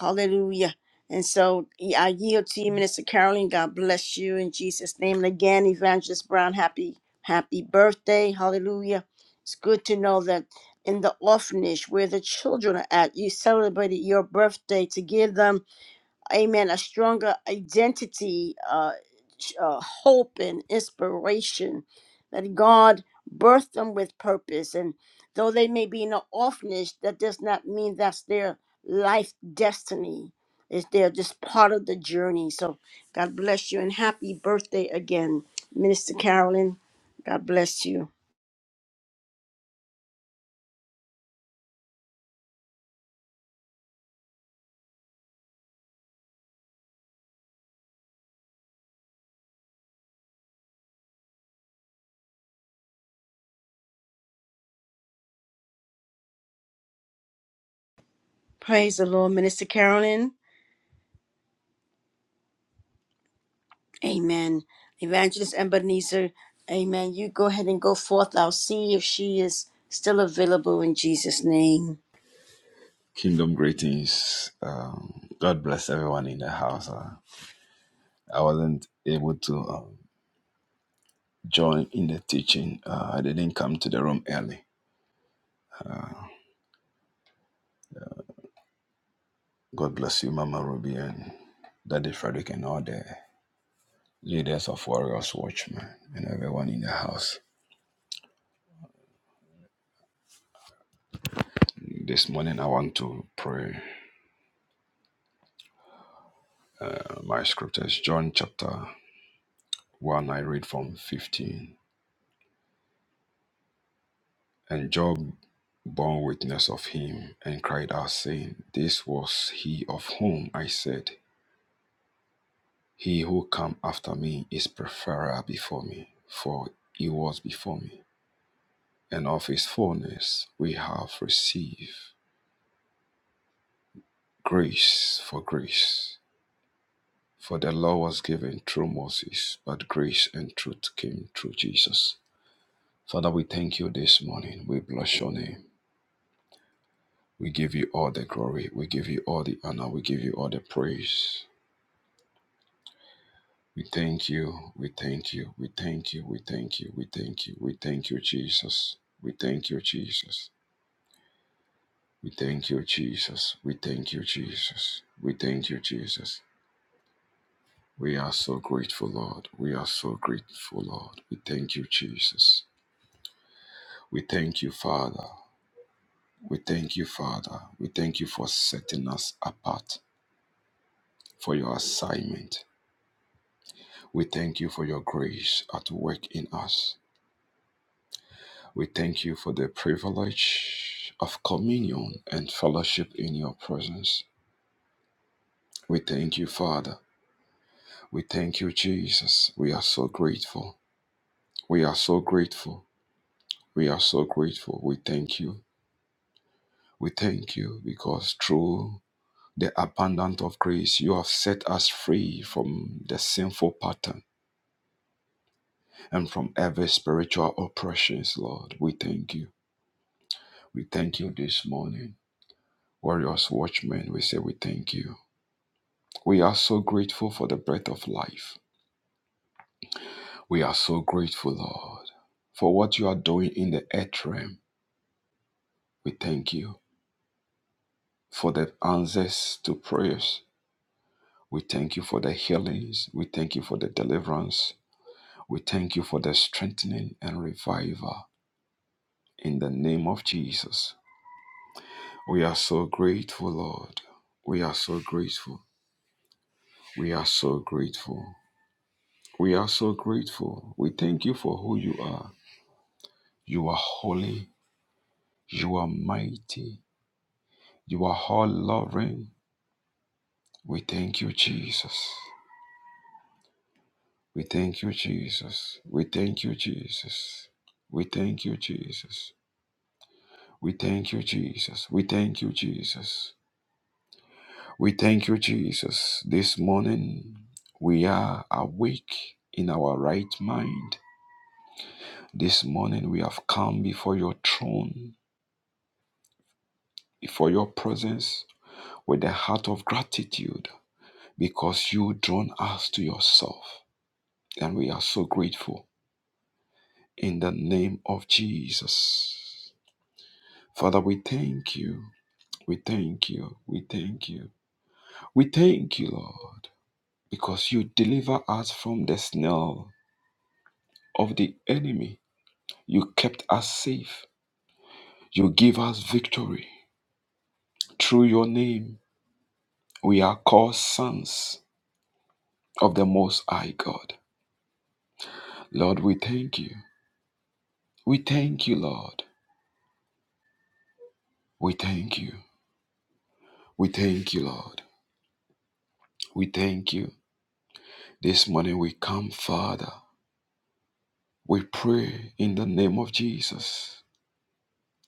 hallelujah. And so yeah, I yield to you, Minister Carolyn. God bless you in Jesus' name. And again, Evangelist Brown, happy, happy birthday, hallelujah. It's good to know that in the orphanage where the children are at, you celebrated your birthday to give them amen, a stronger identity, uh, sh- uh, hope, and inspiration that God birthed them with purpose. And though they may be in an orphanage, that does not mean that's their life destiny. It's they're just part of the journey. So God bless you and happy birthday again, Minister Carolyn. God bless you. Praise the Lord, Minister Carolyn. Amen. Evangelist Ebenezer, amen. You go ahead and go forth. I'll see if she is still available in Jesus' name.
Kingdom greetings. Um, God bless everyone in the house. Uh, I wasn't able to um, join in the teaching. Uh, I didn't come to the room early. God bless you, Mama Ruby and Daddy Frederick and all the leaders of Warriors Watchmen and everyone in the house. This morning I want to pray uh, my scriptures. John chapter 1, I read from 15. And Job bore witness of him and cried out, saying, This was he of whom I said, He who come after me is preferable before me, for he was before me. And of his fullness we have received grace for grace. For the law was given through Moses, but grace and truth came through Jesus. Father, we thank you this morning. We bless your name. We give you all the glory. We give you all the honor. We give you all the praise. We thank you. We thank you. We thank you. We thank you. We thank you. We thank you, Jesus. We thank you, Jesus. We thank you, Jesus. We thank you, Jesus. We thank you, Jesus. We are so grateful, Lord. We are so grateful, Lord. We thank you, Jesus. We thank you, Father. We thank you, Father. We thank you for setting us apart for your assignment. We thank you for your grace at work in us. We thank you for the privilege of communion and fellowship in your presence. We thank you, Father. We thank you, Jesus. We are so grateful. We are so grateful. We are so grateful. We thank you. We thank you because through the abundance of grace, you have set us free from the sinful pattern and from every spiritual oppressions, Lord. We thank you. We thank you this morning. Warriors, watchmen, we say we thank you. We are so grateful for the breath of life. We are so grateful, Lord, for what you are doing in the earth realm. We thank you for the answers to prayers. We thank you for the healings. We thank you for the deliverance. We thank you for the strengthening and revival in the name of Jesus. We are so grateful, Lord. We are so grateful. We are so grateful. We are so grateful. We thank you for who you are. You are holy. You are mighty. You are all loving. We thank you, Jesus. We thank you, Jesus. We thank you, Jesus. We thank you, Jesus. We thank you, Jesus. We thank you, Jesus. We thank you, Jesus. This morning we are awake in our right mind. This morning we have come before your throne, before your presence with a heart of gratitude because you drawn us to yourself. And we are so grateful in the name of Jesus. Father, we thank you. We thank you. We thank you. We thank you, Lord. because you deliver us from the snare of the enemy. You kept us safe. You give us victory. Through your name, we are called sons of the Most High God. Lord, we thank you. We thank you, Lord. We thank you. We thank you, Lord. We thank you. This morning we come, Father. We pray in the name of Jesus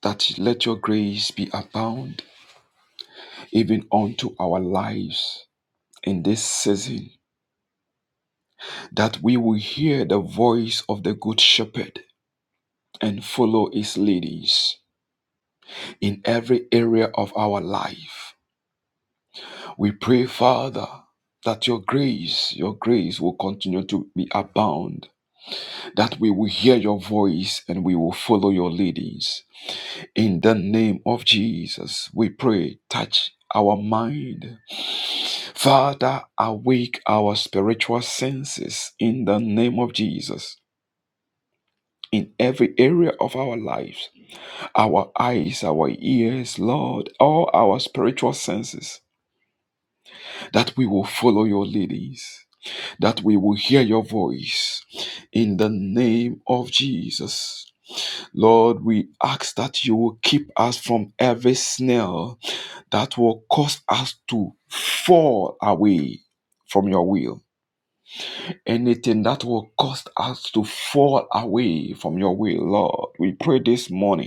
that let your grace be abound even unto our lives in this season that we will hear the voice of the Good Shepherd and follow his leadings in every area of our life. We pray, Father, that your grace, your grace will continue to be abound, that we will hear your voice and we will follow your leadings. In the name of Jesus, we pray, touch our mind. Father, awake our spiritual senses in the name of Jesus. in every area of our lives our eyes, our ears, Lord, all our spiritual senses that we will follow your leadings, that we will hear your voice in the name of Jesus. Lord, we ask that you will keep us from every snare that will cause us to fall away from your will. Anything that will cause us to fall away from your will, Lord, we pray this morning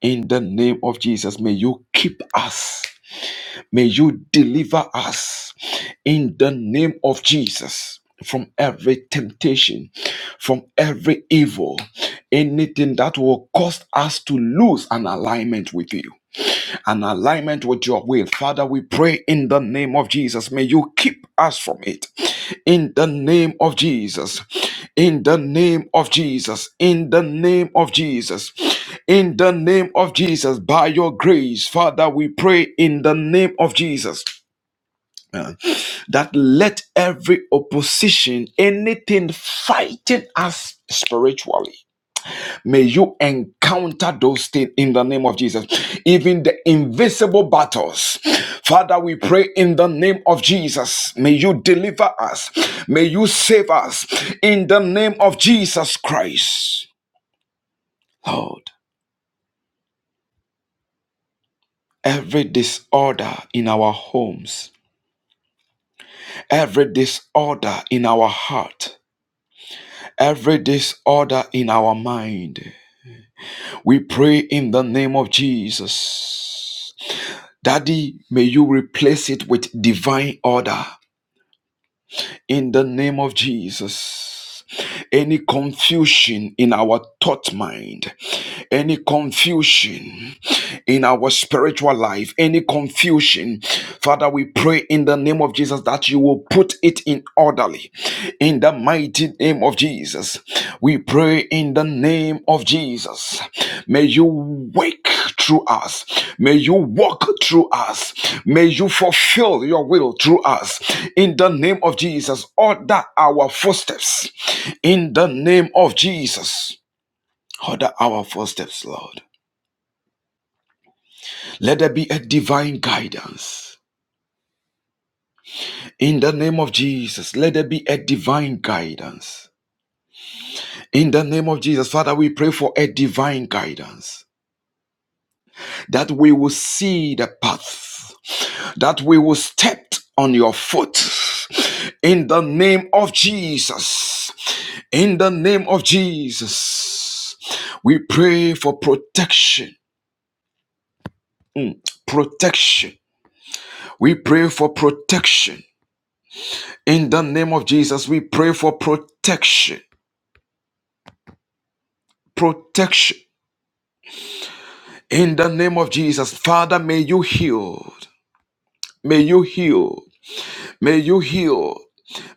In the name of Jesus, may you keep us. May you deliver us. In the name of Jesus, from every temptation, from every evil, anything that will cause us to lose an alignment with you an alignment with your will. Father, we pray in the name of Jesus. May you keep us from it. In the name of Jesus. In the name of Jesus. In the name of Jesus. In the name of Jesus. By your grace, Father, we pray in the name of Jesus. uh, That let every opposition, anything fighting us spiritually, May you encounter those things in the name of Jesus, even the invisible battles. Father, we pray in the name of Jesus. May you deliver us. May you save us in the name of Jesus Christ. Lord, every disorder in our homes, every disorder in our heart, every disorder in our mind, we pray in the name of Jesus. Daddy, may you replace it with divine order in the name of Jesus. Any confusion in our thought mind, any confusion in our spiritual life, any confusion, Father, we pray in the name of Jesus that you will put it in orderly in the mighty name of Jesus. We pray in the name of Jesus. May you wake through us. May you walk through us. May you fulfill your will through us. In the name of Jesus, order our footsteps. In the name of Jesus, order our footsteps, Lord. Let there be a divine guidance. In the name of Jesus, let there be a divine guidance. In the name of Jesus, Father, we pray for a divine guidance. that we will see the path, that we will step on your foot. In the name of Jesus. In the name of Jesus. We pray for protection. Protection. We pray for protection. In the name of Jesus, we pray for protection. Protection. In the name of Jesus, Father, may you heal. May you heal. May you heal.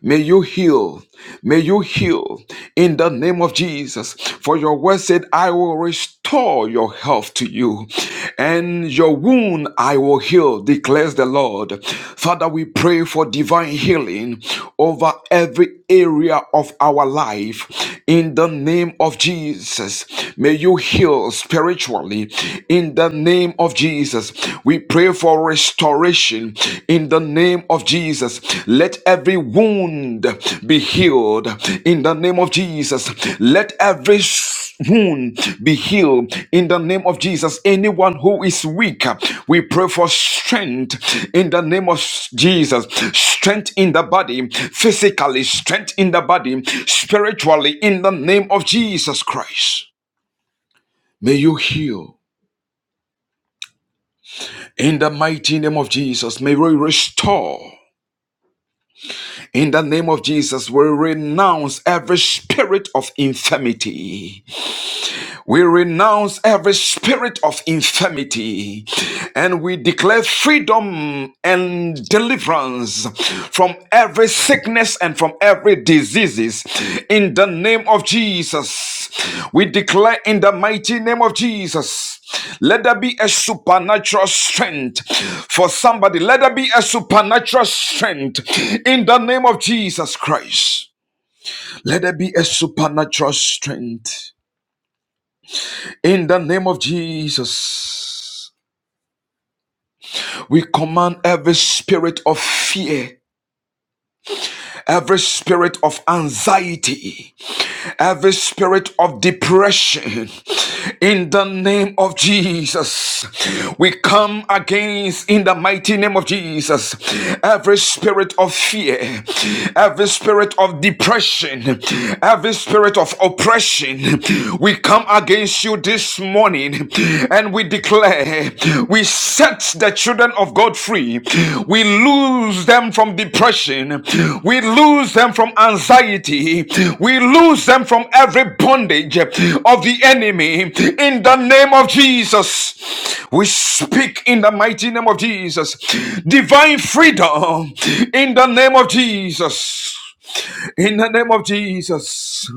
May you heal. May you heal in the name of Jesus. For your word said, I will restore your health to you, and your wound I will heal, declares the Lord. Father, we pray for divine healing over every area of our life in the name of Jesus. May you heal spiritually in the name of Jesus. We pray Pray for restoration in the name of Jesus. Let every wound be healed in the name of Jesus. Let every wound be healed in the name of Jesus. Anyone who is weak, we pray for strength in the name of Jesus. Strength in the body, physically, strength in the body, spiritually, in the name of Jesus Christ. May you heal in the mighty name of Jesus. May we restore. In the name of Jesus, we renounce every spirit of infirmity. We renounce every spirit of infirmity and we declare freedom and deliverance from every sickness and from every diseases in the name of Jesus. We declare in the mighty name of Jesus. Let there be a supernatural strength for somebody. Let there be a supernatural strength in the name of Jesus Christ. Let there be a supernatural strength. In the name of Jesus, we command every spirit of fear, every spirit of anxiety, every spirit of depression. In the name of Jesus, we come against, in the mighty name of Jesus, every spirit of fear, every spirit of depression, every spirit of oppression. We come against you this morning and we declare, we we set the children of God free, we lose them from depression, we lose them from anxiety, we lose them from every bondage of the enemy in the name of Jesus. We speak in the mighty name of Jesus, divine freedom in the name of Jesus. In the name of Jesus,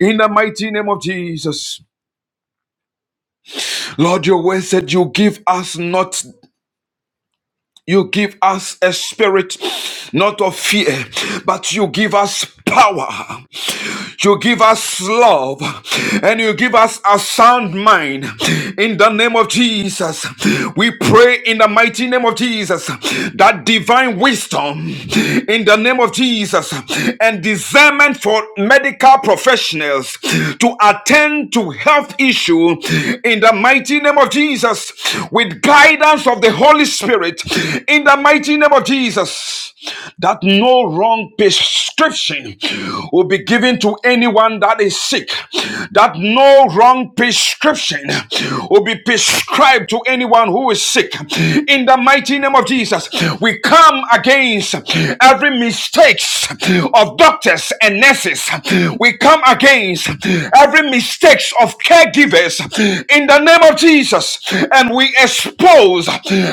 in the mighty name of Jesus, Lord, your word said you give us not You give us a spirit not of fear, but you give us power. You give us love and you give us a sound mind in the name of Jesus. We pray in the mighty name of Jesus that divine wisdom in the name of Jesus and discernment for medical professionals business, to attend to health issue in the mighty name of Jesus with guidance of the Holy Spirit in the mighty name of Jesus that no wrong prescription will be given to anyone that is sick that no wrong prescription will be prescribed to anyone who is sick in the mighty name of Jesus, we come against every mistakes of doctors and nurses. We come against every mistakes of caregivers in the name of Jesus, and we expose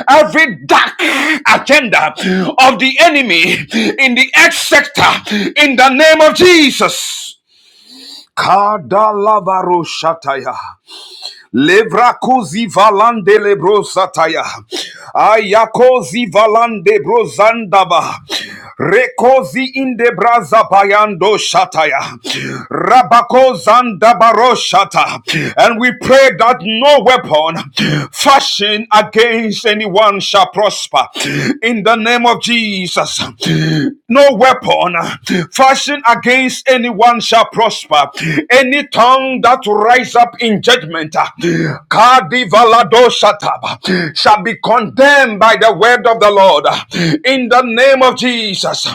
every dark agenda of the enemy in the X sector in the name of Jesus. Kadalavaru shataya. Levrakozi valande lebrosataya. Ayakozi valande brozandaba. Rekozi inde braza bayando shataya. Rabakozanda baroshata. And we pray that no weapon fashioned against anyone shall prosper. In the name of Jesus. No weapon fashioned against anyone shall prosper. Any tongue that to rise up in judgment uh, Kadivaladoshataba, shall be condemned by the word of the Lord uh, in the name of Jesus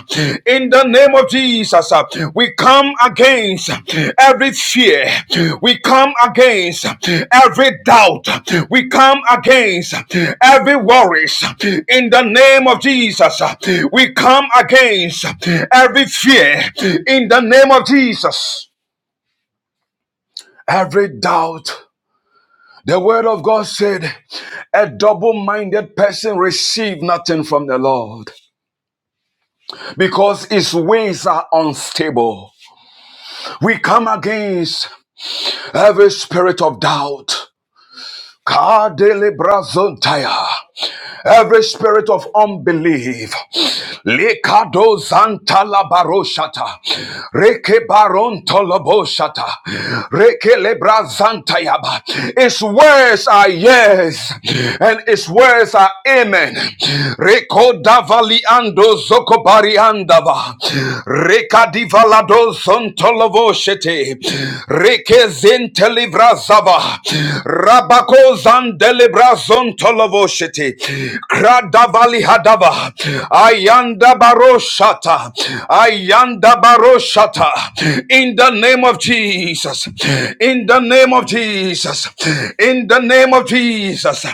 in the name of Jesus uh, we come against every fear we come against every doubt we come against every worries in the name of Jesus uh, we come against every fear in the name of Jesus every doubt the word of God said, a double minded person receive nothing from the Lord because his ways are unstable. We come against every spirit of doubt. Kadele brazontaya. every spirit of unbelief. Likado zanta labaroshata, reke baron toloboshata, reke lebra zanta yaba. Its words are yes, and its words are amen. Reko davali ando zokobari andava, reka divalado zontolovoshete, reke zintelibra zava, rabako zandelebra zandelibra Kalaboshete, Kradavali Hadava, Ayanda Baroshata, Ayanda Baroshata, in the name of Jesus, in the name of Jesus, in the name of Jesus,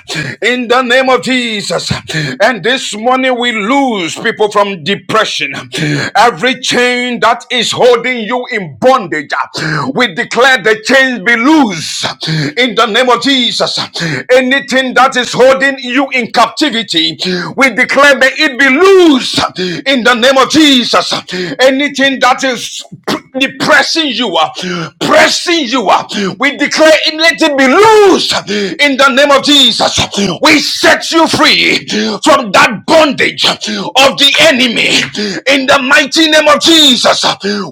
in the name of Jesus. And this morning we lose people from depression. Every chain that is holding you in bondage, we declare the chains be loose in the name of Jesus. Anything anything that is holding you in captivity, we declare may it be loose in the name of Jesus. Anything that is depressing you, uh, pressing you, uh, we declare it let it be loose in the name of Jesus. We set you free from that bondage of the enemy in the mighty name of Jesus.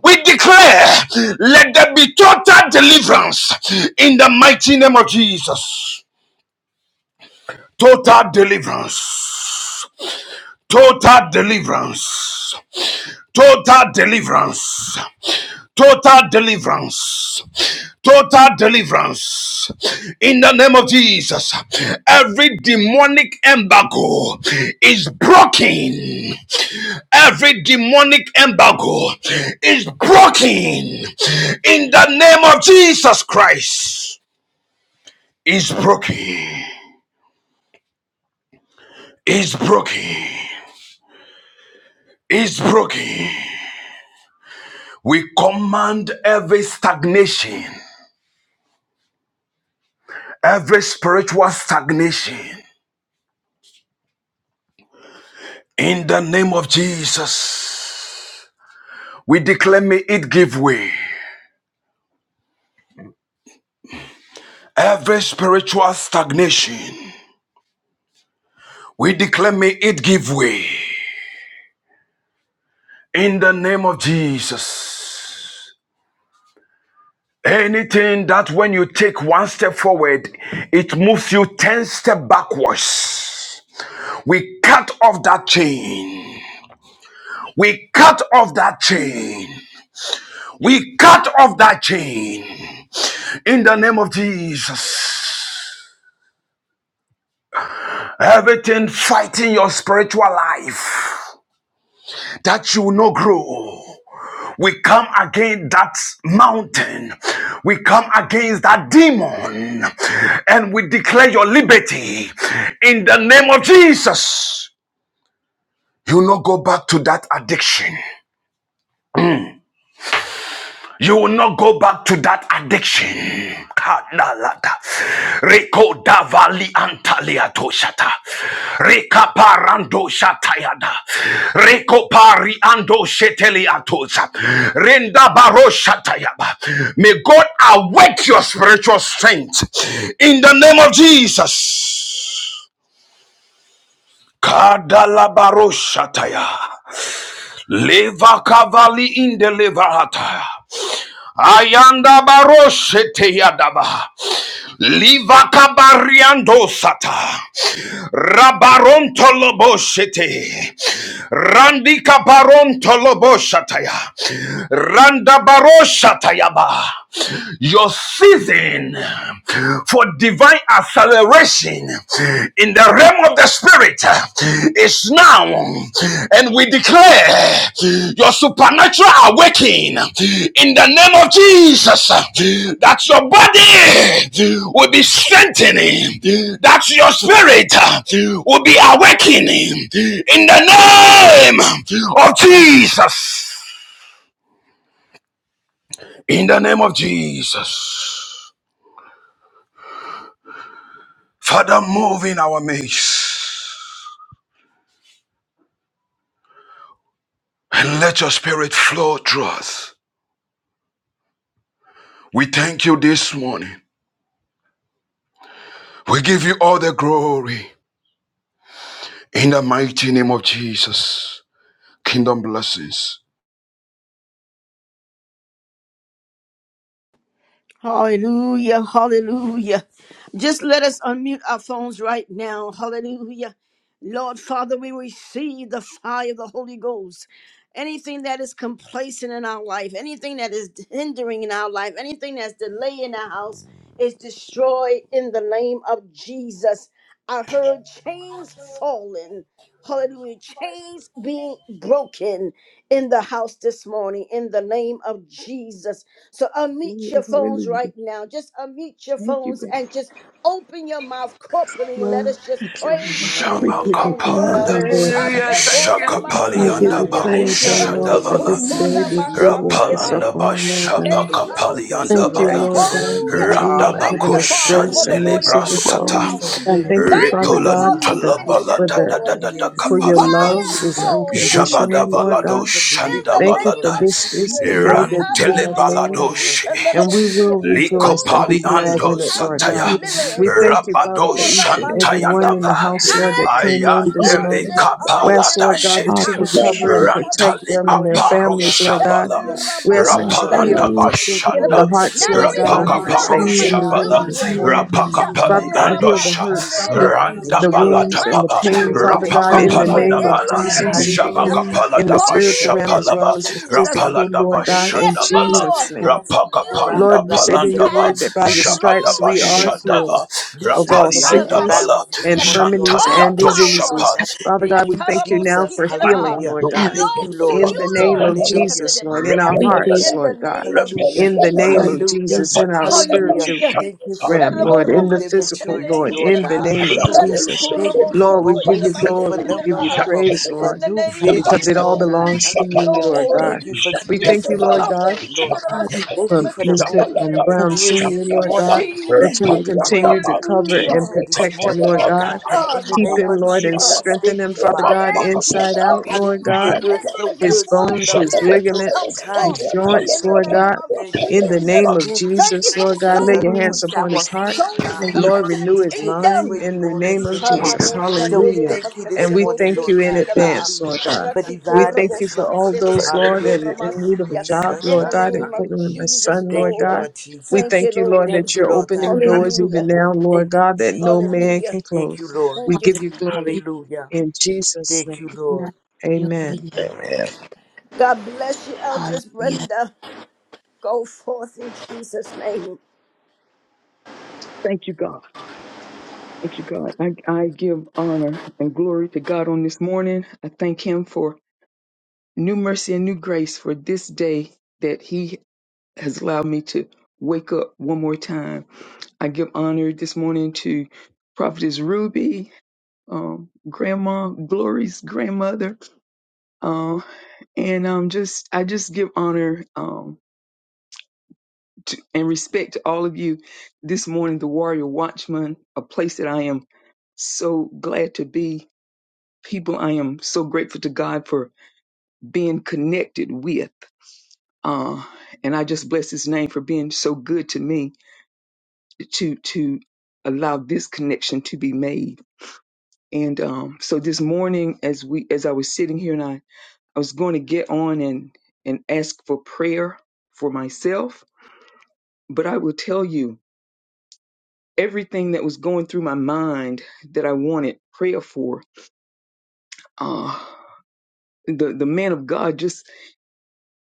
We declare let there be total deliverance in the mighty name of Jesus. Total deliverance. Total deliverance. Total deliverance. Total deliverance. Total deliverance. In the name of Jesus, every demonic embargo is broken. Every demonic embargo is broken. In the name of Jesus Christ, is broken. Is broken. Is broken We command every stagnation, every spiritual stagnation in the name of Jesus. We declare may it give way. Every spiritual stagnation, we declare may it give way in the name of Jesus. Anything that when you take one step forward, it moves you 10 steps backwards. We cut off that chain. We cut off that chain. We cut off that chain. In the name of Jesus, everything fighting your spiritual life that you will not grow. We come against that mountain. We come against that demon. And we declare your liberty in the name of Jesus. You will not go back to that addiction. You will not go back to that addiction. Kadalata. Reko davali antalia toshata. Reka parando shatayada. Reko pari ando shetelia tosha. Renda baro shatayaba. May God awake your spiritual strength in the name of Jesus. Kadalabaro shataya. Leva kavali in the levarata. Ayanda baroshete yadaba. Liva kabariando sata. Rabaronto loboshete. Randi kabaronto loboshataya. Randa baroshatayaba. Your season for divine acceleration in the realm of the spirit uh, is now and we declare your supernatural awakening in the name of jesus uh, that your body will be strengthening that your spirit uh, will be awakening in the name of jesus in the name of jesus father move in our midst and let your spirit flow through us We thank you this morning. We give you all the glory in the mighty name of Jesus. Kingdom blessings.
Hallelujah. Hallelujah. Just let us unmute our phones right now. Hallelujah. Lord Father, we receive the fire of the Holy Ghost. Anything that is complacent in our life, anything that is hindering in our life, anything that's delaying in our house is destroyed in the name of Jesus. I heard chains falling. Hallelujah. Chains being broken in the house this morning in the name of Jesus. So unmute
Glory,
your phones
hallelujah.
right now. Just unmute your
Thank you,
phones
God.
and just open your mouth corporately and let
Lord.
us just
Thank you,
praise
Thank
Lord.
you,
him
We
Lord.
give you
and
glory,
worship
Shamakapananda,
him.
Lord
Thank
God.
you,
Hallelujah.
Lord Jesus.
Thank you,
Thank you,
Jesus.
We give
Jesus.
Shakapalianda
you
Hallelujah.
Hashekorabasataya,
Lord,
Thank
praise,
you,
O
Lord.
Lord, for
Hallelujah.
Barushadavala,
this day that
hallelujah.
you woke us
ratikotorabashateba.
up
Rapalanda
Thank you,
on,
In
Lord
the
Thank
Jesus,
you,
God.
name
for
Lord
your
of
mercy.
Jesus.
Bashabakapalianda
Thank
Thank
you,
Glory,
Jesus.
Bala,
you.
Thank you,
Lord
Lord.
God,
hallelujah.
that
Hallelujah.
go.
you've
Thank you,
Hallelujah.
Thank
given
you,
us
Father
Father,
God.
grace
for the
and
Randabakushandele
mercy
Royal
Hallelujah.
this
Watchman
Glory
You're
Brasata,
to
Thank
morning.
you.
so
House.
you.
worthy
Thank
to
you,
Lord,
Thank
be
Father
you
praised,
God,
for
Father
for
this
the
Ripolantala
God.
ministry,
Bala
for
da
Oh
the
da
God,
da
Lord.
da
we
da
Thank
for
exhort
your
you.
you.
We
love
thank
Thank
Fire
you
is
for
fall in
healing.
this
unconditional,
We
Lord
place
thank you
God.
for
in the
Thank
you.
deliverance,
you
name
for
Lord
balada
of
God.
this
We
is the
Jesus.
thank you
day
Thank
for
that
you. Jesus.
you
rantele
growth
have
this
made,
morning, Lord
baladoshi
God.
and we
We
Shatayarabosikandarabosiya.
will
thank you for
rejoice and
Total
be
likopali
glad
eradication
ando
in
Thank
healing
of
you.
it,
and
Lord
sickness
sataya
God.
and diseases.
We
deliverance.
this
thank you,
morning,
rabado
Father, for
Lord.
each and
Thank
every
you,
shantaya
Hachikoramasia.
one in
Father
dava
the
God.
house,
I
Lord, that
Hallelujah.
am
came
what
in
Thank
this
you,
God
ayandele
Lord
morning.
said
Jesus.
I
We ask,
am
kapalada
Lord
in
God,
this
Glory,
that
shete
you
house
would
in the
cover
Hallelujah.
and
name of
protect
Thank
rantali
you,
them
Jesus.
and
Lord
their
Thank you.
aparo
families,
Lord.
Jesus.
Lord God.
shabala
Hallelujah.
We
Hallelujah.
Shatoraba,
ask
Thank
that
you,
you
Lord
heal
rapalanda
God.
Shandarabo,
Thank you,
bashanda
Glory,
Sikeraba.
the
Lord
hearts,
hallelujah.
Not
Lord
Jesus.
only for
God, of the
myself,
Hallelujah.
rapakaparo
but
saints
my
Thank
in the
you.
room this
Lord,
children.
God.
morning.
Rapaka
Thank
Father
Pali
you,
God, heal
Shatoraba,
the
Andosha,
hurts,
There's
Shandarabo,
nothing
Randa
the
you
Sia.
Bala
can't do,
wounds,
My
and the
Father
Tababa,
God,
pain,
and we
Father
children's
thank you
God,
Rapaka
in
this
the
Pala
children.
morning,
name of
Lord.
Nabala,
Jesus.
Ekandarabo,
Jesus,
Hallelujah.
Sia.
Shabaka
Hallelujah.
Thank
Pala
in
you,
the
Daba
spiritual
Jesus.
realm
Hallelujah,
as
Shapalaba,
well as the
Jesus.
Rapala
physical,
Daba
Lord God, in
Yes,
bala,
Jesus'
Lord.
name.
Blessed be
Rapaka
the
You
Pali
rock
Lord,
of
you
our
said in your
Apalandaba,
word
have
salvation.
that by
the
your stripes
Thank
Jabadaba
you,
we
glory in
Lord
are
this
healed
Shadava,
house.
Jesus.
of
Loose
all
us
Rapali
from
We
every
ask,
sickness,
bounds
Andabala,
this
Shatarabosi.
mighty,
morning, Lord
infirmities,
God.
All
and
Jantaliato
Thank you,
power
Lord.
diseases.
Uh,
have
Shapat,
Father God,
Thank
we
you,
thank you now
yetarabosi
Jesus.
for
I
kilaba,
healing,
am
Hallelujah.
Lord God,
your
those
Thank you,
way.
belongs to
Lord.
in
bala
you,
the name
Lord.
of
Hallelujah.
Jesus, Lord, in
Yekandidema.
our
We thank
Hallelujah.
hearts,
Repelebala,
In the
Lord God,
name of
Hallelujah.
in the
Repelebala,
name
Jesus.
of
Hallelujah.
Jesus,
Hallelujah.
in our
Hallelujah.
spiritual
Hallelujah.
Thank you for
Repelebala,
realm,
new
Sherebo
Lord, in
growth
rama
the
and
physical,
Shiterele, Sharaboramashitarele
maturity,
Lord,
Shabba
Lord
in the
God.
kundidema.
name of
Hallelujah.
Jesus.
Thank you for
Lord, we give
Bobo
you
see for
glory, we
no
give
no
you
no
Ratikurobosotoyedemasikinidema.
more.
praise,
For
In
Lord,
the
new
name
Thank you, Lord,
of
because
vision,
it all
Lord God.
Jesus,
belongs to you,
Hallelujah.
Lord
Lord.
God.
Thank you for
We thank
Yes,
you,
spiritual
Lord
Father.
God
insight, Lord
Yekandidema
God. Thank
for
you
shandirema
for the
Mr.
opening
um,
of
sikinidema.
the
Brown
ears
Sr.,
this
We
Lord
morning,
God,
oh God.
that you
receive.
would
Thank you for
continue to cover and
Hallelujah.
interpretation this
protect him,
morning,
Lord
My
Lord
God.
God.
God,
In the
my
Keep
name
God,
him,
of
my
Lord, and
God.
Jesus,
strengthen
thank
him,
you,
Father
I
Father.
God,
am who
inside out,
God
Lord
says
Hallelujah.
I
God.
am,
You're so
and
His
good,
therefore I
so
bones,
loving,
his
and
shall
so
come
ligaments,
kind
forth
his
to us,
joints,
in
Lord
the
Lord
God.
name
God.
of
Thank
In
you.
the
Jesus.
name of
Thank you,
Thank you
Jesus,
for
Lord
the
God,
Jesus.
lay your hands
Anoint
souls,
upon
our
his heart.
feet,
souls
God,
coming
uh,
Lord,
into
renew
the
to
his
take us
kingdom.
where
mind
you
in the
want
name
us to
of
go.
Jesus.
Ikarabo
So we
Hallelujah.
thank
shanderebo
you this
And we
kanderebo
morning,
thank
Lord
you in
God.
sotendereba.
advance,
Hallelujah.
Lord God.
For
We
Ratiko
divine
thank
rabo
you for all
instructions.
shiterebe
those, Lord,
kiterebo
that are
Hallelujah.
in need of a
ramasiya.
He
job,
shall
In
Lord
the
tell.
God,
name of
including my
Hallelujah.
Jesus,
son, Lord
Thank you,
God.
Lord.
Lord
We
Thank
Jesus.
you,
thank you, Lord,
Lord.
that
Thank you,
you're
Lord God.
opening doors even
Hallelujah.
Hallelujah.
now, Lord
Thank you,
God, that no
Jesus.
man
Hallelujah.
can
Thank you,
close.
Lord.
We
Thank you.
give you glory
for
Hallelujah.
in Jesus'
Thank you,
name.
Lord.
your holy
Amen.
name.
Amen.
God bless you, Eldris
Hallelujah.
Brenda. Go forth in Jesus' name.
Thank you, God. Thank you, God. I, I give honor and glory to God on this morning. I thank Him for new mercy and new grace for this day that He has allowed me to wake up one more time. I give honor this morning to Prophetess Ruby, um, Grandma Glory's grandmother, uh, and um, just I just give honor um, to, and respect to all of you this morning. The Warrior Watchman, a place that I am so glad to be. People, I am so grateful to God for being connected with, uh, and I just bless His name for being so good to me to to allow this connection to be made. And um, so this morning, as we as I was sitting here, and I I was going to get on and and ask for prayer for myself, but I will tell you everything that was going through my mind that I wanted prayer for. Uh, the the man of God just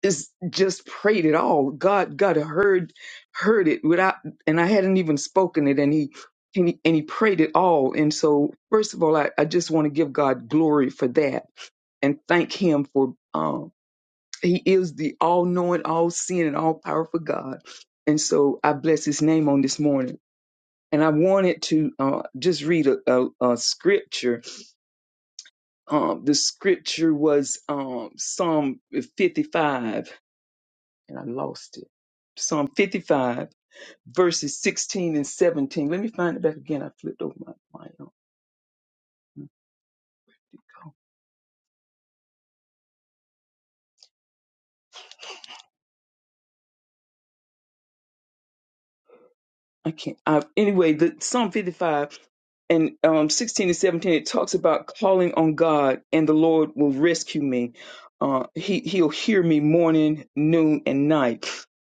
just just prayed it all. God God heard heard it without and I hadn't even spoken it and he and he, and he prayed it all. And so first of all I, I just want to give God glory for that and thank him for um he is the all knowing, all seeing and all powerful God. And so I bless his name on this morning. And I wanted to uh, just read a, a, a scripture. Um, the scripture was um, Psalm 55 and I lost it. Psalm 55, verses 16 and 17. Let me find it back again. I flipped over my, my um, I can't. I, anyway, the Psalm 55 and um, 16 and 17, it talks about calling on God and the Lord will rescue me. Uh, he, he'll hear me morning, noon, and night.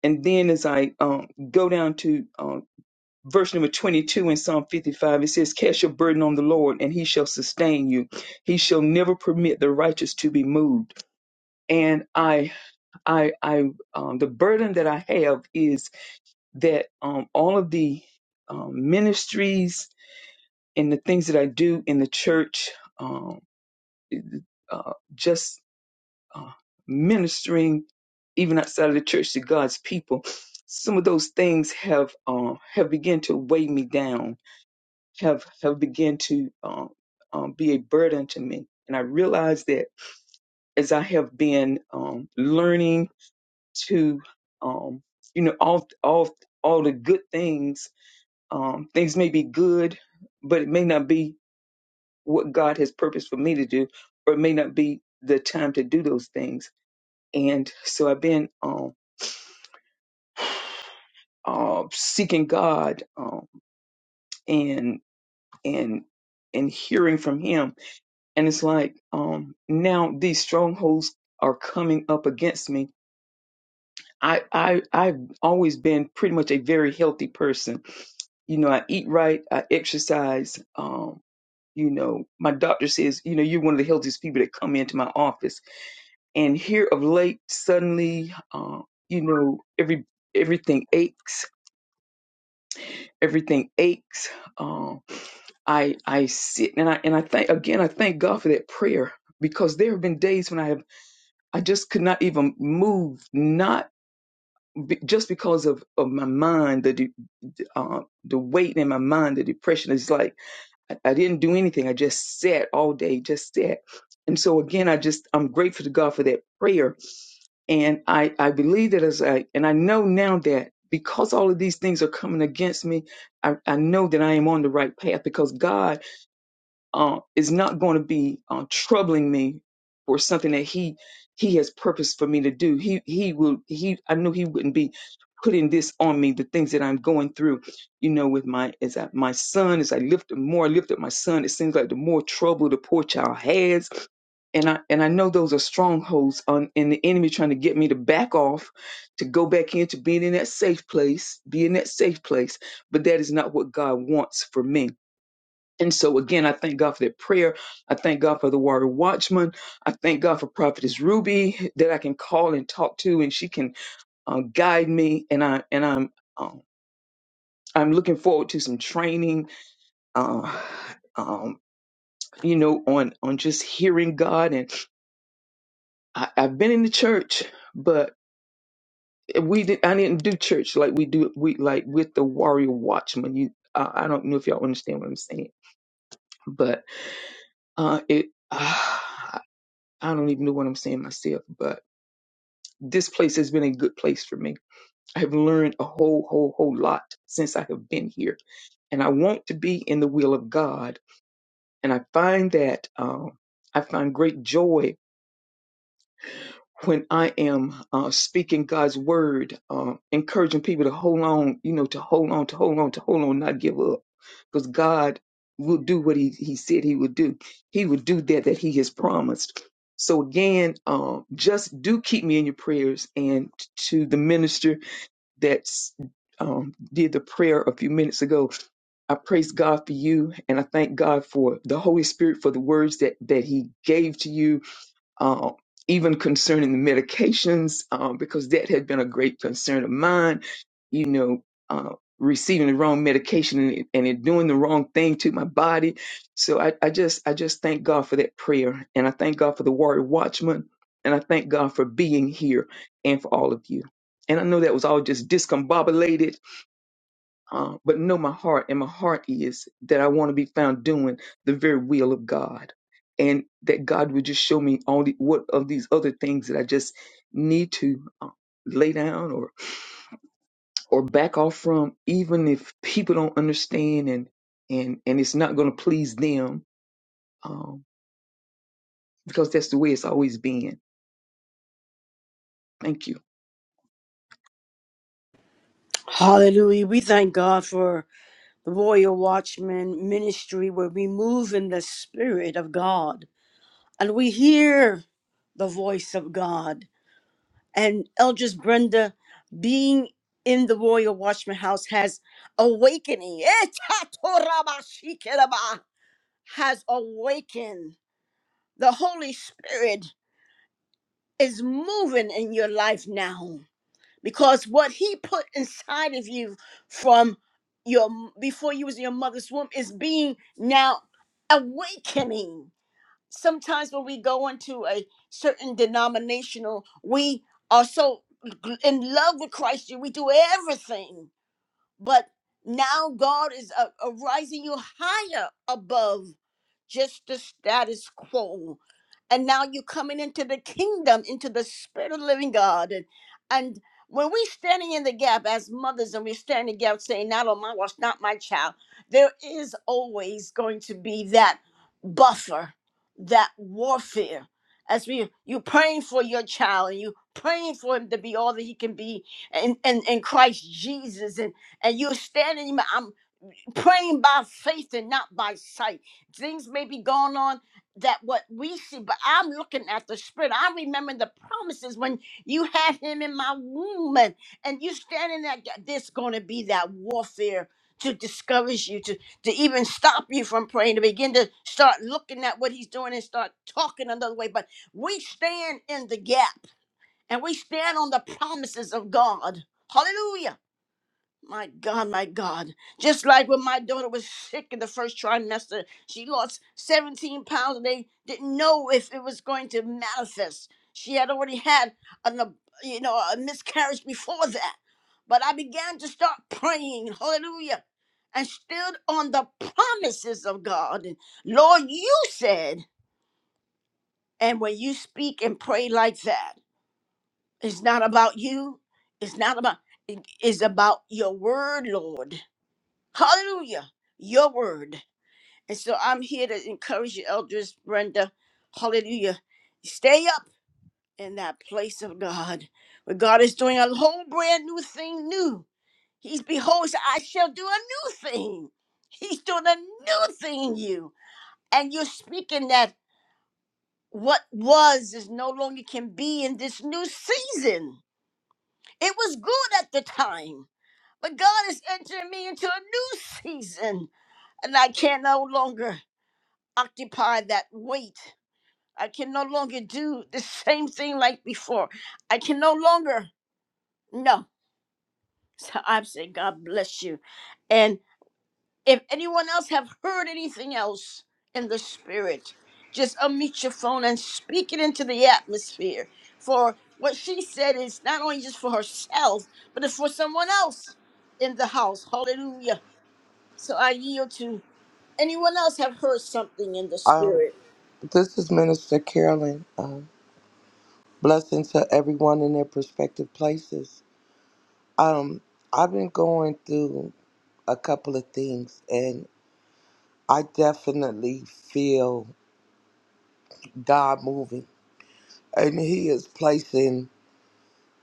And then as I um, go down to uh, verse number 22 in Psalm 55, it says, Cast your burden on the Lord, and he shall sustain you. He shall never permit the righteous to be moved. And I, I, I, um, the burden that I have is that um, all of the um, ministries and the things that I do in the church, um, uh, just uh, ministering even outside of the church to God's people, some of those things have uh, have begun to weigh me down have have begun to um, um, be a burden to me. And I realize that as I have been um, learning to, um, you know, all all all the good things, um, things may be good, but it may not be what God has purposed for me to do, or it may not be the time to do those things. And so I've been um, uh, seeking God um, and and and hearing from Him And it's like, um, now these strongholds are coming up against me. I, I, I've always been pretty much a very healthy person. You know, I eat right, I exercise. Um, you know, my doctor says, you know, you're one of the healthiest people that come into my office. And here of late, suddenly, uh, you know, every everything aches, everything aches. Um, I I sit and I and I thank again I thank God for that prayer because there have been days when I have I just could not even move, not be, just because of, of my mind, the de- uh, the weight in my mind, the depression. It's like I, I didn't do anything. I just sat all day, just sat. And so again, I just I'm grateful to God for that prayer, and I I believe that as I and I know now that because all of these things are coming against me, I I know that I am on the right path because God uh, is not going to be uh, troubling me for something that he he has purpose for me to do. He he will he I knew he wouldn't be putting this on me. The things that I'm going through, you know, with my as I, my son as I lift the more I lift up my son, it seems like the more trouble the poor child has. And I and I know those are strongholds on and the enemy trying to get me to back off, to go back into being in that safe place, be in that safe place. But that is not what God wants for me. And so again, I thank God for that prayer. I thank God for the warrior watchman. I thank God for prophetess Ruby that I can call and talk to, and she can uh, guide me. And I and I'm um, I'm looking forward to some training. Uh, um, you know, on on just hearing God. And I, I've been in the church, but we did. I didn't do church like we do. We like with the warrior watchman. You, uh, I don't know if y'all understand what I'm saying, but uh, it. I don't even know what I'm saying myself, but this place has been a good place for me. I have learned a whole, whole, whole lot since I have been here, and I want to be in the will of God. And I find that um, I find great joy when I am uh, speaking God's word, uh, encouraging people to hold on, you know, to hold on, to hold on, to hold on, not give up, because God will do what he, he said he would do. He would do that that he has promised. So again, um, just do keep me in your prayers, and to the minister that's um, did the prayer a few minutes ago. I praise God for you, and I thank God for the Holy Spirit for the words that that He gave to you uh, even concerning the medications, uh, because that had been a great concern of mine. You know, uh, receiving the wrong medication and it, and it doing the wrong thing to my body. So I, I just, I just thank God for that prayer, and I thank God for the Warrior Watchman, and I thank God for being here and for all of you. And I know that was all just discombobulated uh, but know my heart, and my heart is that I want to be found doing the very will of God, and that God would just show me all the what of these other things that I just need to uh, lay down or or back off from, even if people don't understand and and and it's not going to please them, um, because that's the way it's always been. Thank you.
Hallelujah. We thank God for the Warrior Watchman ministry where we move in the Spirit of God and we hear the voice of God. And Eldris Brenda being in the Warrior Watchman house has awakening. Etatorabashikeraba, Has awakened. The Holy Spirit is moving in your life now. because what he put inside of you from your before you was in your mother's womb is being now awakening sometimes when we go into a certain denominational we are so gl- in love with christ we do everything but now god is uh, uh, rising you higher above just the status quo and now you're coming into the kingdom, into the spirit of the living God. And and when we're standing in the gap as mothers and we're standing in the gap saying, not on my watch, not my child, there is always going to be that buffer, that warfare. As we you praying for your child and you praying for him to be all that he can be in, in, in Christ Jesus and and you're standing. I'm praying by faith and not by sight. Things may be going on that what we see, but I'm looking at the spirit. I remember the promises when you had him in my womb and, and you standing there, that there's going to be that warfare to discourage you, to, to even stop you from praying, to begin to start looking at what he's doing and start talking another way. But we stand in the gap and we stand on the promises of God. Hallelujah. My God, my God. Just like when my daughter was sick in the first trimester, she lost 17 pounds and they didn't know if it was going to manifest. She had already had an, ab- you know, a miscarriage before that. But I began to start praying, hallelujah, and stood on the promises of God. And Lord, you said, and when you speak and pray like that, it's not about you, it's not about, it is about your word, Lord. Hallelujah. Your word. And so I'm here to encourage you, Eldris Brenda. Hallelujah. Stay up in that place of God where God is doing a whole brand new thing new. He's behold, he said, I shall do a new thing. He's doing a new thing in you. And you're speaking that what was is no longer can be in this new season. It was good at the time, but God is entering me into a new season, and I can no longer. occupy that weight. I can no longer do the same thing like before. I can no longer. No. So I'm saying, God bless you. And if anyone else have heard anything else in the spirit, just unmute your phone and speak it into the atmosphere. For what she said is not only just for herself, but it's for someone else in the house. Hallelujah. So I yield to anyone else have heard something in the
Um,
spirit.
this is Minister Carolyn. Um, blessing to everyone in their prospective places. Um, I've been going through a couple of things, and I definitely feel God moving, and He is placing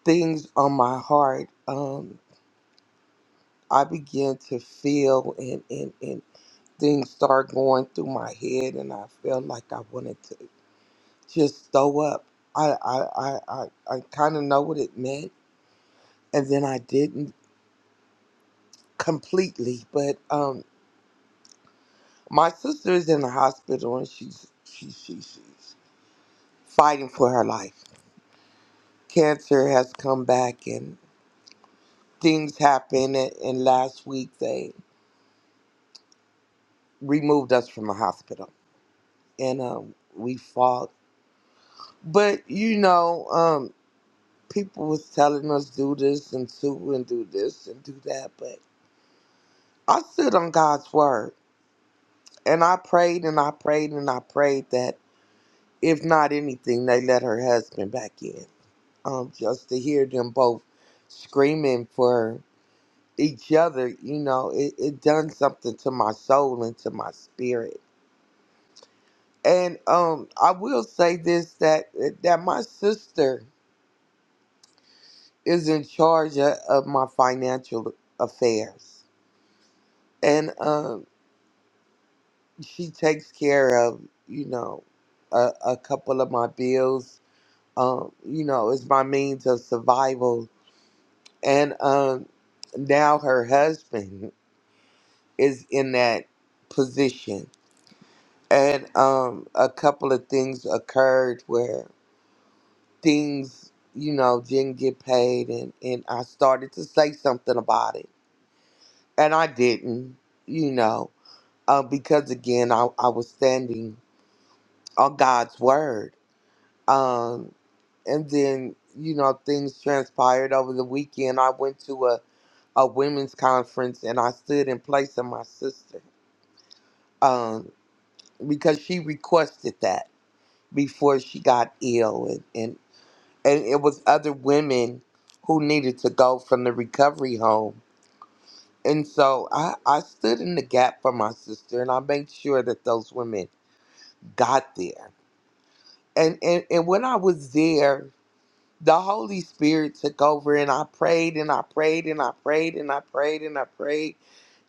things on my heart. Um, I began to feel and, and, and things start going through my head and I felt like I wanted to just throw up. I I, I, I, I kinda know what it meant and then I didn't completely. But um my sister is in the hospital and she's she, she, she's fighting for her life. Cancer has come back and things happened and, and last week they removed us from the hospital and um we fought but you know um, people was telling us do this and do and do this and do that, but I stood on God's word and I prayed and I prayed and I prayed that if not anything, they let her husband back in. Um, just to hear them both screaming for each other, you know, it, it done something to my soul and to my spirit. And um, I will say this that that my sister is in charge of of my financial affairs and um she takes care of you know a, a couple of my bills um you know it's my means of survival and um now her husband is in that position and um a couple of things occurred where things you know didn't get paid and and i started to say something about it and i didn't you know uh, because again I, I was standing on god's word Um, and then you know things transpired over the weekend i went to a, a women's conference and i stood in place of my sister um, because she requested that before she got ill and, and, and it was other women who needed to go from the recovery home and so I, I stood in the gap for my sister and i made sure that those women got there and, and, and when i was there the Holy Spirit took over and I prayed and I prayed and I prayed and I prayed and I prayed.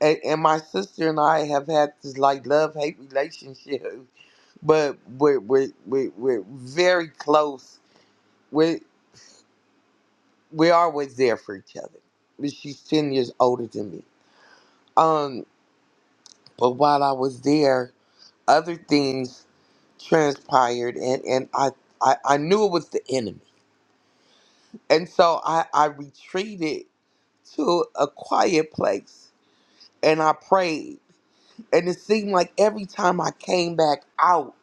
And, and my sister and I have had this like love hate relationship, but we're, we're, we're, we're very close. We're, we're always there for each other. But She's 10 years older than me. Um, but while I was there, other things transpired and, and I, I, I knew it was the enemy. And so I, I retreated to a quiet place and I prayed. And it seemed like every time I came back out,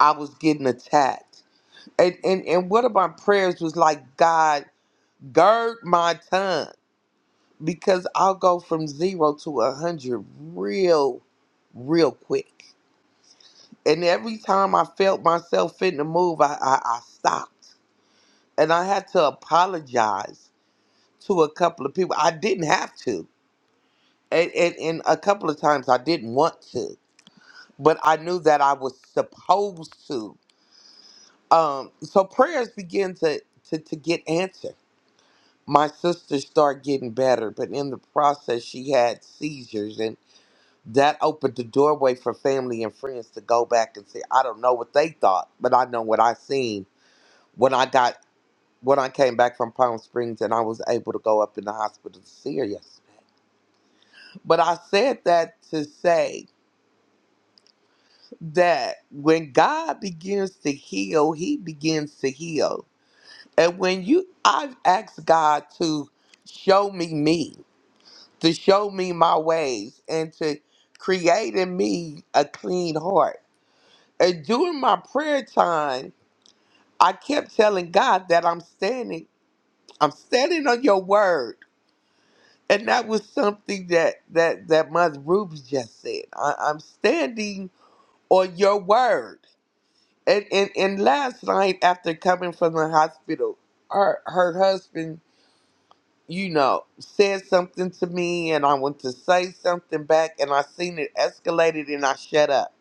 I was getting attacked. And and, and one of my prayers was like, God, gird my tongue because I'll go from zero to a hundred real, real quick. And every time I felt myself fitting to move, I, I, I stopped. And I had to apologize to a couple of people. I didn't have to. And, and, and a couple of times I didn't want to but I knew that I was supposed to. Um, so prayers begin to, to to get answered. My sister started getting better, but in the process, she had seizures, and that opened the doorway for family and friends to go back and say, "I don't know what they thought, but I know what I seen when I got when I came back from Palm Springs, and I was able to go up in the hospital to see her." Yes, but I said that to say that when God begins to heal, He begins to heal And when you, I've asked God to show me me, to show me my ways, and to create in me a clean heart. And during my prayer time, I kept telling God that I'm standing, I'm standing on your word. And that was something that that that Mother Ruby just said. I, I'm standing on your word. And, and and last night after coming from the hospital, her her husband you know, said something to me and I went to say something back and I seen it escalated and I shut up.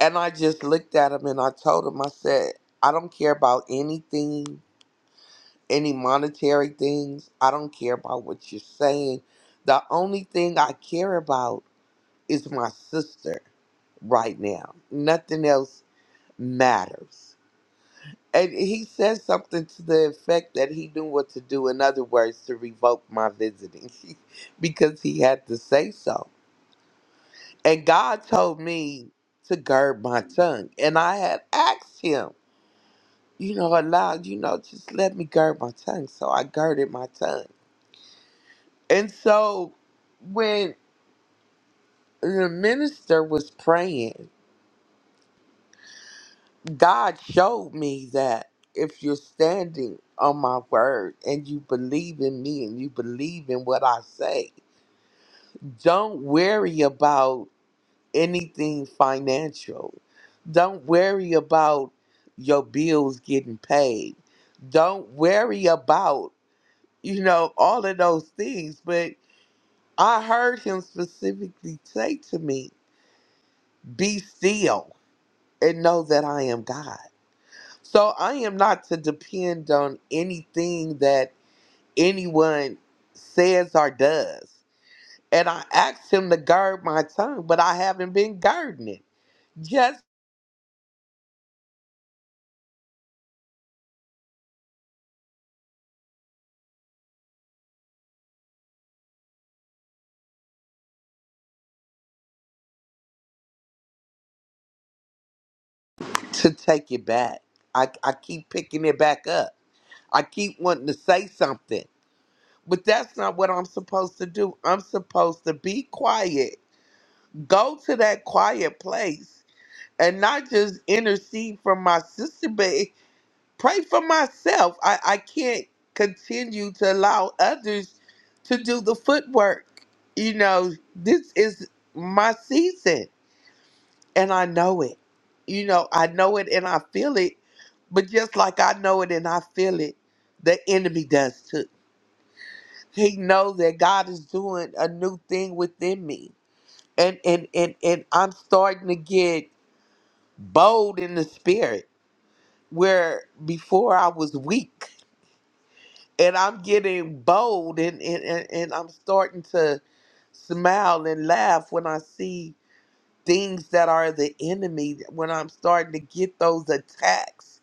And I just looked at him and I told him, I said, I don't care about anything, any monetary things. I don't care about what you're saying. The only thing I care about is my sister right now. Nothing else matters. And he said something to the effect that he knew what to do, in other words, to revoke my visiting because he had to say so. And God told me to gird my tongue. And I had asked him, you know, aloud, you know, just let me gird my tongue. So I girded my tongue. And so when the minister was praying, God showed me that if you're standing on my word and you believe in me and you believe in what I say, don't worry about anything financial. Don't worry about your bills getting paid. Don't worry about, you know, all of those things. But I heard him specifically say to me, Be still and know that I am God. So I am not to depend on anything that anyone says or does. And I asked him to guard my tongue, but I haven't been guarding it. Just to take it back. I, I keep picking it back up. I keep wanting to say something. But that's not what I'm supposed to do. I'm supposed to be quiet. Go to that quiet place and not just intercede for my sister, but pray for myself. I, I can't continue to allow others to do the footwork. You know, this is my season and I know it. You know, I know it and I feel it. But just like I know it and I feel it, the enemy does too. He knows that God is doing a new thing within me. And and and, and I'm starting to get bold in the spirit where before I was weak and I'm getting bold and, and, and, and I'm starting to smile and laugh when I see things that are the enemy, when I'm starting to get those attacks.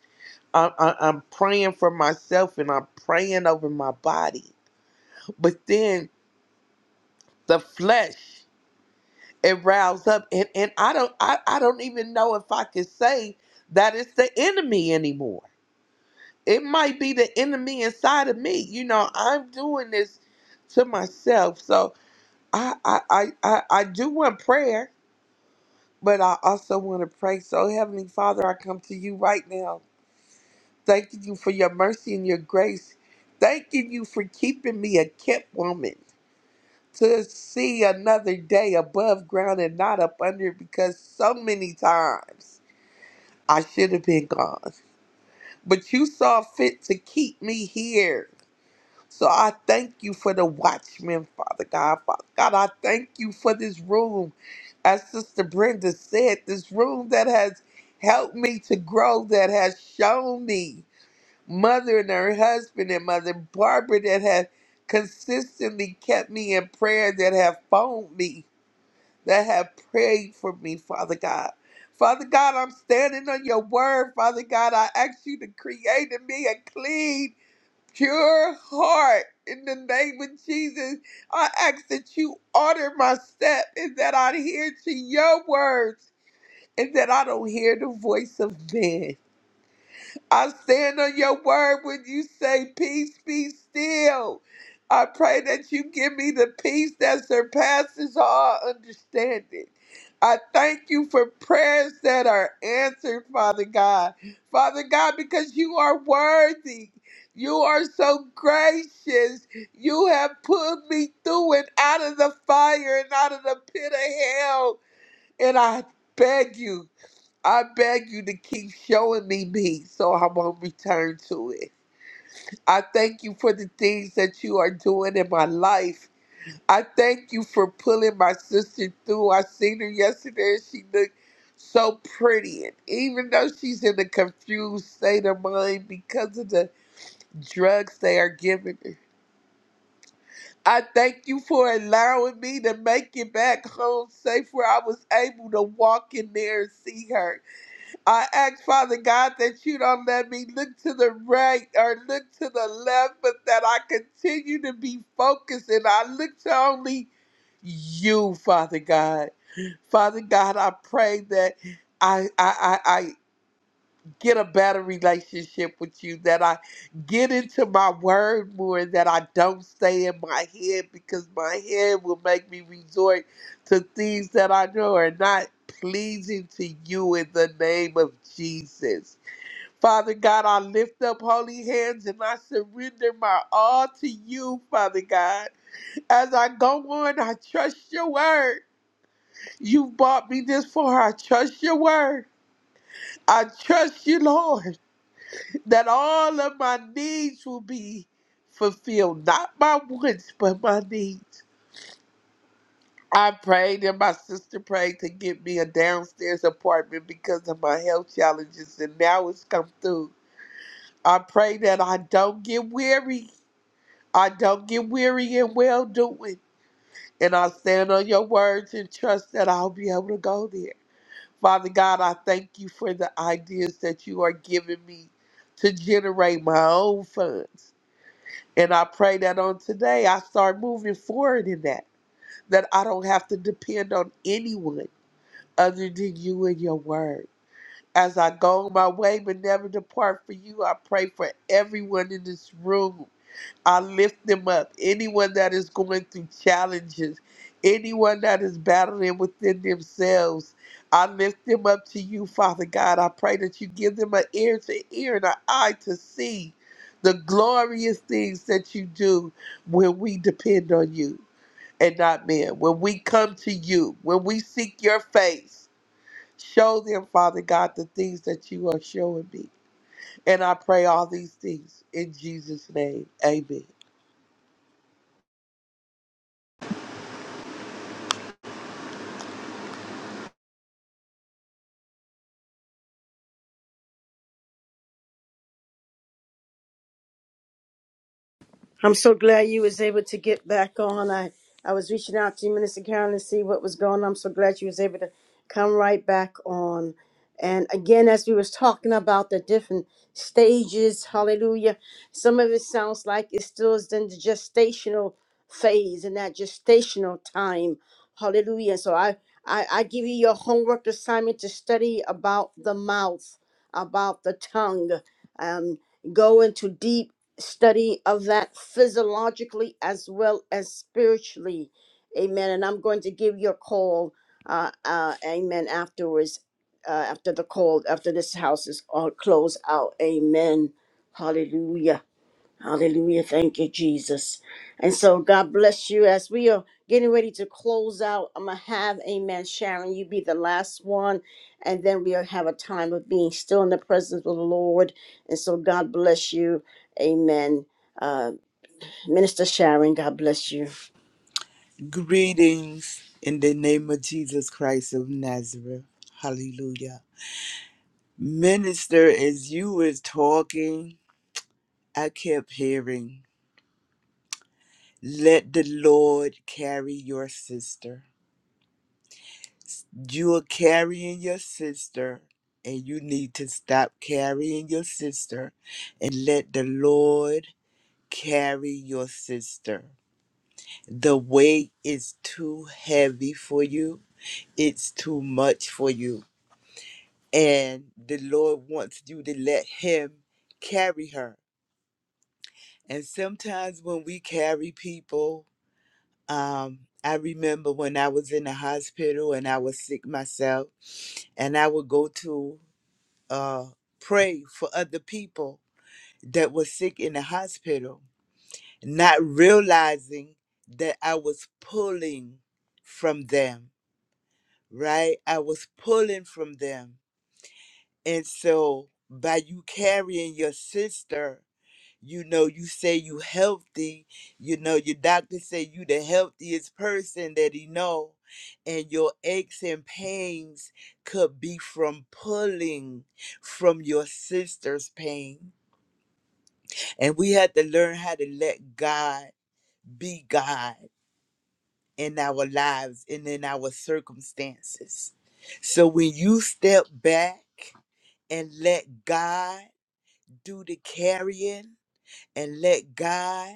I, I, I'm praying for myself and I'm praying over my body. But then the flesh, it riles up and, and I don't I, I don't even know if I could say that it's the enemy anymore. It might be the enemy inside of me. You know, I'm doing this to myself. So I, I, I, I I do want prayer, but I also want to pray. So, Heavenly Father, I come to you right now, thanking you for your mercy and your grace, thanking you for keeping me a kept woman to see another day above ground and not up under because so many times I should have been gone. But you saw fit to keep me here. So I thank you for the watchmen, Father God. Father God, I thank you for this room. As Sister Brenda said, this room that has helped me to grow, that has shown me mother and her husband and mother Barbara that have consistently kept me in prayer, that have phoned me, that have prayed for me, Father God. Father God, I'm standing on your word. Father God, I ask you to create in me a clean pure heart. In the name of Jesus, I ask that you order my step and that I adhere to your words and that I don't hear the voice of man. I stand on your word when you say, Peace be still. I pray that you give me the peace that surpasses all understanding. I thank you for prayers that are answered, Father God. Father God, because you are worthy. You are so gracious. You have pulled me through and out of the fire and out of the pit of hell. And I beg you. I beg you to keep showing me me so I won't return to it. I thank you for the things that you are doing in my life. I thank you for pulling my sister through. I seen her yesterday and she looked so pretty. And even though she's in a confused state of mind because of the drugs they are giving her, I thank you for allowing me to make it back home safe where I was able to walk in there and see her. I ask, Father God, that you don't let me look to the right or look to the left, but that I continue to be focused and I look to only you, Father God. Father God, I pray that I I I, get a better relationship with you, that I get into my word more, that I don't stay in my head because my head will make me resort to things that I know are not pleasing to you in the name of Jesus. Father God, I lift up holy hands and I surrender my all to you, Father God. As I go on, I trust your word. You bought me this for I trust your word. I trust you, Lord that all of my needs will be fulfilled. Not my wants, but my needs. I prayed and my sister prayed to get me a downstairs apartment because of my health challenges, and now it's come through. I pray that I don't get weary. I don't get weary in well doing. And I stand on your words and trust that I'll be able to go there. Father God, I thank you for the ideas that you are giving me to generate my own funds. And I pray that on today I start moving forward in that, that I don't have to depend on anyone other than you and your word. As I go on my way but never depart from you, I pray for everyone in this room I lift them up. Anyone that is going through challenges, anyone that is battling within themselves, I lift them up to you, Father God. I pray that you give them an ear to hear and an eye to see the glorious things that you do when we depend on you and not men. When we come to you, when we seek your face, show them, Father God, the things that you are showing me. And I pray all these things in Jesus' name. Amen.
I'm so glad you was able to get back on. I, I was reaching out to you, Minister Carolyn, to see what was going on. I'm so glad you was able to come right back on. And again, as we was talking about the different stages, hallelujah, some of it sounds like it still is in the gestational phase and that gestational time. Hallelujah. So I, I, I give you your homework assignment to study about the mouth, about the tongue. Um, go into deep study of that physiologically as well as spiritually. Amen. And I'm going to give you a call. Uh, uh, amen. Afterwards, uh, after the call, after this house is all closed out. Amen. Hallelujah. Hallelujah. Thank you, Jesus. And so God bless you as we are getting ready to close out. I'm going to have, amen, Sharon, you be the last one. And then we'll have a time of being still in the presence of the Lord. And so God bless you. Amen. Uh, Minister Sharon, God bless you.
Greetings in the name of Jesus Christ of Nazareth. Hallelujah. Minister, as you was talking, I kept hearing, let the Lord carry your sister. You are carrying your sister, and you need to stop carrying your sister and let the Lord carry your sister. The weight is too heavy for you. It's too much for you and the Lord wants you to let Him carry her. And sometimes when we carry people, um, I remember when I was in the hospital and I was sick myself, and I would go to uh, pray for other people that were sick in the hospital, not realizing that I was pulling from them, right? I was pulling from them. And so by you carrying your sister, you know you say you healthy you know your doctor say you the healthiest person that he know and your aches and pains could be from pulling from your sister's pain and we had to learn how to let god be god in our lives and in our circumstances so when you step back and let god do the carrying and let god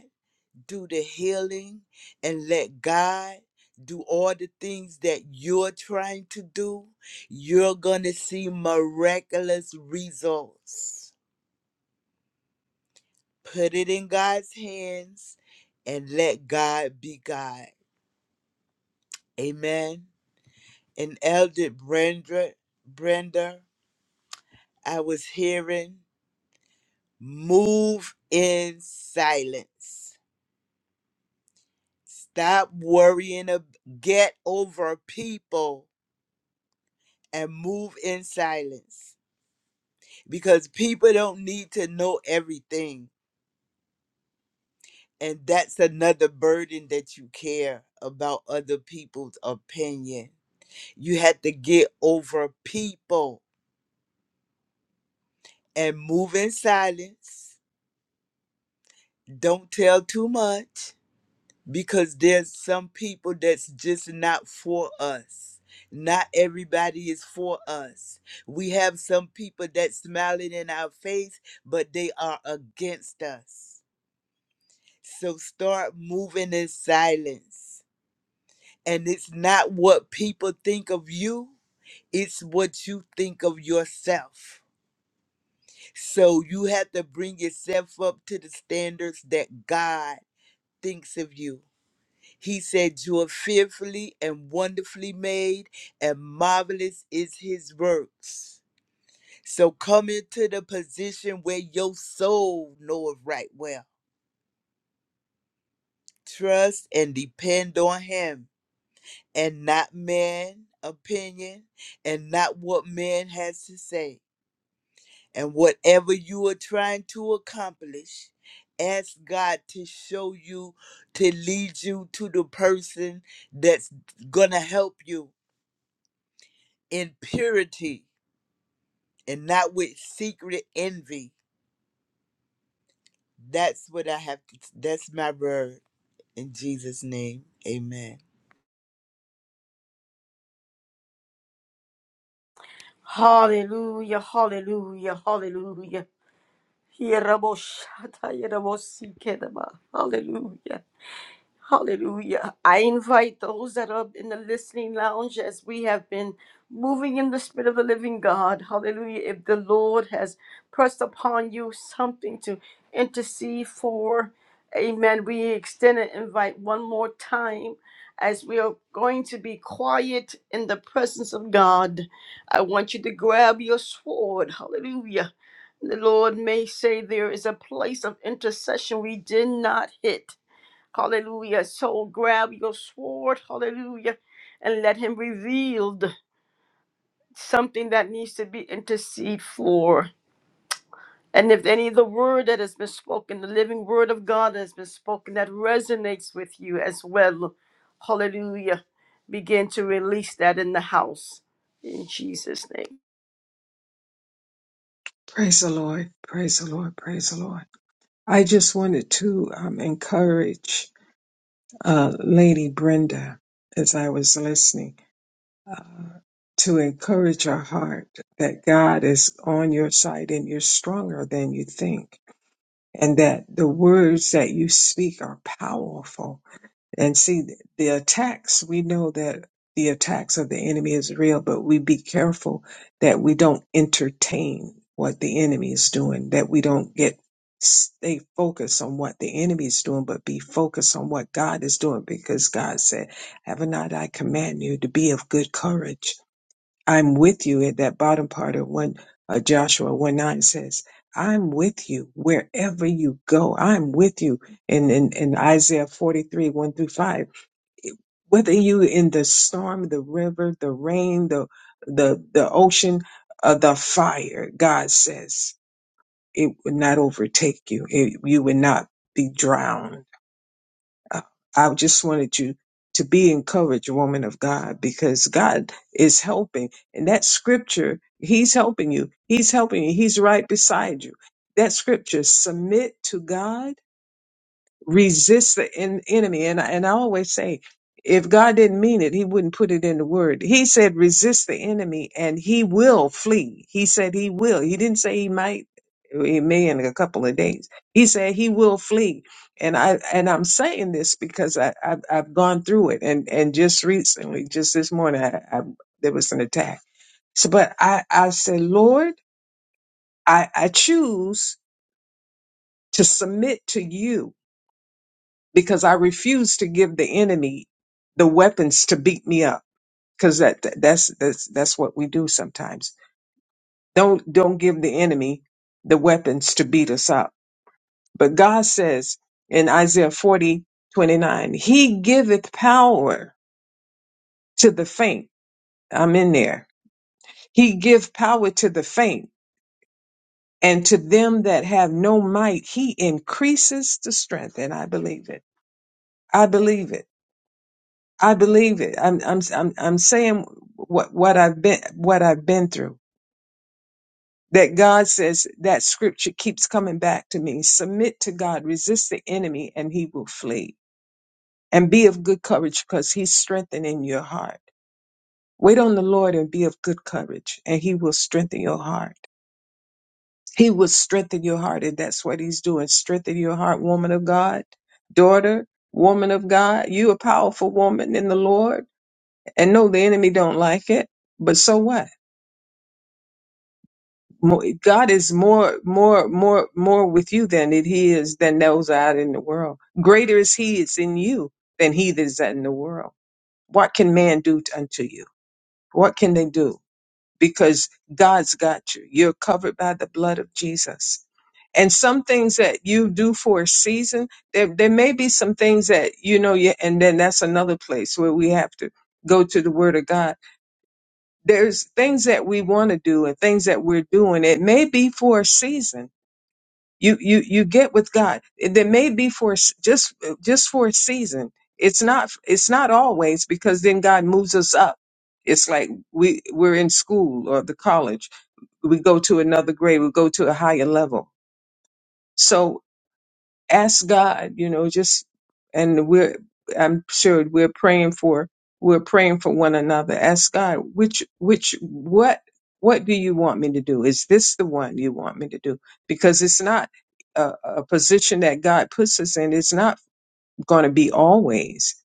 do the healing and let God do all the things that you're trying to do, you're going to see miraculous results. Put it in God's hands and let God be God. Amen. And Elder Brenda, Brenda, I was hearing move in silence. Stop worrying. ab- Get over people and move in silence because people don't need to know everything. And that's another burden that you care about other people's opinion. You had to get over people and move in silence. Don't tell too much because there's some people that's just not for us. Not everybody is for us. We have some people that smiling in our face, but they are against us So start moving in silence. And it's not what people think of you, it's what you think of yourself. So you have to bring yourself up to the standards that God thinks of you. He said, You are fearfully and wonderfully made, and marvelous is his works. So come into the position where your soul knoweth right well. Trust and depend on him and not men opinion and not what man has to say and whatever you are trying to accomplish ask god to show you to lead you to the person that's gonna help you in purity and not with secret envy that's what i have to that's my word in jesus name amen
Hallelujah, hallelujah, hallelujah. Hallelujah. Hallelujah. I invite those that are in the listening lounge as we have been moving in the spirit of the living God. Hallelujah. If the Lord has pressed upon you something to intercede for, amen. We extend an invite one more time as we are going to be quiet in the presence of God. I want you to grab your sword. Hallelujah. The Lord may say there is a place of intercession we did not hit. Hallelujah. So grab your sword. Hallelujah. And let him reveal th- something that needs to be interceded for. And if any of the word that has been spoken, the living word of God that has been spoken that resonates with you as well. Hallelujah. Begin to release that in the house. In Jesus' name.
Praise the Lord. Praise the Lord. Praise the Lord. I just wanted to um, encourage uh, Lady Brenda as I was listening. uh, to encourage your heart that God is on your side and you're stronger than you think, and that the words that you speak are powerful. And see, th- the attacks, we know that the attacks of the enemy is real, but we be careful that we don't entertain what the enemy is doing, that we don't get stay focused on what the enemy is doing, but be focused on what God is doing because God said, Have not I command you to be of good courage? I'm with you at that bottom part of one uh, Joshua one nine says, "I'm with you wherever you go. I'm with you." In in, in Isaiah forty three one through five, whether you in the storm, the river, the rain, the the the ocean, uh, the fire, God says it would not overtake you. It, you would not be drowned uh, I just wanted you to be encouraged, woman of God, because God is helping. And that scripture, He's helping you. He's helping you. He's right beside you. That scripture, submit to God resist the en- enemy. And I, and I always say, if God didn't mean it, He wouldn't put it in the word. He said, resist the enemy and he will flee. He said he will. He didn't say he might, he may in a couple of days. He said he will flee. And I, and I'm saying this because I, I've, I've gone through it. And, and just recently, just this morning, I, I, there was an attack. So, but I, I said, Lord, I, I choose to submit to you because I refuse to give the enemy the weapons to beat me up because that that- that's that's that's what we do sometimes. Don't don't give the enemy the weapons to beat us up. But God says in Isaiah 40 29, He giveth power to the faint. I'm in there. He give power to the faint, and to them that have no might, he increases the strength. And I believe it. I believe it. I believe it. I'm I'm I'm I'm saying what what I've been what I've been through. That God says that scripture keeps coming back to me. Submit to God, resist the enemy, and he will flee. And be of good courage because he's strengthening your heart. Wait on the Lord and be of good courage, and he will strengthen your heart. He will strengthen your heart, and that's what he's doing. Strengthen your heart, woman of God, daughter, woman of God. You a powerful woman in the Lord. And no, the enemy don't like it. But so what? Mo- God is more, more, more, more with you than it he is than those out in the world. Greater is he that's in you than he that is in the world. What can man do t- unto you? What can they do? Because God's got you. You're covered by the blood of Jesus. And some things that you do for a season, there, there may be some things that, you know, you, and then that's another place where we have to go to the word of God. There's things that we want to do and things that we're doing. It may be for a season you you you get with god there may be for s- just just for a season it's not it's not always because then god moves us up it's like we we're in school or the college we go to another grade we go to a higher level so ask God, you know, just and we're I'm sure we're praying for we're praying for one another. Ask God, which which what what do you want me to do? Is this the one you want me to do? Because it's not a, a position that God puts us in. It's not going to be always.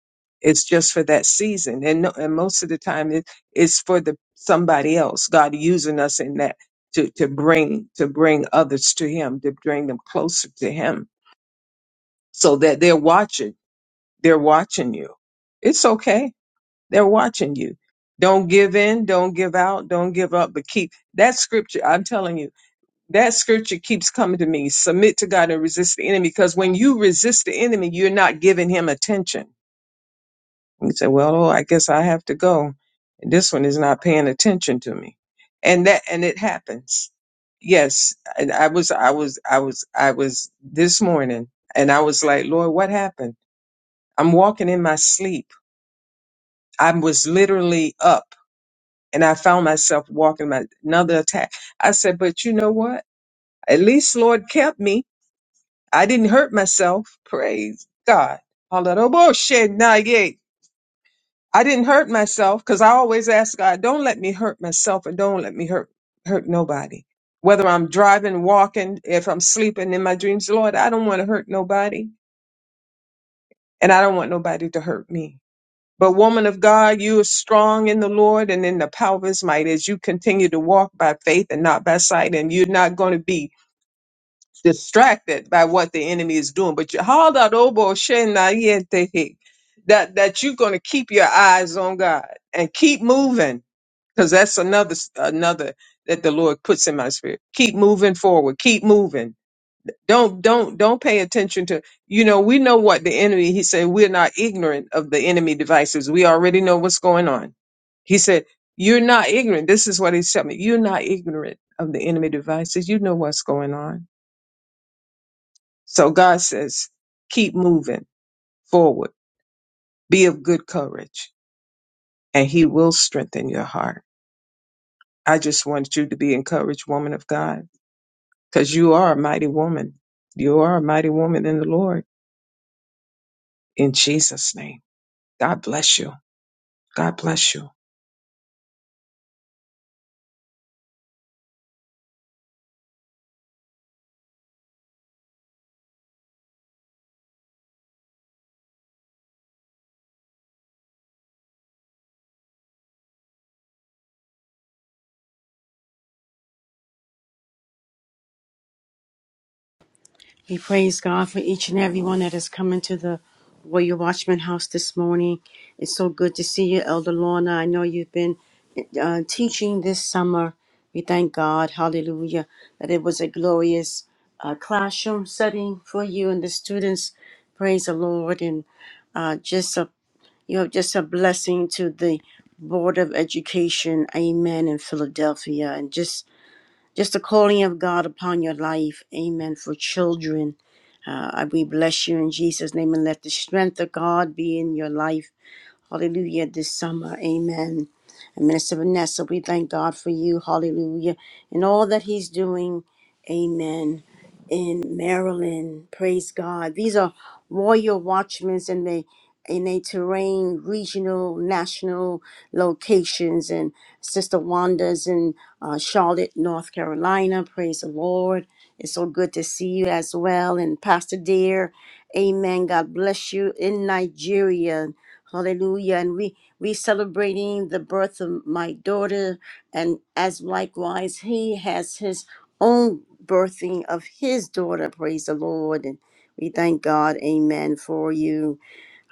It's just for that season, and no, and most of the time it, it's for the somebody else. God using us in that to to bring to bring others to Him, to bring them closer to Him so that they're watching. They're watching you. It's okay. They're watching you. Don't give in. Don't give out. Don't give up. But keep that scripture. I'm telling you, that scripture keeps coming to me. Submit to God and resist the enemy. Because when you resist the enemy, you're not giving him attention. You say, well, oh, I guess I have to go. And this one is not paying attention to me. And that, and it happens. Yes. And I was, I was, I was, I was this morning and I was like, Lord, what happened? I'm walking in my sleep. I was literally up and I found myself walking my another attack. I said, but you know what? At least Lord kept me. I didn't hurt myself. Praise God. All that, oh, bullshit, nah, yeah. I didn't hurt myself because I always ask God, don't let me hurt myself and don't let me hurt, hurt nobody. Whether I'm driving, walking, if I'm sleeping in my dreams, Lord, I don't want to hurt nobody and I don't want nobody to hurt me. But woman of God, you are strong in the Lord and in the power of his might as you continue to walk by faith and not by sight. And you're not going to be distracted by what the enemy is doing. But you hold out obo shena yete, that that you're going to keep your eyes on God and keep moving. Because that's another another that the Lord puts in my spirit. Keep moving forward. Keep moving don't don't don't pay attention to you know we know what the enemy he said we're not ignorant of the enemy devices we already know what's going on he said you're not ignorant this is what he's telling me you're not ignorant of the enemy devices you know what's going on so god says keep moving forward be of good courage and he will strengthen your heart i just want you to be encouraged woman of god because you are a mighty woman you are a mighty woman in the lord in jesus name god bless you God bless you.
We praise God for each and every one that has come into the Warrior Watchman house this morning. It's so good to see you, Elder Lorna. I know you've been uh, teaching this summer. We thank God, hallelujah, that it was a glorious uh, classroom setting for you and the students. Praise the Lord. And uh, just a you know, just a blessing to the Board of Education, Amen, in Philadelphia, and just just the calling of God upon your life, Amen, for children uh, we bless you in Jesus' name and let the strength of God be in your life Hallelujah. This summer. Amen. And Minister Vanessa, we thank God for you. Hallelujah. And all that He's doing. Amen. In Maryland. Praise God. These are warrior watchmen in the in a terrain, regional, national locations, and Sister Wanda's in uh, Charlotte, North Carolina. Praise the Lord. It's so good to see you as well. And Pastor Dear, amen. God bless you in Nigeria. Hallelujah. And we we celebrating the birth of my daughter and as likewise he has his own birthing of his daughter. Praise the Lord. And we thank God. Amen for you.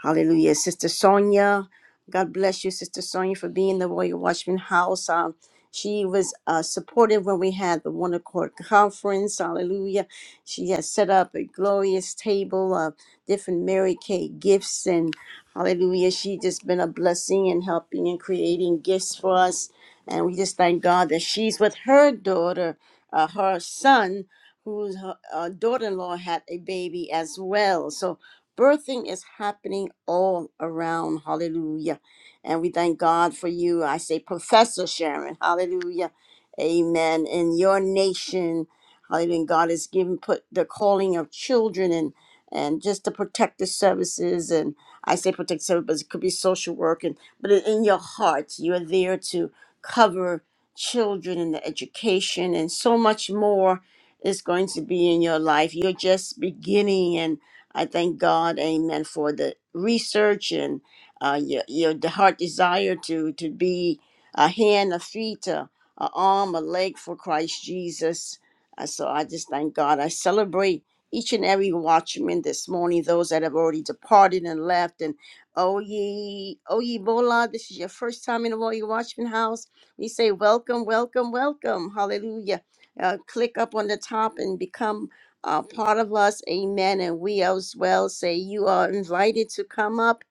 Hallelujah. Sister Sonia, God bless you, Sister Sonia, for being the Royal Watchman House. Um, she was uh, supportive when we had the One Accord Conference. Hallelujah. She has set up a glorious table of different Mary Kay gifts. and. Hallelujah. She just been a blessing and helping and creating gifts for us. And we just thank God that she's with her daughter, uh, her son, whose her, uh, daughter-in-law had a baby as well. So birthing is happening all around. Hallelujah. And we thank God for you. I say, Professor Sharon. Hallelujah. Amen. In your nation, hallelujah. and God has given put the calling of children and and just the protective services and. I say protect service, but it could be social work. And but in your heart, you are there to cover children and the education and so much more is going to be in your life. You're just beginning, and I thank God, Amen, for the research and uh, your your the heart desire to to be a hand, a feet, a, a arm, a leg for Christ Jesus. Uh, so I just thank God. I celebrate each and every watchman this morning, those that have already departed and left. And oh ye, oh ye Bola, this is your first time in the Warrior Watchman house. We say welcome, welcome, welcome. Hallelujah. Uh, click up on the top and become uh, part of us. Amen. And we as well say you are invited to come up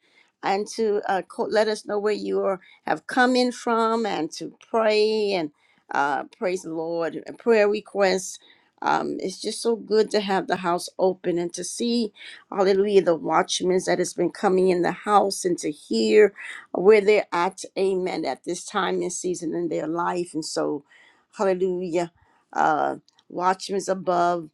and to uh, co- let us know where you are, have come in from and to pray and uh, praise the Lord, and prayer requests um, it's just so good to have the house open and to see, hallelujah, the watchmen that has been coming in the house and to hear where they're at, amen, at this time and season in their life. And so, hallelujah, uh, watchmen above,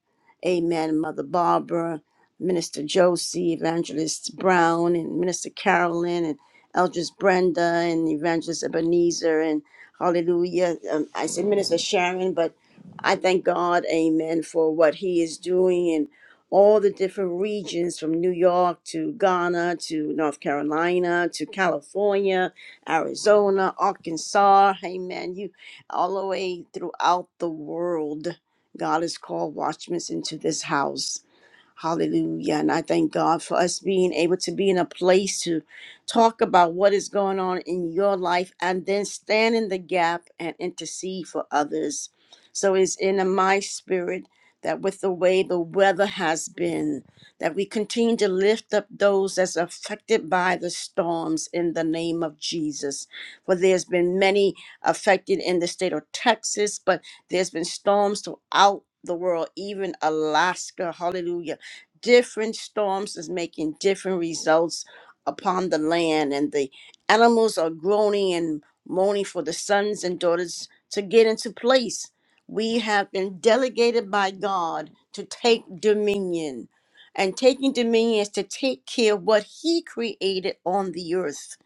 amen, Mother Barbara, Minister Josie, Evangelist Brown, and Minister Carolyn, and Eldris Brenda, and Evangelist Ebenezer, and hallelujah, um, I said Minister Sharon, but I thank God, amen, for what He is doing in all the different regions from New York to Ghana to North Carolina to California, Arizona, Arkansas, amen, you all the way throughout the world. God has called watchmen into this house. Hallelujah. And I thank God for us being able to be in a place to talk about what is going on in your life and then stand in the gap and intercede for others. So it's in my spirit that with the way the weather has been, that we continue to lift up those that's affected by the storms in the name of Jesus. For there's been many affected in the state of Texas, but there's been storms throughout the world, even Alaska. Hallelujah different storms is making different results upon the land and the animals are groaning and moaning for the sons and daughters to get into place we have been delegated by god to take dominion and taking dominion is to take care of what he created on the earth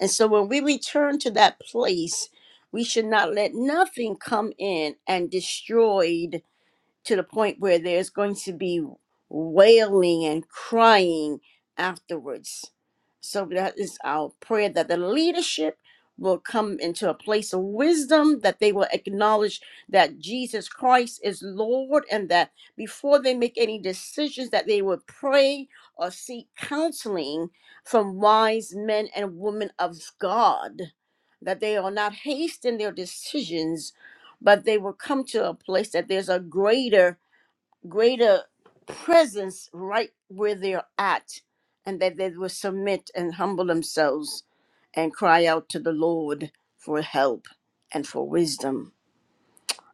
and so when we return to that place we should not let nothing come in and destroy to the point where there's going to be wailing and crying afterwards. So that is our prayer that the leadership will come into a place of wisdom, that they will acknowledge that Jesus Christ is Lord, and that before they make any decisions, that they would pray or seek counseling from wise men and women of God. That they will not hasten their decisions, but they will come to a place that there's a greater greater presence right where they're at, and that they will submit and humble themselves and cry out to the Lord for help and for wisdom.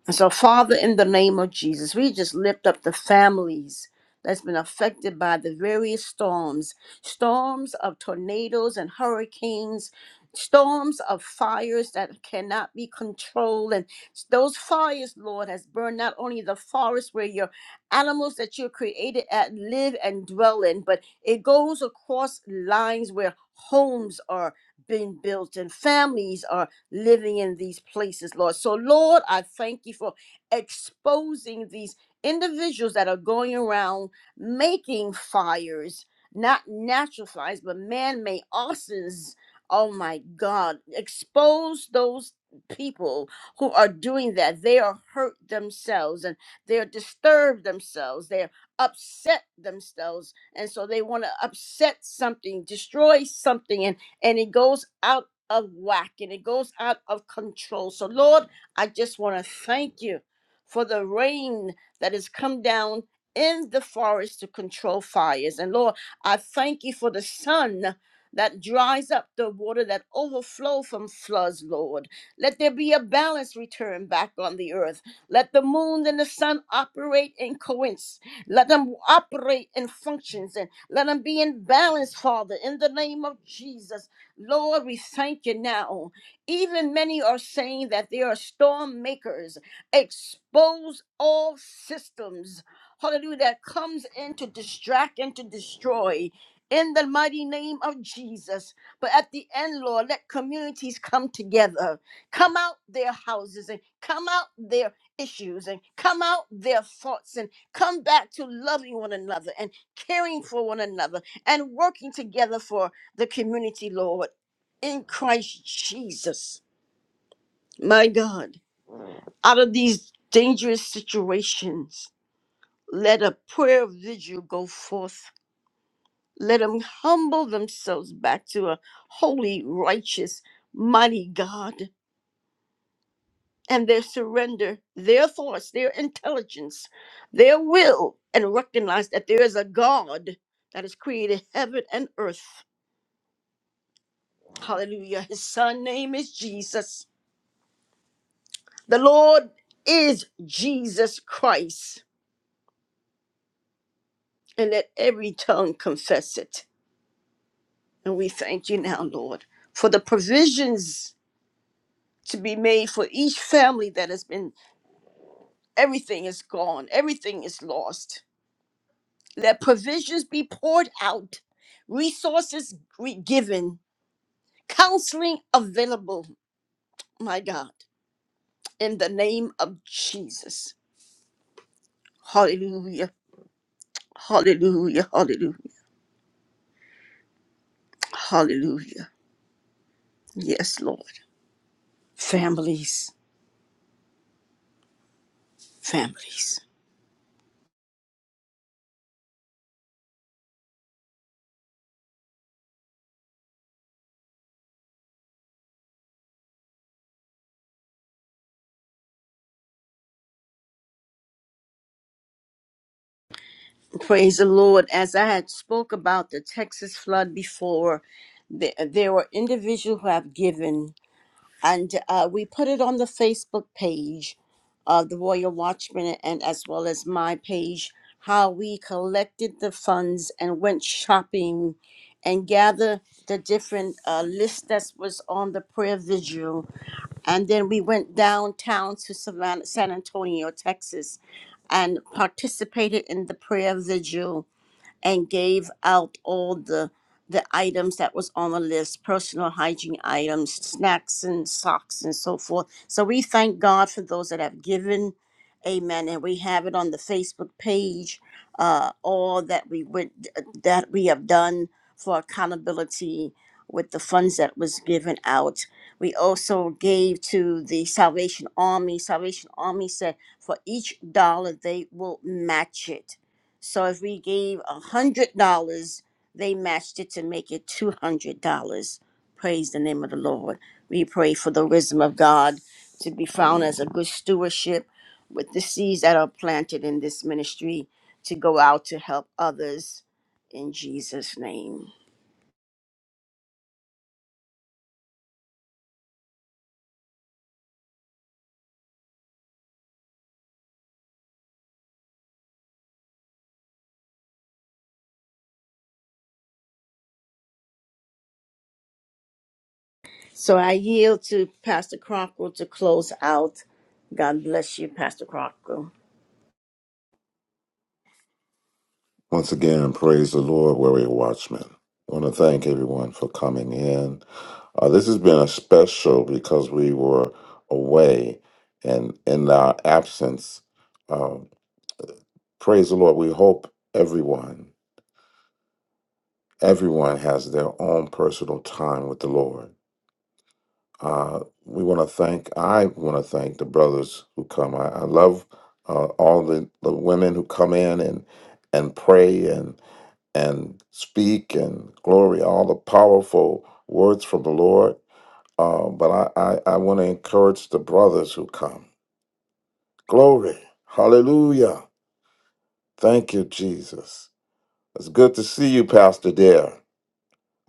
And so, Father, in the name of Jesus, we just lift up the families that's been affected by the various storms storms of tornadoes and hurricanes, storms of fires that cannot be controlled. And those fires, Lord, has burned not only the forest where your animals that you created at live and dwell in, but it goes across lines where homes are being built and families are living in these places, Lord. So, Lord, I thank you for exposing these individuals that are going around making fires, not natural fires, but man made arsons. Oh my God, expose those people who are doing that. They are hurt themselves and they're disturbed themselves. They're upset themselves. And so they want to upset something, destroy something, and, and it goes out of whack and it goes out of control. So, Lord, I just want to thank you for the rain that has come down in the forest to control fires. And, Lord, I thank you for the sun that dries up the water that overflow from floods, Lord. Let there be a balance return back on the earth. Let the moon and the sun operate in coincidence. Let them operate in functions and let them be in balance, Father, in the name of Jesus. Lord, we thank you now. Even many are saying that they are storm makers. Expose all systems, hallelujah, that comes in to distract and to destroy. In the mighty name of Jesus. But at the end, Lord, let communities come together, come out their houses and come out their issues and come out their thoughts and come back to loving one another and caring for one another and working together for the community, Lord, in Christ Jesus. My God, out of these dangerous situations, let a prayer vigil go forth. Let them humble themselves back to a holy, righteous, mighty God and their surrender, their thoughts, their intelligence, their will, and recognize that there is a God that has created heaven and earth. Hallelujah. His son name is Jesus. The Lord is Jesus Christ, and let every tongue confess it. And we thank you now, Lord, for the provisions to be made for each family that has been, everything is gone, everything is lost. Let provisions be poured out, resources re- given, counseling available, my God, in the name of Jesus. Hallelujah, hallelujah, hallelujah, hallelujah. Yes, Lord. families, families. Praise the Lord. As I had spoke about the Texas flood before, there, there were individuals who have given, and uh, we put it on the Facebook page of the Royal Watchman and as well as my page, how we collected the funds and went shopping and gathered the different uh, list that was on the prayer vigil and then we went downtown to Savannah, San Antonio, Texas, and participated in the prayer vigil and gave out all the the items that was on the list personal hygiene items snacks and socks and so forth so we thank god for those that have given amen and we have it on the facebook page uh, all that we would that we have done for accountability with the funds that was given out we also gave to the salvation army salvation army said for each dollar they will match it so if we gave a hundred dollars, they matched it to make it two hundred dollars. Praise the name of the Lord. We pray for the wisdom of God to be found as a good stewardship with the seeds that are planted in this ministry to go out to help others in Jesus' name. So I yield to Pastor Crocker to close out. God bless you, Pastor Crocker.
Once again, praise the Lord, Warrior watchmen. I want to thank everyone for coming in. Uh, this has been a special because we were away, and in our absence, uh, praise the Lord. We hope everyone, everyone has their own personal time with the Lord. Uh, we want to thank. I want to thank the brothers who come. I, I love uh, all the, the women who come in and and pray and. and speak and glory all the powerful words from the Lord. Uh, but I, I, I want to encourage the brothers who come. Glory. Hallelujah. Thank you, Jesus. It's good to see you, Pastor Dare.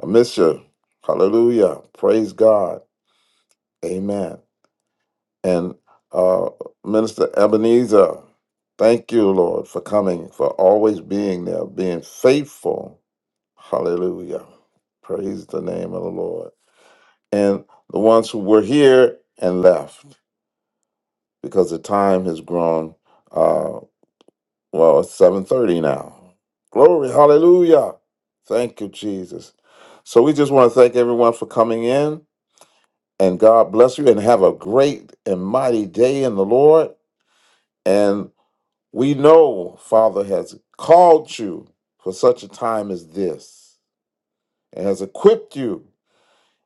I miss you. Hallelujah. Praise God. Amen. And uh, Minister Ebenezer, thank you, Lord, for coming, for always being there, being faithful. Hallelujah. Praise the name of the Lord. and the ones who were here and left because the time has grown uh well it's 7:30 now glory hallelujah thank you jesus so we just want to thank everyone for coming in and god bless you and have a great and mighty day in the lord and we know father has called you for such a time as this and has equipped you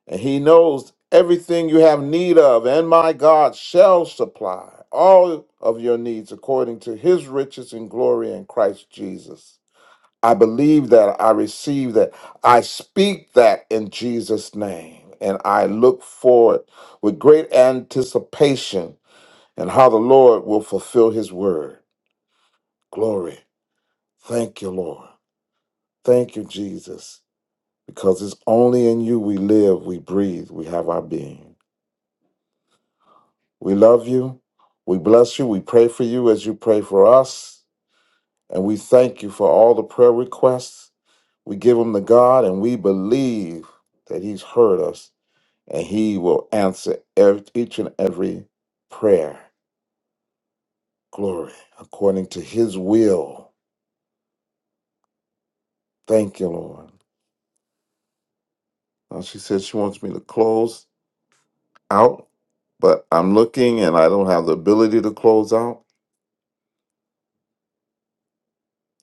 And he knows everything you have need of, and my God shall supply all of your needs according to his riches and glory in Christ Jesus. I believe that, I receive that, I speak that in Jesus' name. And I look forward with great anticipation and how the Lord will fulfill his word. Glory. Thank you, Lord. Thank you, Jesus, because it's only in you we live, we breathe, we have our being. We love you. We bless you. We pray for you as you pray for us. And we thank you for all the prayer requests. We give them to God and we believe that He's heard us and He will answer ev- each and every prayer. Glory, according to His will. Thank you, Lord. Now she said she wants me to close out, but I'm looking and I don't have the ability to close out.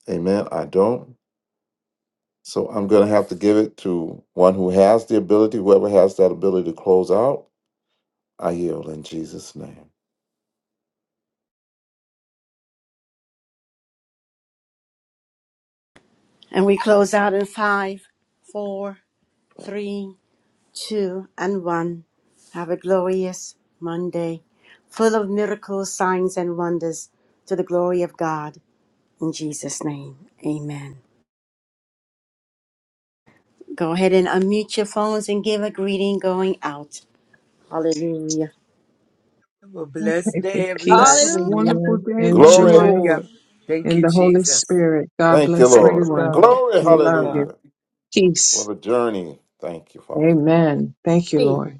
Amen. I don't. So I'm going to have to give it to one who has the ability, whoever has that ability to close out. I yield in Jesus' name.
And we close out in five, four, three, 2 and 1. Have a glorious Monday, full of miracles, signs, and wonders to the glory of God. In Jesus' name, amen. Go ahead and unmute your phones and give a greeting going out. Hallelujah.
have a
I
blessed
pray for
day
Have
peace,
everybody
a
Hallelujah.
wonderful
love,
day
and
in the
Glory.
joy
hallelujah
Lord.
thank
in
you
the Holy
jesus
Spirit. God
Thank you,
bless
Praise
Lord.
everyone.
God.
Hallelujah.
Glory.
We
Praise
love
God.
you.
Hallelujah.
Peace.
What a journey. Thank you, Father.
Amen. Thank you, Lord.